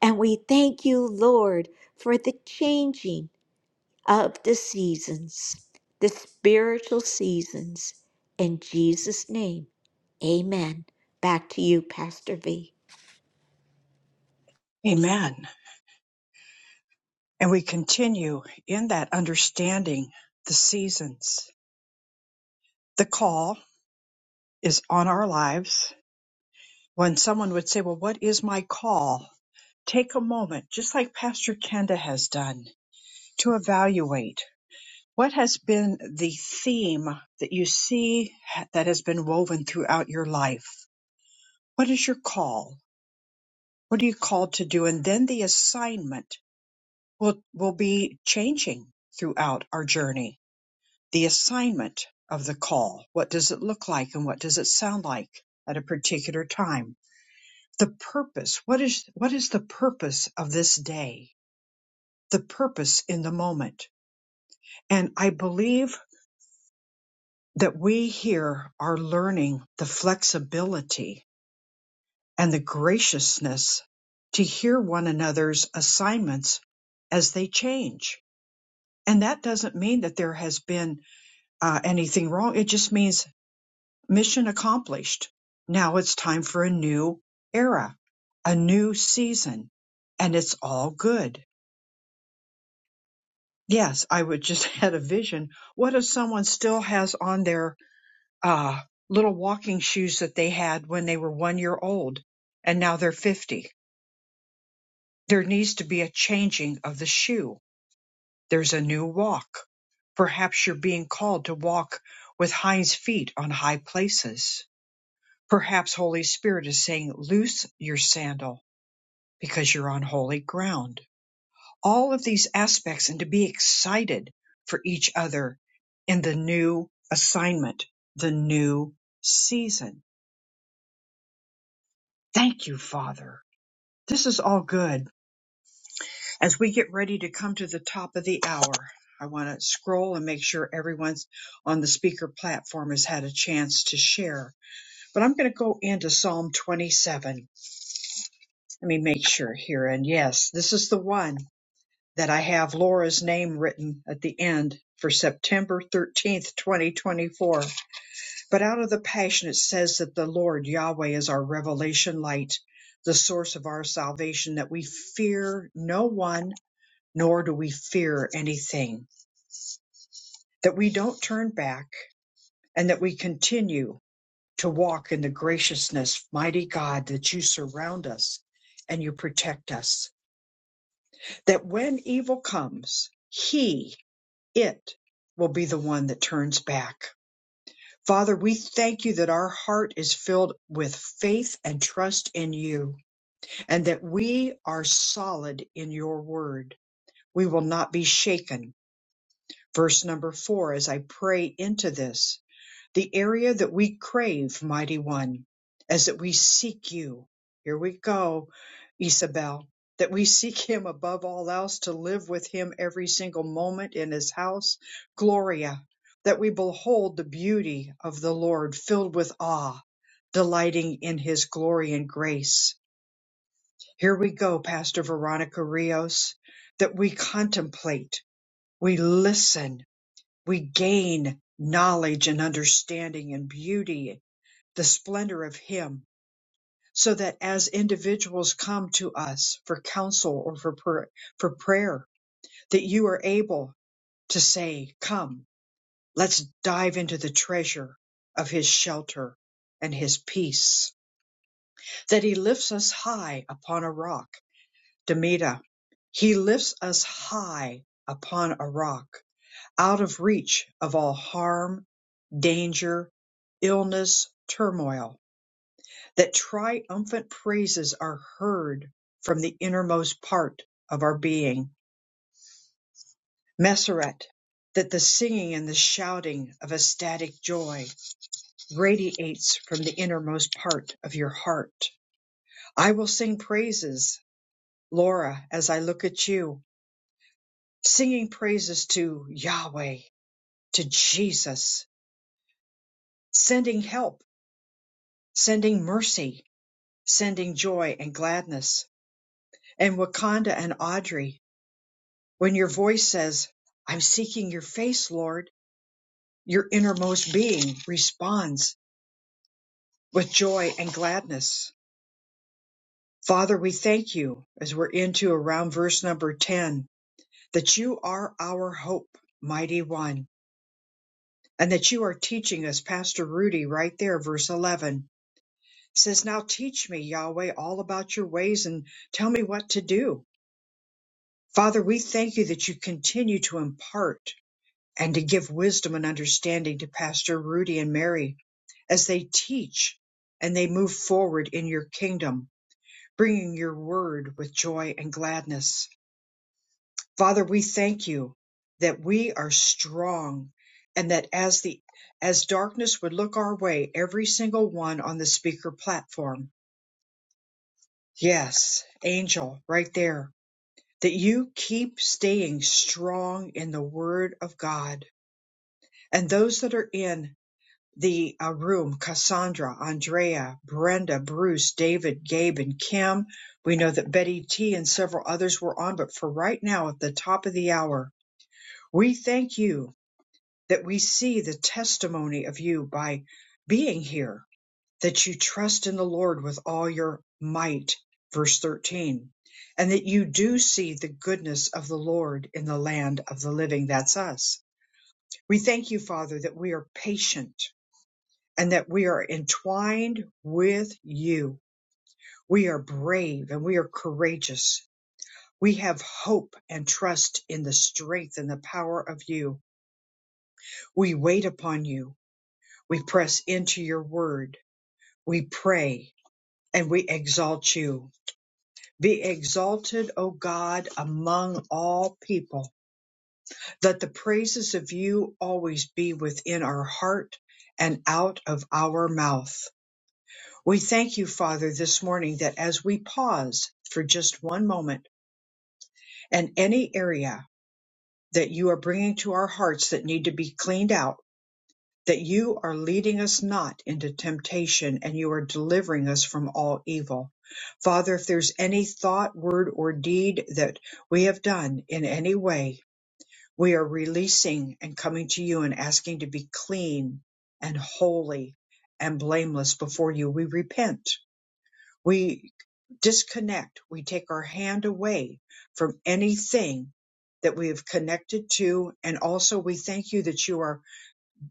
And we thank you, Lord, for the changing of the seasons, the spiritual seasons. In Jesus' name, amen. Back to you, Pastor V. Amen. And we continue in that understanding the seasons. The call is on our lives. When someone would say, Well, what is my call? Take a moment, just like Pastor Kenda has done, to evaluate what has been the theme that you see that has been woven throughout your life. What is your call? What are you called to do? And then the assignment will, will be changing throughout our journey the assignment of the call. What does it look like and what does it sound like at a particular time? The purpose. What is, what is the purpose of this day? The purpose in the moment. And I believe that we here are learning the flexibility and the graciousness to hear one another's assignments as they change. And that doesn't mean that there has been uh, anything wrong. It just means Mission accomplished. Now it's time for a new era, a new season, and it's all good. Yes, I would just *laughs* had a vision. What if someone still has on their uh, little walking shoes that they had when they were one year old and now they're 50? There needs to be a changing of the shoe. There's a new walk. Perhaps you're being called to walk with hinds feet on high places. Perhaps Holy Spirit is saying, loose your sandal because you're on holy ground. All of these aspects and to be excited for each other in the new assignment, the new season. Thank you, Father. This is all good. As we get ready to come to the top of the hour, I want to scroll and make sure everyone's on the speaker platform has had a chance to share. But I'm going to go into Psalm 27. Let me make sure here. And yes, this is the one that I have Laura's name written at the end for September 13th, 2024. But out of the Passion, it says that the Lord Yahweh is our revelation light, the source of our salvation, that we fear no one, nor do we fear anything, that we don't turn back, and that we continue to walk in the graciousness, mighty God, that you surround us and you protect us, that when evil comes, he it will be the one that turns back. Father, we thank you that our heart is filled with faith and trust in you, and that we are solid in your word. We will not be shaken. Verse number four, as I pray into this, the area that we crave, mighty one, as that we seek you. Here we go, Isabel, that we seek him above all else to live with him every single moment in his house. Gloria, that we behold the beauty of the Lord filled with awe, delighting in his glory and grace. Here we go, Pastor Veronica Rios, that we contemplate, we listen, we gain knowledge and understanding and beauty the splendor of Him, so that as individuals come to us for counsel or for, pr- for prayer, that you are able to say, Come, let's dive into the treasure of His shelter and His peace, that He lifts us high upon a rock. Demita, He lifts us high upon a rock, out of reach of all harm, danger, illness, turmoil. that triumphant praises are heard from the innermost part of our being. Meseret, that the singing and the shouting of ecstatic joy radiates from the innermost part of your heart. I will sing praises, Laura, as I look at you, singing praises to Yahweh, to Jesus, sending help, sending mercy, sending joy and gladness. And Wakanda and Audrey, When your voice says, I'm seeking your face, Lord, your innermost being responds with joy and gladness. Father, we thank you as we're into around verse number 10 that you are our hope, mighty one, and that you are teaching us, Pastor Rudy, right there, verse 11 says, Now teach me, Yahweh, all about your ways and tell me what to do. Father, we thank you that you continue to impart and to give wisdom and understanding to Pastor Rudy and Mary as they teach and they move forward in your kingdom, bringing your word with joy and gladness. Father, we thank you that we are strong and that as the as darkness would look our way, every single one on the speaker platform. Yes, angel, right there. That you keep staying strong in the word of God and those that are in the uh, room Cassandra, Andrea, Brenda, Bruce, David, Gabe, and Kim. We know that Betty T and several others were on, but for right now, at the top of the hour, we thank you that we see the testimony of you by being here, that you trust in the Lord with all your might. Verse 13. And that you do see the goodness of the Lord in the land of the living. That's us. We thank you, Father, that we are patient and that we are entwined with you. We are brave and we are courageous. We have hope and trust in the strength and the power of you. We wait upon you. We press into your word. We pray and we exalt you. Be exalted, O God, among all people, that the praises of you always be within our heart and out of our mouth. We thank you, Father, this morning that as we pause for just one moment and any area that you are bringing to our hearts that need to be cleaned out, that you are leading us not into temptation and you are delivering us from all evil. Father, if there's any thought, word, or deed that we have done in any way, we are releasing and coming to you and asking to be clean and holy and blameless before you. We repent We disconnect. We take our hand away from anything that we have connected to. And also we thank you that you are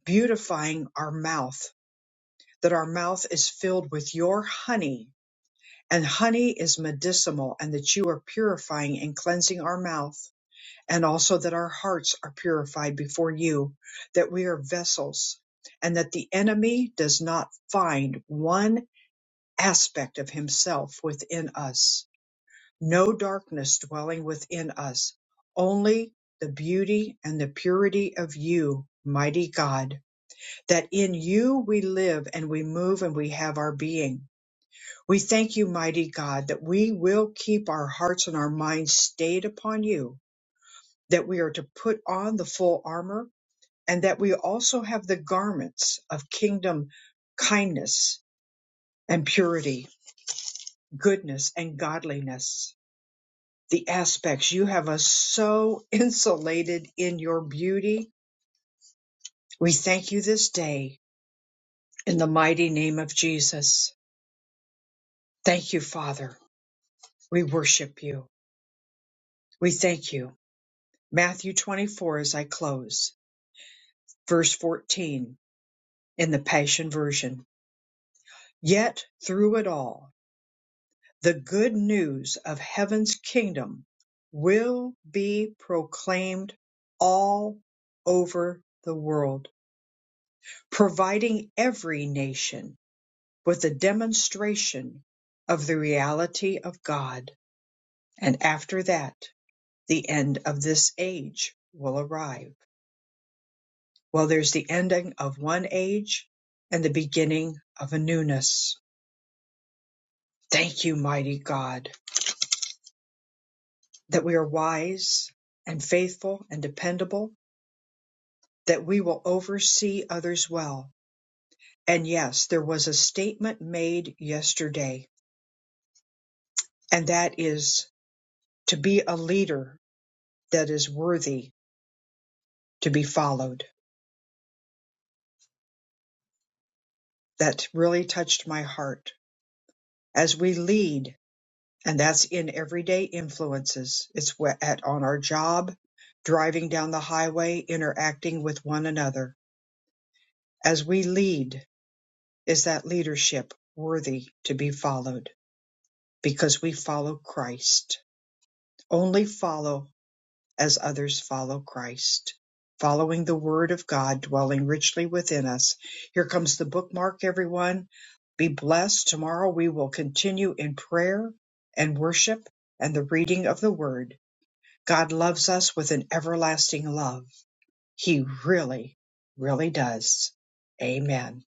beautifying our mouth, that our mouth is filled with your honey and honey is medicinal and that you are purifying and cleansing our mouth. And also that our hearts are purified before you, that we are vessels and that the enemy does not find one aspect of himself within us no darkness dwelling within us, only the beauty and the purity of you, mighty God, that in you we live and we move and we have our being. We thank you, mighty God, that we will keep our hearts and our minds stayed upon you, that we are to put on the full armor, and that we also have the garments of kingdom kindness and purity, goodness and godliness the aspects. You have us so *laughs* insulated in your beauty. We thank you this day in the mighty name of Jesus. Thank you, Father. We worship you. We thank you. Matthew 24, as I close, verse 14 in the Passion Version. Yet through it all, the good news of heaven's kingdom will be proclaimed all over the world, providing every nation with a demonstration of the reality of God. And after that, the end of this age will arrive. Well, there's the ending of one age and the beginning of a newness. Thank you, mighty God, that we are wise and faithful and dependable, that we will oversee others well. And yes, there was a statement made yesterday, and that is to be a leader that is worthy to be followed. that really touched my heart as we lead and that's in everyday influences it's wh- at on our job driving down the highway interacting with one another as we lead is that leadership worthy to be followed because we follow Christ only follow as others follow Christ. Following the Word of God dwelling richly within us. Here comes the bookmark, everyone. Be blessed. Tomorrow we will continue in prayer and worship and the reading of the Word. God loves us with an everlasting love. He really, really does. Amen.